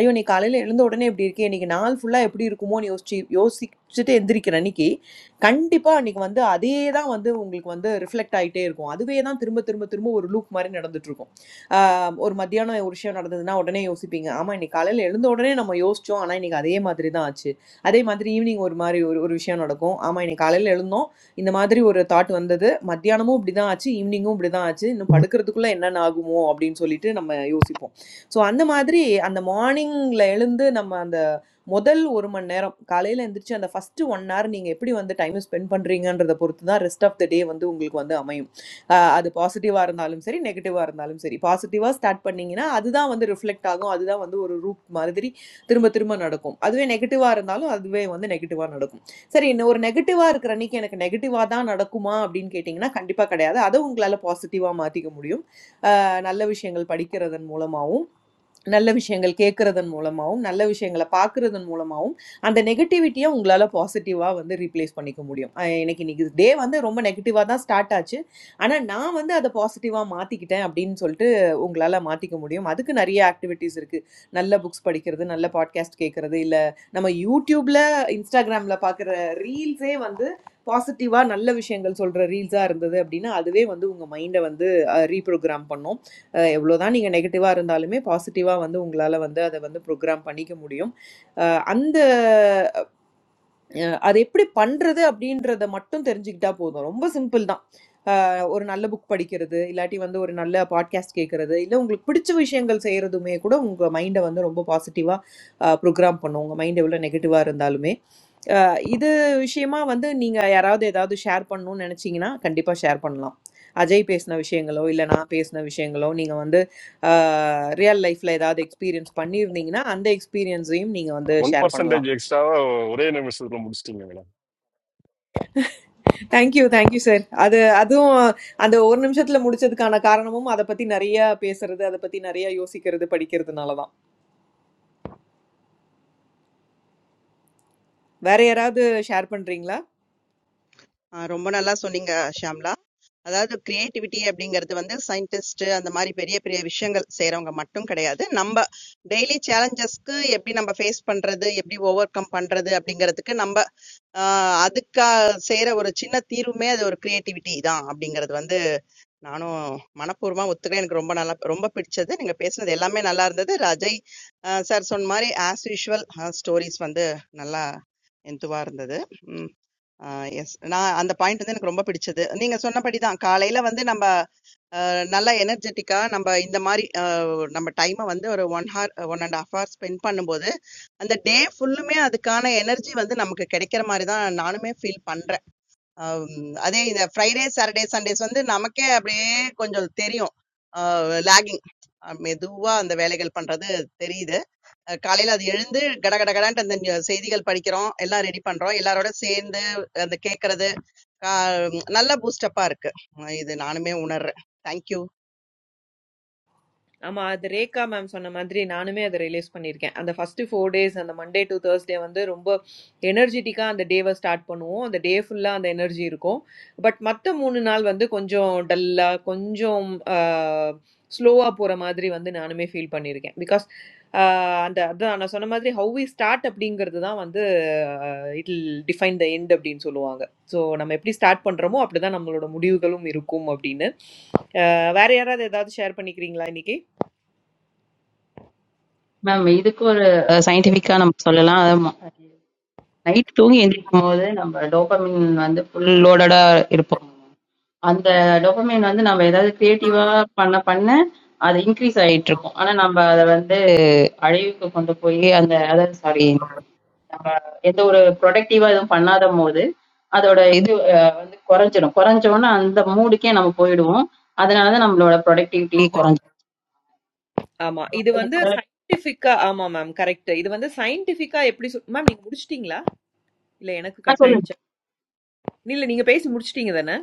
ஐயோ நீ காலையில் எழுந்த உடனே இப்படி இருக்கே இன்னைக்கு நாள் ஃபுல்லாக எப்படி இருக்குமோன்னு யோசிச்சு யோசிச்சுட்டு எந்திரிக்கிற அன்னைக்கு கண்டிப்பாக அன்னைக்கு வந்து அதே தான் வந்து உங்களுக்கு வந்து ரிஃப்ளெக்ட் ஆகிட்டே இருக்கும் அதுவே தான் திரும்ப திரும்ப திரும்ப ஒரு லூப் மாதிரி நடந்துட்டு இருக்கும் ஆஹ் ஒரு மத்தியானம் ஒரு விஷயம் நடந்ததுன்னா உடனே யோசிப்பீங்க ஆமாம் இன்னைக்கு காலையில் எழுந்த உடனே நம்ம யோசிச்சோம் ஆனால் இன்னைக்கு அதே மாதிரி தான் ஆச்சு அதே மாதிரி ஈவினிங் ஒரு மாதிரி ஒரு ஒரு விஷயம் நடக்கும் ஆமாம் இன்னைக்கு காலையில் எழுந்தோம் இந்த மாதிரி ஒரு தாட் வந்தது மத்தியானமும் இப்படி தான் ஆச்சு ஈவினிங்கும் இப்படி தான் ஆச்சு இன்னும் படுக்கிறதுக்குள்ளே என்னென்ன ஆகுமோ அப்படின்னு சொல்லிட்டு நம்ம யோசிப்போம் ஸோ அந்த மாதிரி அந்த மார்னிங்ல எழுந்து நம்ம அந்த முதல் 1 மணி நேரம், காலையில எந்திரிச்சு அந்த ஃபர்ஸ்ட் 1 ஹவர் நீங்க எப்படி வந்து டைம் ஸ்பெண்ட் பண்றீங்கன்றத பொறுத்து தான் ரெஸ்ட் ஆஃப் த டே வந்து உங்களுக்கு வந்து அமையும். அ அது பாசிட்டிவா இருந்தாலும் சரி, நெகட்டிவா இருந்தாலும் சரி. பாசிட்டிவா ஸ்டார்ட் பண்ணீங்கன்னா, அதுதான் வந்து ரிஃப்ளெக்ட் ஆகும். அதுதான் வந்து ஒரு லூப் மாதிரி திரும்ப திரும்ப நடக்கும். அதுவே நெகட்டிவா இருந்தாலும் அதுவே வந்து நெகட்டிவா நடக்கும். சரி இன்ன ஒரு நெகட்டிவா இருக்கிற அன்னைக்கு எனக்கு நெகட்டிவா தான் நடக்குமா அப்படின்னு கேட்டீங்கன்னா, கண்டிப்பா கிடையாது. அத உங்களால பாசிட்டிவா மாத்திக்க முடியும். அ நல்ல விஷயங்கள் படிக்கிறதன் மூலமாவும் நல்ல விஷயங்கள் கேட்கறதன் மூலமாகவும் நல்ல விஷயங்களை பார்க்கறதன் மூலமாகவும் அந்த நெகட்டிவிட்டியை உங்களால் பாசிட்டிவாக வந்து ரீப்ளேஸ் பண்ணிக்க முடியும் அஹ் எனக்கு இன்னைக்கு டே வந்து ரொம்ப நெகட்டிவாக தான் ஸ்டார்ட் ஆச்சு ஆனால் நான் வந்து அதை பாசிட்டிவாக மாற்றிக்கிட்டேன் அப்படின்னு சொல்லிட்டு உங்களால் மாற்றிக்க முடியும் அதுக்கு நிறைய ஆக்டிவிட்டீஸ் இருக்குது நல்ல புக்ஸ் படிக்கிறது நல்ல பாட்காஸ்ட் கேட்குறது இல்லை நம்ம யூடியூப்பில் இன்ஸ்டாகிராமில் பார்க்குற ரீல்ஸே வந்து பாசிட்டிவாக நல்ல விஷயங்கள் சொல்கிற ரீல்ஸாக இருந்தது அப்படின்னா அதுவே வந்து உங்கள் மைண்டை வந்து ரீப்ரோக்ராம் பண்ணும் அஹ் எவ்வளோதான் நீங்கள் நெகட்டிவாக இருந்தாலுமே பாசிட்டிவாக வந்து உங்களால் வந்து அதை வந்து ப்ரோக்ராம் பண்ணிக்க முடியும் அஹ் அந்த அஹ் அது எப்படி பண்ணுறது அப்படின்றத மட்டும் தெரிஞ்சுக்கிட்டா போதும் ரொம்ப சிம்பிள் தான் ஒரு நல்ல புக் படிக்கிறது இல்லாட்டி வந்து ஒரு நல்ல பாட்காஸ்ட் கேட்கறது இல்லை உங்களுக்கு பிடிச்ச விஷயங்கள் செய்கிறதுமே கூட உங்கள் மைண்டை வந்து ரொம்ப பாசிட்டிவாக ப்ரோக்ராம் பண்ணும் உங்கள் மைண்ட் எவ்வளோ நெகட்டிவாக இருந்தாலுமே அஹ் இது விஷயமா வந்து நீங்கள் யாராவது ஏதாவது ஷேர் பண்ணணும்னு நினச்சிங்கன்னா கண்டிப்பாக ஷேர் பண்ணலாம் அஜய் பேசின விஷயங்களோ இல்லை நான் பேசின விஷயங்களோ நீங்கள் வந்து ரியல் லைஃப்பில் ஏதாவது எக்ஸ்பீரியன்ஸ் பண்ணியிருந்தீங்கன்னா அந்த எக்ஸ்பீரியன்ஸையும் நீங்கள் வந்து One ஷேர் percent பண்ணலாம் extra, or anything, we should not understand it, man. Thank you thank you sir அது அதுவும் அந்த ஒரு நிமிஷத்துல முடிச்சதுக்கான காரணமும் அதை பத்தி நிறைய பேசுறது அதை பத்தி நிறைய யோசிக்கிறது படிக்கிறதுனால தான் வேற யாராவது ஷேர் பண்றீங்களா ஆ, ரொம்ப நல்லா சொன்னீங்க ஷியாம்லா அதாவது கிரியேட்டிவிட்டி அப்படிங்கிறது வந்து சயின்டிஸ்ட் அந்த மாதிரி பெரிய பெரிய விஷயங்கள் செய்றவங்க மட்டும் கிடையாது. நம்ம டெய்லி சேலஞ்சஸ்க்கு எப்படி நம்ம ஃபேஸ் பண்றது, எப்படி ஓவர் கம் பண்றது அப்படிங்கிறதுக்கு நம்ம ஆஹ் அதுக்கா செய்யற ஒரு சின்ன தீர்வுமே அது ஒரு கிரியேட்டிவிட்டி தான் அப்படிங்கிறது வந்து நானும் மனப்பூர்வமா ஒத்துக்கிறேன். எனக்கு ரொம்ப நல்லா ரொம்ப பிடிச்சது. நீங்க பேசுனது எல்லாமே நல்லா இருந்தது. அஜய் சார் சொன்ன மாதிரி ஆஸ் யூஷுவல் ஸ்டோரிஸ் வந்து நல்லா எந்துவா இருந்தது. எஸ். நான் அந்த பாயிண்ட் வந்து எனக்கு ரொம்ப பிடிச்சது. நீங்க சொன்னபடி தான். காலையில வந்து நம்ப நல்லா எனர்ஜெட்டிக்கா நம்ப இந்த மாரி அ நம்ம டைம வந்து ஒரு 1 ஹார் 1 1/2 ஹார் ஸ்பெண்ட் பண்ணும்போது, அந்த டே ஃபுல்லுமே அதுக்கான எனர்ஜி வந்து நமக்கு கிடைக்கிற மாரி தான் நானுமே ஃபீல் பண்றேன். அம் அதே இந்த ஃப்ரைடே, சாட்டர்டே, சண்டேஸ் வந்து நமக்கே அப்படியே கொஞ்சம் தெரியும். அ லாகிங். அ மெதுவா அந்த வேலைகள் பண்றது தெரியுது. அஹ் காலையில அது எழுந்து கடகட கடன்ட்டு அந்த நி- செய்திகள் படிக்கிறோம் எல்லாம் ரெடி பண்றோம் எல்லாரோட சேர்ந்து அந்த கேட்கறது நல்ல பூஸ்டப்பா இருக்கு அஹ் இது நானுமே உணர்றேன் தேங்க்யூ ஆமா அது ரேகா மேம் சொன்ன மாதிரி நானுமே அதை ரிலீஸ் பண்ணியிருக்கேன் அந்த ஃபர்ஸ்ட் ஃபோர் டேஸ் அந்த மண்டே டு Thursday வந்து ரொம்ப எனர்ஜெட்டிக்காக அந்த டேவை ஸ்டார்ட் பண்ணுவோம் அந்த டே ஃபுல்லாக அந்த எனர்ஜி இருக்கும் பட் மற்ற மூணு நாள் வந்து கொஞ்சம் டல்லாக கொஞ்சம் ஸ்லோவாக போகிற மாதிரி வந்து நானுமே ஃபீல் பண்ணியிருக்கேன் பிகாஸ் அந்த அதான் நான் சொன்ன மாதிரி ஹவு வி ஸ்டார்ட் அப்படிங்கிறது தான் வந்து இட் டிஃபைன் த எண்ட் அப்படின்னு சொல்லுவாங்க ஸோ நம்ம எப்படி ஸ்டார்ட் பண்ணுறோமோ அப்படி தான் நம்மளோட முடிவுகளும் இருக்கும் அப்படின்னு அஹ் வேற யாராவது ஏதாவது ஷேர் பண்ணிக்கிறீங்களா இன்னைக்கு மேம் இதுக்கு ஒரு சயின்டிஃபிக்கா நம்ம சொல்லலாம் நைட் தூங்கி எந்திரிக்கும் போது நம்ம டோபமின் வந்து ஃபுல் லோடடா இருப்போம் அந்த டோபமின் வந்து நம்ம ஏதாவது கிரியேட்டிவா பண்ண பண்ண அது இன்க்ரீஸ் ஆயிட்டு இருக்கும் ஆனா நம்ம அதை வந்து அழிவுக்கு கொண்டு போய் அந்த அதாவது சாரி நம்ம எந்த ஒரு ப்ரொடக்டிவா எதுவும் பண்ணாத போது அதோட இது அஹ், வந்து குறைஞ்சிடும் குறைஞ்சோன்னா அந்த மூடுக்கே நம்ம போயிடுவோம் அதனாலதான் நம்மளோட ப்ரொடக்டிவிட்டி ஆமா. இது வந்து குறைஞ்சிடும் சயின்டிஃபிக்கா ஆமா மேம். கரெக்ட். இது வந்து சயின்டிஃபிக்கா எப்படி சொல் மேம் நீங்க முடிச்சிட்டீங்களா? இல்ல எனக்கு ஆ கட் சொல்லுங்க. ஆயிடுச்சா? இல்ல நீங்க பேசி முடிச்சிட்டீங்க தானே?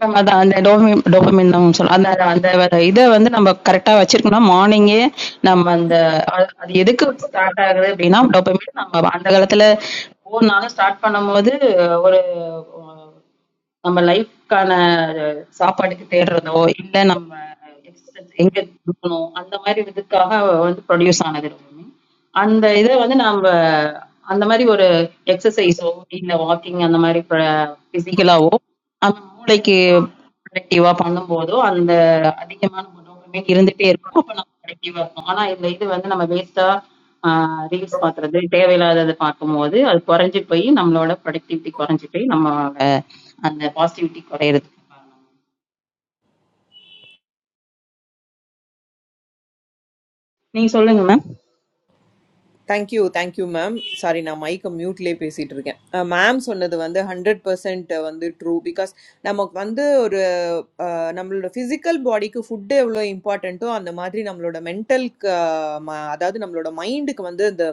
மேம் அதான் அந்த டோபமின் டோபமின் தான் சொல்ல அந்த அந்த அந்த வர இதை வந்து நம்ம கரெக்டா வச்சிருக்கோம்னா மார்னிங்கே நம்ம அந்த அ- அது எதுக்கு ஸ்டார்ட் ஆகுது அப்படின்னா டோபமின் நம்ம அந்த காலத்துல ஒவ்வொரு நாளும் ஸ்டார்ட் பண்ணும்போது ஒரு அஹ், நம்ம லைஃப்க்கான சாப்பாடுக்கு தேடுறதோ இல்லை நம்ம existence எங்க இருக்கணும் அந்த மாதிரி இதுக்காக வந்து ப்ரொடியூஸ் ஆனது டோபமின் அந்த இதை வந்து நம்ம அந்த மாதிரி ஒரு எக்ஸசைஸோ இல்லை வாக்கிங் அந்த மாதிரி ஃபிசிக்கலாவோ ஆமா, மூளைக்கு ப்ரொடக்டிவா பண்ணும்போதோ, அந்த அதிகமான டோபமைன் இருந்துட்டே இருக்கும். அப்ப நம்ம ப்ரொடக்டிவா இருப்போம். ஆனா இந்த இது வந்து நம்ம வேஸ்ட்டா ஆ ரீல்ஸ் பாக்குறது, தேவையில்லாதத பார்க்கும்போது, அது குறைஞ்சு போயி நம்மளோட ப்ரொடக்டிவிட்டி குறைஞ்சு போயி, நம்மளோட அந்த பாசிட்டிவிட்டி குறையுறது. நீங்க சொல்லுங்க ma'am. Thank you. Thank you ma'am. Sorry நான் மைக்க மியூட்லயே பேசிட்டு இருக்கேன். மேம் சொன்னது வந்து 100% வந்து ட்ரூ பிகாஸ் நமக்கு வந்து ஒரு அஹ், நம்மளோட பிசிக்கல் பாடிக்கு ஃபுட் எவ்வளவு இம்பார்ட்டன்ட்டோ அந்த மாதிரி நம்மளோட மென்டலுக்கு அதாவது நம்மளோட மைண்டுக்கு வந்து இந்த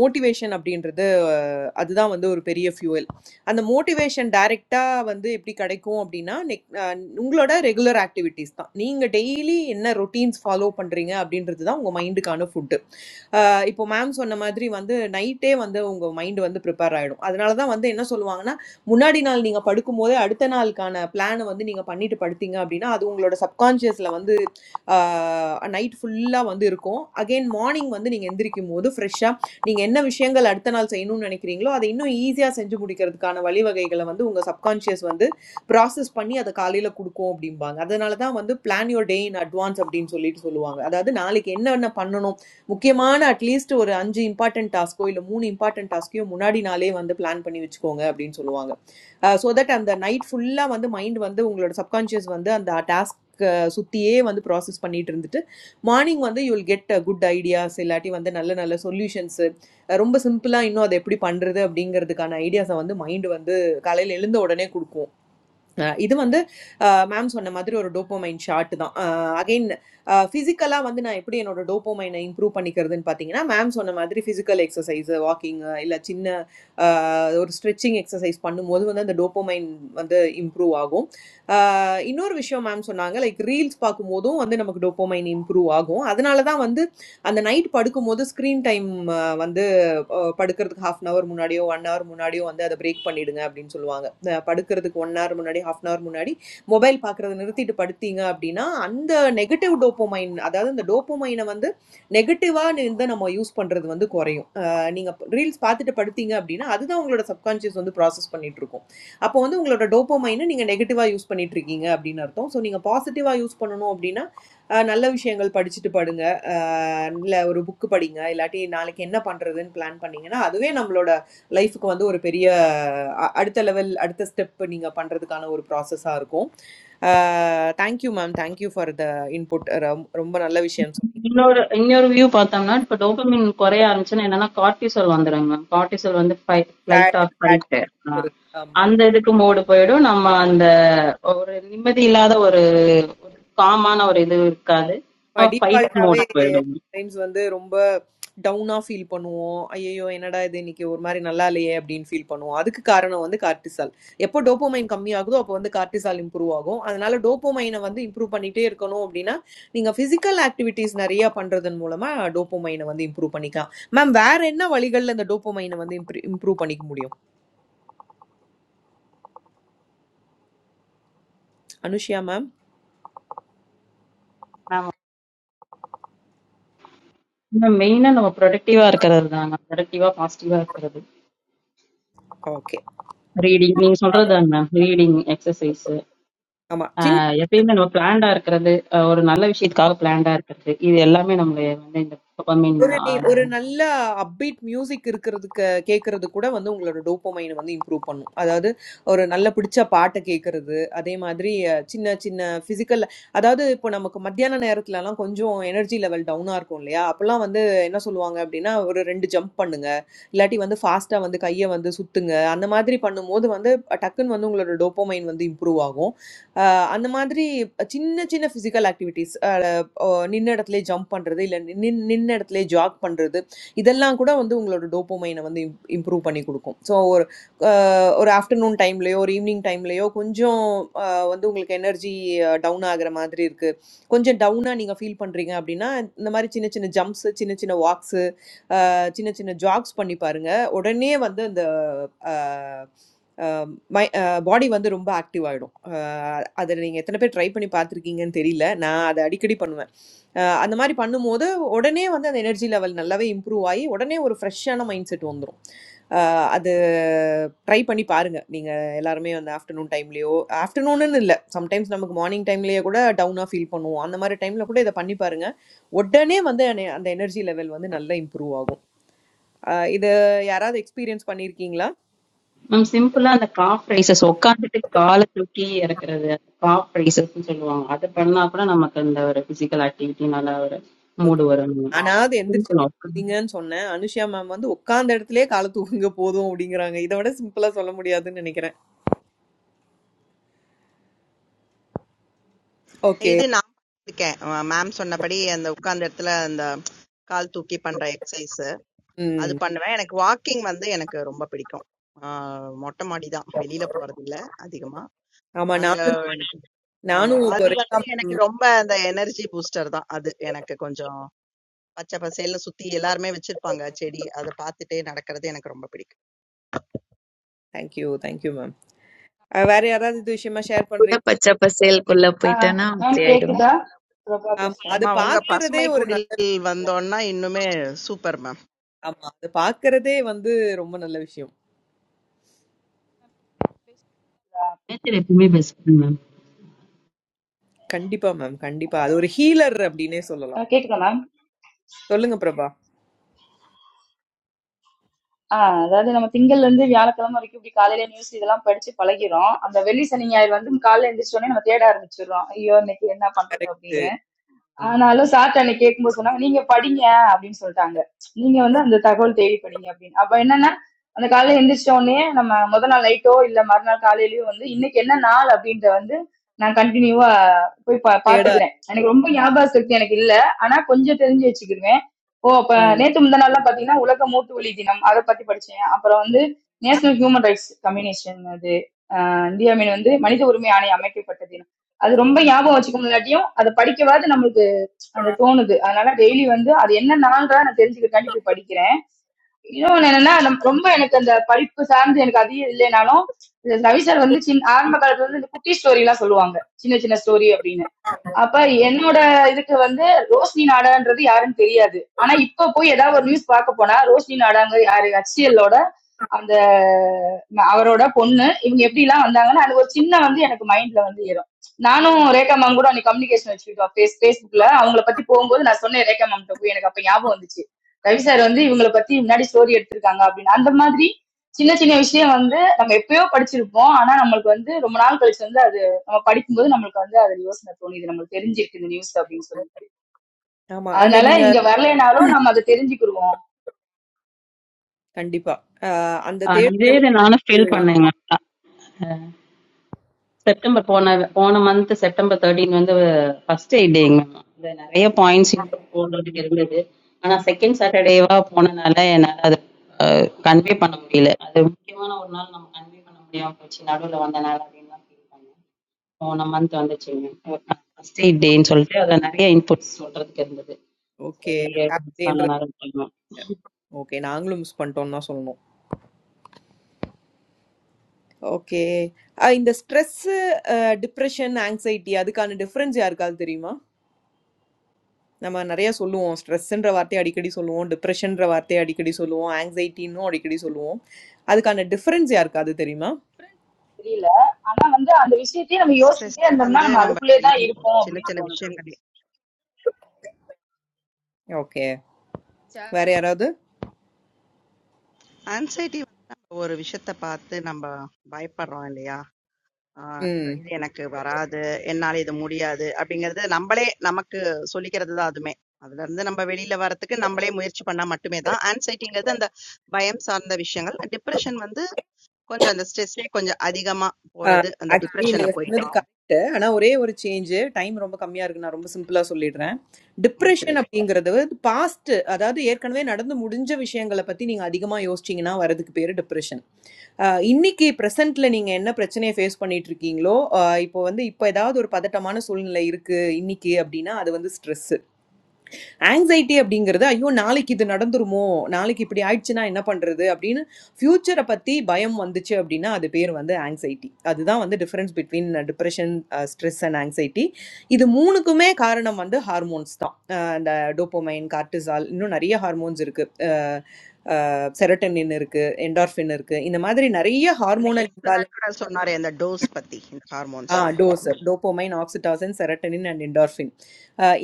மோட்டிவேஷன் அப்படின்றது அஹ், அதுதான் வந்து ஒரு பெரிய ஃபியூவல் அந்த மோட்டிவேஷன் டைரெக்டாக வந்து எப்படி கிடைக்கும் அப்படின்னா நெக் அஹ், உங்களோட ரெகுலர் ஆக்டிவிட்டீஸ் தான் நீங்கள் டெய்லி என்ன ரொட்டீன்ஸ் ஃபாலோ பண்ணுறீங்க அப்படின்றது தான் உங்கள் மைண்டுக்கான ஃபுட்டு இப்போ மேம் சொன்ன மாதிரி வந்து நைட்டே வந்து உங்க மைண்ட் வந்து ப்ரிப்பேர் ஆயிடும் அதனால தான் வந்து என்ன சொல்லுவாங்கன்னா முன்னாடி நாள் நீங்க படுக்கும்போதே அடுத்த நாளுக்கான பிளானை வந்து நீங்க பண்ணிட்டு படுத்தீங்க அப்படின்னா அது உங்களோட சப்கான்ஷியஸ்ல வந்து நைட் ஃபுல்லா வந்து இருக்கும் அகைன் மார்னிங் வந்து நீங்க எந்திரிக்கும் போது ஃப்ரெஷ்ஷா நீங்க என்ன விஷயங்கள் அடுத்த நாள் செய்யணும்னு நினைக்கிறீங்களோ அதை இன்னும் ஈஸியா செஞ்சு முடிக்கிறதுக்கான வழிவகைகளை வந்து உங்க சப்கான்ஷியஸ் வந்து ப்ராசஸ் பண்ணி அதை காலையில கொடுக்கும் அப்படிம்பாங்க அதனால தான் வந்து plan your day in advance அப்படின்னு சொல்லிட்டு சொல்லுவாங்க அதாவது நாளைக்கு என்னென்ன பண்ணணும் முக்கியமான அட்லீஸ்ட் ஒரு அஞ்சு இம்பார்ட்டன்ட் டாஸ்க்கோ இல்லை மூணு இம்பார்ட்டன்ட் டாஸ்க்கையும் முன்னாடி நாளே வந்து பிளான் பண்ணி வச்சுக்கோங்க அப்படின்னு சொல்லுவாங்க ஸோ தட் அந்த நைட் ஃபுல்லாக வந்து மைண்ட் வந்து உங்களோட சப்கான்ஷியஸ் வந்து அந்த டாஸ்க் சுற்றியே வந்து ப்ராசஸ் பண்ணிட்டு இருந்துட்டு மார்னிங் வந்து you will get good ideas இல்லாட்டி வந்து நல்ல நல்ல சொல்யூஷன்ஸு ரொம்ப சிம்பிளாக இன்னும் அதை எப்படி பண்ணுறது அப்படிங்கிறதுக்கான ஐடியாஸை வந்து மைண்டு வந்து காலையில் எழுந்த உடனே கொடுக்கும் அஹ் இது வந்து மேம் சொன்ன மாதிரி ஒரு டோப்போமைன் ஷாட் தான் அகைன் ஃபிசிக்கலாக வந்து நான் எப்படி என்னோட டோப்போமைனை இம்ப்ரூவ் பண்ணிக்கிறதுன்னு பார்த்தீங்கன்னா மேம் சொன்ன மாதிரி ஃபிசிக்கல் எக்ஸசைஸ் வாக்கிங் இல்லை சின்ன அஹ், ஒரு ஸ்ட்ரெச்சிங் எக்ஸசைஸ் பண்ணும்போது வந்து அந்த டோப்போமைன் வந்து இம்ப்ரூவ் ஆகும் அஹ், இன்னொரு விஷயம் மேம் சொன்னாங்க லைக் ரீல்ஸ் பார்க்கும்போதும் வந்து நமக்கு டோப்போமைன் இம்ப்ரூவ் ஆகும் அதனால தான் வந்து அந்த நைட் படுக்கும்போது ஸ்க்ரீன் டைம் வந்து அஹ், படுக்கிறதுக்கு ஹாஃப் அன் ஹவர் முன்னாடியோ ஒன் ஹவர் முன்னாடியோ வந்து அதை பிரேக் பண்ணிடுங்க அப்படின்னு சொல்லுவாங்க அஹ், படுக்கிறதுக்கு ஒன் ஹவர் முன்னாடி ஹாஃப் அன் ஹவர் முன்னாடி மொபைல் பார்க்கறத நிறுத்திட்டு படுத்தீங்க அப்படின்னா அந்த நெகட்டிவ் டோப்போமைன் அதாவது இந்த டோப்போமைனை வந்து நெகட்டிவாக இருந்து நம்ம யூஸ் பண்ணுறது வந்து குறையும் அஹ், நீங்க ரீல்ஸ் பார்த்துட்டு படுத்தீங்க அப்படின்னா அதுதான் உங்களோட சப்கான்ஷியஸ் வந்து ப்ராசஸ் பண்ணிட்டு இருக்கும் அப்போ வந்து உங்களோட டோப்போமைனை நீங்கள் நெகட்டிவாக யூஸ் பண்ணிட்டு இருக்கீங்க அப்படின்னு அர்த்தம் ஸோ நீங்கள் பாசிட்டிவாக யூஸ் பண்ணணும் அப்படின்னா அஹ், நல்ல விஷயங்கள் படிச்சுட்டு படுங்க ஆ இல்ல ஒரு புக் படிங்க. இல்லாட்டி நாளைக்கு என்ன பண்றதுன்னு பிளான் பண்ணீங்கன்னா, அதுவே நம்மளோட லைஃப்க்கு வந்து ஒரு பெரிய அ அடுத்த லெவல், அடுத்த ஸ்டெப் நீங்க பண்றதுக்கான ஒரு ப்ராசஸா இருக்கும். ஆ thank you ma'am. Thank you for the input. ரொம் ரொம்ப நல்ல விஷயம் சொன்னீங்க. இன்னொரு இன்னொரு வியூ பார்த்தோம்னா, இப்ப டோபமைன் குறைய ஆரம்பிச்சுன்னா என்னன்னா, கார்ட்டிசால் வந்துருங்க மேம். கார்ட்டிசால் வந்து ஃபை ஃப்ளைட் சேட் ஆர் ஃபைட். சேட் ஆமா. அந்த இதுக்கு மோடு போயிடும். நம்ம அந்த ஒரு நிம்மதி இல்லாத ஒரு காமான ஒரு இது இருக்காது நம்ம ஃபைட் டிஃபால்ட்டாவே மோட் போயிடும் சம்டைம்ஸ் வந்து ரொம்ப டவுனா ஃபீல் பண்ணுவோம் ஐயோ என்னடா இது இன்னைக்கு ஒரு மாதிரி நல்லா இல்லையே அப்படின்னு ஃபீல் பண்ணுவோம் அதுக்கு காரணம் வந்து கார்டிசால் எப்போ டோப்போமைன் கம்மியாகுதோ அப்போ வந்து கார்டிசால் இம்ப்ரூவ் ஆகும் அதனால டோப்போமைனை வந்து இம்ப்ரூவ் பண்ணிட்டே இருக்கணும் அப்படின்னா நீங்க பிசிக்கல் ஆக்டிவிட்டீஸ் நிறைய பண்றதன் மூலமா டோப்போமைனை வந்து இம்ப்ரூவ் பண்ணிக்கலாம் மேம் வேற என்ன வழிகள்ல இந்த டோப்போமைனை வந்து இம்ப்ரூவ் பண்ணிக்க முடியும் அனுஷியா மேம் ஆமா இன்னும் மெயினா நம்ம ப்ரொடக்டிவா இருக்கிறது தான் ப்ரொடக்டிவா பாசிட்டிவா இருக்கிறது ஓகே ரீடிங் நீங்க சொல்றது தான் மேம் ரீடிங் எக்ஸசைஸ் ஆமா சின்ன எப்பயுமே நம்ம பிளான்டா இருக்கிறது அஹ் ஒரு நல்ல விஷயத்துக்காக பிளான்டா இருக்கிறது இது எல்லாமே நம்ம வந்து இந்த மீன் ஒரு நி- ஒரு நல்ல அப்பீட் மியூசிக் இருக்கிறதுக்கு கேட்கறது கூட வந்து உங்களோட டோப்போமைனை வந்து இம்ப்ரூவ் பண்ணும் அதாவது ஒரு நல்ல பிடிச்ச பாட்டை கேட்கறது அதே மாதிரி அஹ், சின்ன சின்ன ஃபிசிக்கல் அதாவது இப்போ நமக்கு மத்தியான நேரத்துலலாம் கொஞ்சம் எனர்ஜி லெவல் டவுனாக இருக்கும் இல்லையா அப்போல்லாம் வந்து என்ன சொல்லுவாங்க அப்படின்னா ஒரு ரெண்டு ஜம்ப் பண்ணுங்க இல்லாட்டி வந்து ஃபாஸ்ட்டாக வந்து கையை வந்து சுத்துங்க அந்த மாதிரி பண்ணும்போது வந்து டக்குன்னு வந்து உங்களோட டோப்போமைன் வந்து இம்ப்ரூவ் ஆகும் அஹ், அந்த மாதிரி சின்ன சின்ன ஃபிசிக்கல் ஆக்டிவிட்டீஸ் அஹ், நின்ன இடத்துல ஜம்ப் பண்ணுறது இல்லை நின் நின்ன இடத்துல ஜாக் பண்ணுறது இதெல்லாம் கூட வந்து உங்களோட டோப்போமைனை வந்து இம் இம்ப்ரூவ் பண்ணி கொடுக்கும் ஸோ ஒரு அஹ், ஒரு ஆஃப்டர்நூன் டைம்லேயோ ஒரு ஈவினிங் டைம்லேயோ கொஞ்சம் அஹ், வந்து உங்களுக்கு எனர்ஜி டவுன் ஆகுற மாதிரி இருக்குது கொஞ்சம் டவுனாக நீங்கள் ஃபீல் பண்ணுறீங்க அப்படின்னா இந்த மாதிரி சின்ன சின்ன ஜம்ப்ஸு சின்ன சின்ன வாக்ஸு சின்ன சின்ன ஜாக்ஸ் பண்ணி பாருங்க உடனே வந்து அந்த மை பாடி வந்து ரொம்ப ஆக்டிவ் ஆகிடும் அதை நீங்கள் எத்தனை பேர் ட்ரை பண்ணி பார்த்துருக்கீங்கன்னு தெரியல நான் அதை அடிக்கடி பண்ணுவேன் அஹ் அந்த மாதிரி பண்ணும்போது உடனே வந்து அந்த எனர்ஜி லெவல் நல்லாவே இம்ப்ரூவ் ஆகி உடனே ஒரு ஃப்ரெஷ்ஷான மைண்ட் செட் வந்துடும் அது ட்ரை பண்ணி பாருங்க நீங்கள் எல்லாருமே வந்து ஆஃப்டர்நூன் டைம்லேயோ ஆஃப்டர்நூன்னு இல்லை சம்டைம்ஸ் நமக்கு மார்னிங் டைம்லேயே கூட டவுனாக ஃபீல் பண்ணுவோம் அந்த மாதிரி டைமில் கூட இதை பண்ணி பாருங்க உடனே வந்து அந்த எனர்ஜி லெவல் வந்து நல்லா இம்ப்ரூவ் ஆகும் ஆஹ் இது யாராவது எக்ஸ்பீரியன்ஸ் பண்ணியிருக்கீங்களா மேம் சிம்பிளா அந்த காஃப் ரைசஸ் உட்காந்துட்டு காலை தூக்கி இறக்குறது காஃப் ரைசஸ்ன்னு சொல்லுவாங்க அது பண்ணா கூட நமக்கு இந்த ஒரு பிசிக்கல் ஆக்டிவிட்டி நல்ல ஒரு ஓகே மூடு வரும் மேம் ஆனாவது எந்திரிச்சு சிம்பிள் குதிங்கன்னு சொன்னேன் அனுஷியா மேம் வந்து உட்கார்ந்த இடத்துலயே காலை தூக்குங்க போதும் அப்படிங்கிறாங்க இதை விட சிம்பிளா சொல்ல முடியாதுன்னு நினைக்கிறேன் ஓகே இது நான் இருக்கேன் மேம் சொன்னபடி அந்த உட்கார்ந்த இடத்துல அந்த கால் தூக்கி பண்ற எக்ஸசைஸ் அது ம் பண்ணுவேன் எனக்கு வாக்கிங் வந்து எனக்கு ரொம்ப பிடிக்கும் ஆஹ் மொட்டை மாடி தான் வெளியில போறது இல்ல அதிகமா ஆமா அங்க நானும் எனக்கு ஆமா நானும் இப்போ அது ரேகா வந்து எனக்கு மேம் ரொம்ப அந்த எனர்ஜி பூஸ்டர் தான் அது எனக்கு கொஞ்சம் பச்சை பசேல்னு சுத்தி எல்லாருமே வச்சிருப்பாங்க செடி. அத பாத்துட்டே நடக்கிறது எனக்கு ரொம்ப பிடிக்கும். தேங்க்யூ தேங்க்யூ மேம் வேற யாராவது இது விஷயமா ஷேர் But a பண்றீங்க pacha pascal kulla payita na ma'am prepare it one. கேக்குதா பிரபா ஆமா பேசுறேன் அது அம்மா உங்க பாக்குறதே பசுமை ஒரு குடில் நல்ல விஷயம். வந்தோம்னா இன்னுமே சூப்பர் மேம். ஆமா அது பாக்குறதே வந்து ரொம்ப நல்ல விஷயம் எப்பயுமே பெஸ்ட் கண்டிப்பா மேம் கண்டிப்பா அது ஒரு ஹீலர் அப்படின்னே ஆ, சொல்லலாம் கேக்குதா மேம் சொல்லுங்க பிரபா ஆ, அதாவது நம்ம திங்கள்ல இருந்து வியாழக்கிழமை வரைக்கும் இப்படி காலையில நியூஸ் இதெல்லாம் படிச்சு பழகிறோம் அந்த வெள்ளி சனி ஞாயிறு வந்து காலையில எந்திரிச்ச உடனே நம்ம தேட ஆரம்பிச்சிடுறோம் ஐயோ இன்னைக்கு என்ன பண்றது கரெக்ட் அப்படின்னு ஆனாலும் சார்ட்ட அன்னைக்கு கேட்கும்போது சொன்னாங்க நீங்க படிங்க அப்படின்னு சொல்லிட்டாங்க நீங்க வந்து அந்த தகவல் தேடி படிங்க அப்படின்னு அப்ப என்னன்னா அந்த காலையில எந்திரிச்ச உடனே நம்ம முத நாள் நைட்டோ இல்ல மறுநாள் காலையிலயோ வந்து இன்னைக்கு என்ன நாள் அப்படின்ற வந்து நான் கண்டினியூவா போய் பா தேடா பாத்துக்கிறேன் எனக்கு ரொம்ப ஞாபக சக்தி எனக்கு இல்ல ஆனா கொஞ்சம் தெரிஞ்சு வச்சுக்கிருவேன் ஓ அப்ப ம் நேத்து முந்தா நாள்லாம் பாத்தீங்கன்னா உலக மூட்டு வலி தினம் அதை பத்தி படிச்சேன் அப்புறம் வந்து நேஷனல் ஹியூமன் ரைட்ஸ் கம்யூனேஷன் அது இந்தியாவின் வந்து மனித உரிமை ஆணையம் அமைக்கப்பட்ட தினம் அது ரொம்ப ஞாபகம் வச்சுக்க முடியாட்டியும் அதை படிக்கவாது நம்மளுக்கு அது தோணுது அதனால டெய்லி வந்து அது என்ன நாள்றா நான் தெரிஞ்சுக்கிறதுக்காண்டி போய் படிக்கிறேன் இன்னொன்னு என்னன்னா நம்ம- ரொம்ப எனக்கு அந்த படிப்பு சார்ந்து எனக்கு அதிகம் இல்லைனாலும் இந்த ரவி சார் வந்து சின்ன ஆரம்ப காலத்துல வந்து இந்த குட்டி ஸ்டோரி எல்லாம் சொல்லுவாங்க சின்ன சின்ன ஸ்டோரி அப்படின்னு அப்ப என்னோட இதுக்கு வந்து ரோஷினி நாடான்றது யாருன்னு தெரியாது ஆனா இப்ப போய் ஏதாவது ஒரு நியூஸ் பார்க்க போனா ரோஷினி நாடாங்க யாரு ஹச்சிஎல்லோட அந்த ம- அவரோட பொண்ணு இவங்க எப்படி எல்லாம் வந்தாங்கன்னா அது ஒரு சின்ன வந்து எனக்கு மைண்ட்ல வந்து ஏறும் நானும் ரேகா மேம் கூட அன்னைக்கு கம்யூனிகேஷன் வச்சுக்கிட்டோம் ஃபேஸ் ஃபேஸ்புக்ல அவங்கள பத்தி போகும்போது நான் சொன்னேன் ரேகா மேம் போய் எனக்கு அப்ப ஞாபகம் வந்துச்சு ரவி சார் வந்து இவங்கள பத்தி முன்னாடி ஸ்டோரி எடுத்திருக்காங்க அப்படின்னு அந்த மாதிரி சின்ன சின்ன விஷயம் வந்து நம்ம எப்பயோ படிச்சிருப்போம் ஆனா நம்மளுக்கு வந்து ரொம்ப நாள் கழிச்சு வந்து நம்ம படிக்கும்போது நம்மளுக்கு வந்து அது யோசனை தோணும் இது நம்மளுக்கு தெரிஞ்சிருக்கு இந்த நியூஸ் அப்படின்னு சொல்லிட்டு ஆமா அந்த அதனால நீங்க இங்க வரலைனாலும் நம்ம அதை தெரிஞ்சுக்கிருவோம் கண்டிப்பா ஆஹ் அந்த ஆஹ் தேடுதல் இதே இதை நானும் ஃபீல் பண்ணேங்க மேம் செப்டம்பர் போன போன மந்த் செப்டம்பர் தேர்ட்டீன் வந்து ஃபர்ஸ்ட் எய்ட் டேங்க மேம் இதுல நிறைய பாயிண்ட்ஸ் இன்புட் போடுறதுக்கு இருந்தது ஆனா செகண்ட் சாட்டர்டேவா போனனால என்னால அதை கன்வே பண்ண முடியல அது முக்கியமான ஒரு நாள் நம்ம கன்வே பண்ண முடியாம போச்சு நடுவில் வந்த நாள் அப்படின்னு தான் ஃபீல் பண்ணேன் போன மந்த் வந்துச்சுங்க ஃபர்ஸ்ட் எய்ட் டேன்னு சொல்லிட்டு அதுல நிறைய இன்புட்ஸ் சொல்றதுக்கு இருந்தது ஓகே சரி சாட்டர்டேன்ற சொன்னாரு ஓகே நாங்களும் மிஸ் பண்ணிட்டோம்னு தான் சொல்லணும் ஓகே இந்த ஸ்ட்ரெஸ் டிப்ரெஷன் ஆங்ஸைட்டி அதுக்கான டிஃபரன்ஸ் யாருக்காவது தெரியுமா நம்ம நிறைய சொல்லுவோம் ஸ்ட்ரெஸ்ன்ற வார்த்தையை அடிக்கடி சொல்லுவோம் டிப்ரெஷன்ற வார்த்தையை அடிக்கடி சொல்லுவோம் ஆங்ஸைட்டின்னு அடிக்கடி சொல்லுவோம் அதுக்கான டிஃபரன்ஸ் யாருக்காவது தெரியுமா தெரியல ஆனா வந்து அந்த விஷயத்தையே நம்ம ஸ்ட்ரெஸ் யோசிச்சுட்டே இருந்தோம்னா வந்து நம்ம நம்ம அதுக்குள்ளேயே தான் டெய்லி இருப்போம் சின்ன அப்படின்னு சின்ன தோணுது விஷயங்கள் ஓகே வேற யாராவது ஆங்ஸைட்டி வந்து நம்ம ஒரு விஷயத்த பார்த்து நம்ம பயப்படுறோம் இல்லையா? ஆ இது ம் இது எனக்கு வராது, என்னால இது முடியாது அப்படிங்கிறது நம்மளே நமக்கு சொல்லிக்கிறது தான் அதுமே. அதுலருந்து நம்ம வெளியில வரதுக்கு நம்மளே முயற்சி பண்ணா மட்டுமே தான் ஆங்ஸைட்டிங்கிறது அந்த பயம் சார்ந்த விஷயங்கள். டிப்ரஷன் வந்து கொஞ்சம் அந்த ஸ்ட்ரெஸ்ஸே கொஞ்சம் அதிகமா போறது. அந்த ஆக்சுவலி டிப்ரஷன்ல நீங்க சொன்னது போயிட்டோம். கரெக்ட் ஆனா ஒரே ஒரு சேஞ்ச் டைம் ரொம்ப கம்மியா இருக்கு நான் ரொம்ப சிம்பிளா சொல்லிடுறேன் டிப்ரெஷன் முடிச்சிருங்க. அப்படிங்கிறது பாஸ்ட் அதாவது ஏற்கனவே நடந்து முடிஞ்ச விஷயங்களை பத்தி நீங்க அதிகமா யோசிச்சீங்கன்னா வரதுக்கு பேரு டிப்ரெஷன் இன்னைக்கு பிரசன்ட்ல நீங்க என்ன பிரச்சனையை ஃபேஸ் பண்ணிட்டு இருக்கீங்களோ ஆஹ் இப்போ வந்து இப்போ ஏதாவது ஒரு பதட்டமான சூழ்நிலை இருக்கு இன்னைக்கு அப்படின்னா அது வந்து ஸ்ட்ரெஸ் ஆங்ஸைட்டி அப்படிங்கிறது ஐயோ நாளைக்கு இது நடந்துருமோ நாளைக்கு இப்படி ஆயிடுச்சுன்னா என்ன பண்ணுறது அப்படின்னு ஃப்யூச்சரை பற்றி பயம் வந்துச்சு அப்படின்னா அது பேர் வந்து ஆங்ஸைட்டி அதுதான் வந்து difference between depression stress and anxiety இது மூணுக்குமே காரணம் வந்து ஹார்மோன்ஸ் தான் அஹ் இந்த டோப்போமைன் கார்டிசால் இன்னும் நிறைய ஹார்மோன்ஸ் இருக்குது செரட்டனின் இருக்குது என்டார்ஃபின் இருக்குது இந்த மாதிரி நிறைய அன்னைக்கு ஹார்மோனல் சார் கூட சொன்னாரே அந்த டோஸ் பத்தி, இந்த ஆ ஹார்மோன்ஸ் டோஸ் இத. Dopamine oxytocin serotonin and endorphin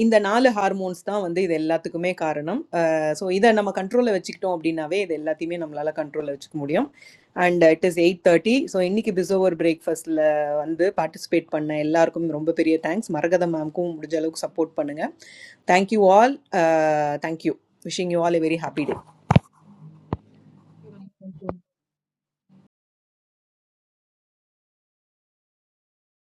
இந்த நாலு ஹார்மோன்ஸ் தான் வந்து இது எல்லாத்துக்குமே காரணம் ஸோ இதை நம்ம கண்ட்ரோலில் வச்சுக்கிட்டோம் அப்படின்னாவே இது எல்லாத்தையுமே நம்மளால கண்ட்ரோலில் வச்சுக்க முடியும் and it is eight thirty so இன்னைக்கு பிசோவர் பிரேக்ஃபாஸ்ட்டில் வந்து பார்ட்டிசிபேட் பண்ண எல்லாருக்கும் ரொம்ப பெரிய தேங்க்ஸ் மரகதம் மேம்க்கும் முடிஞ்ச அளவுக்கு சப்போர்ட் பண்ணுங்க thank you all thank you wishing you all a very happy day சா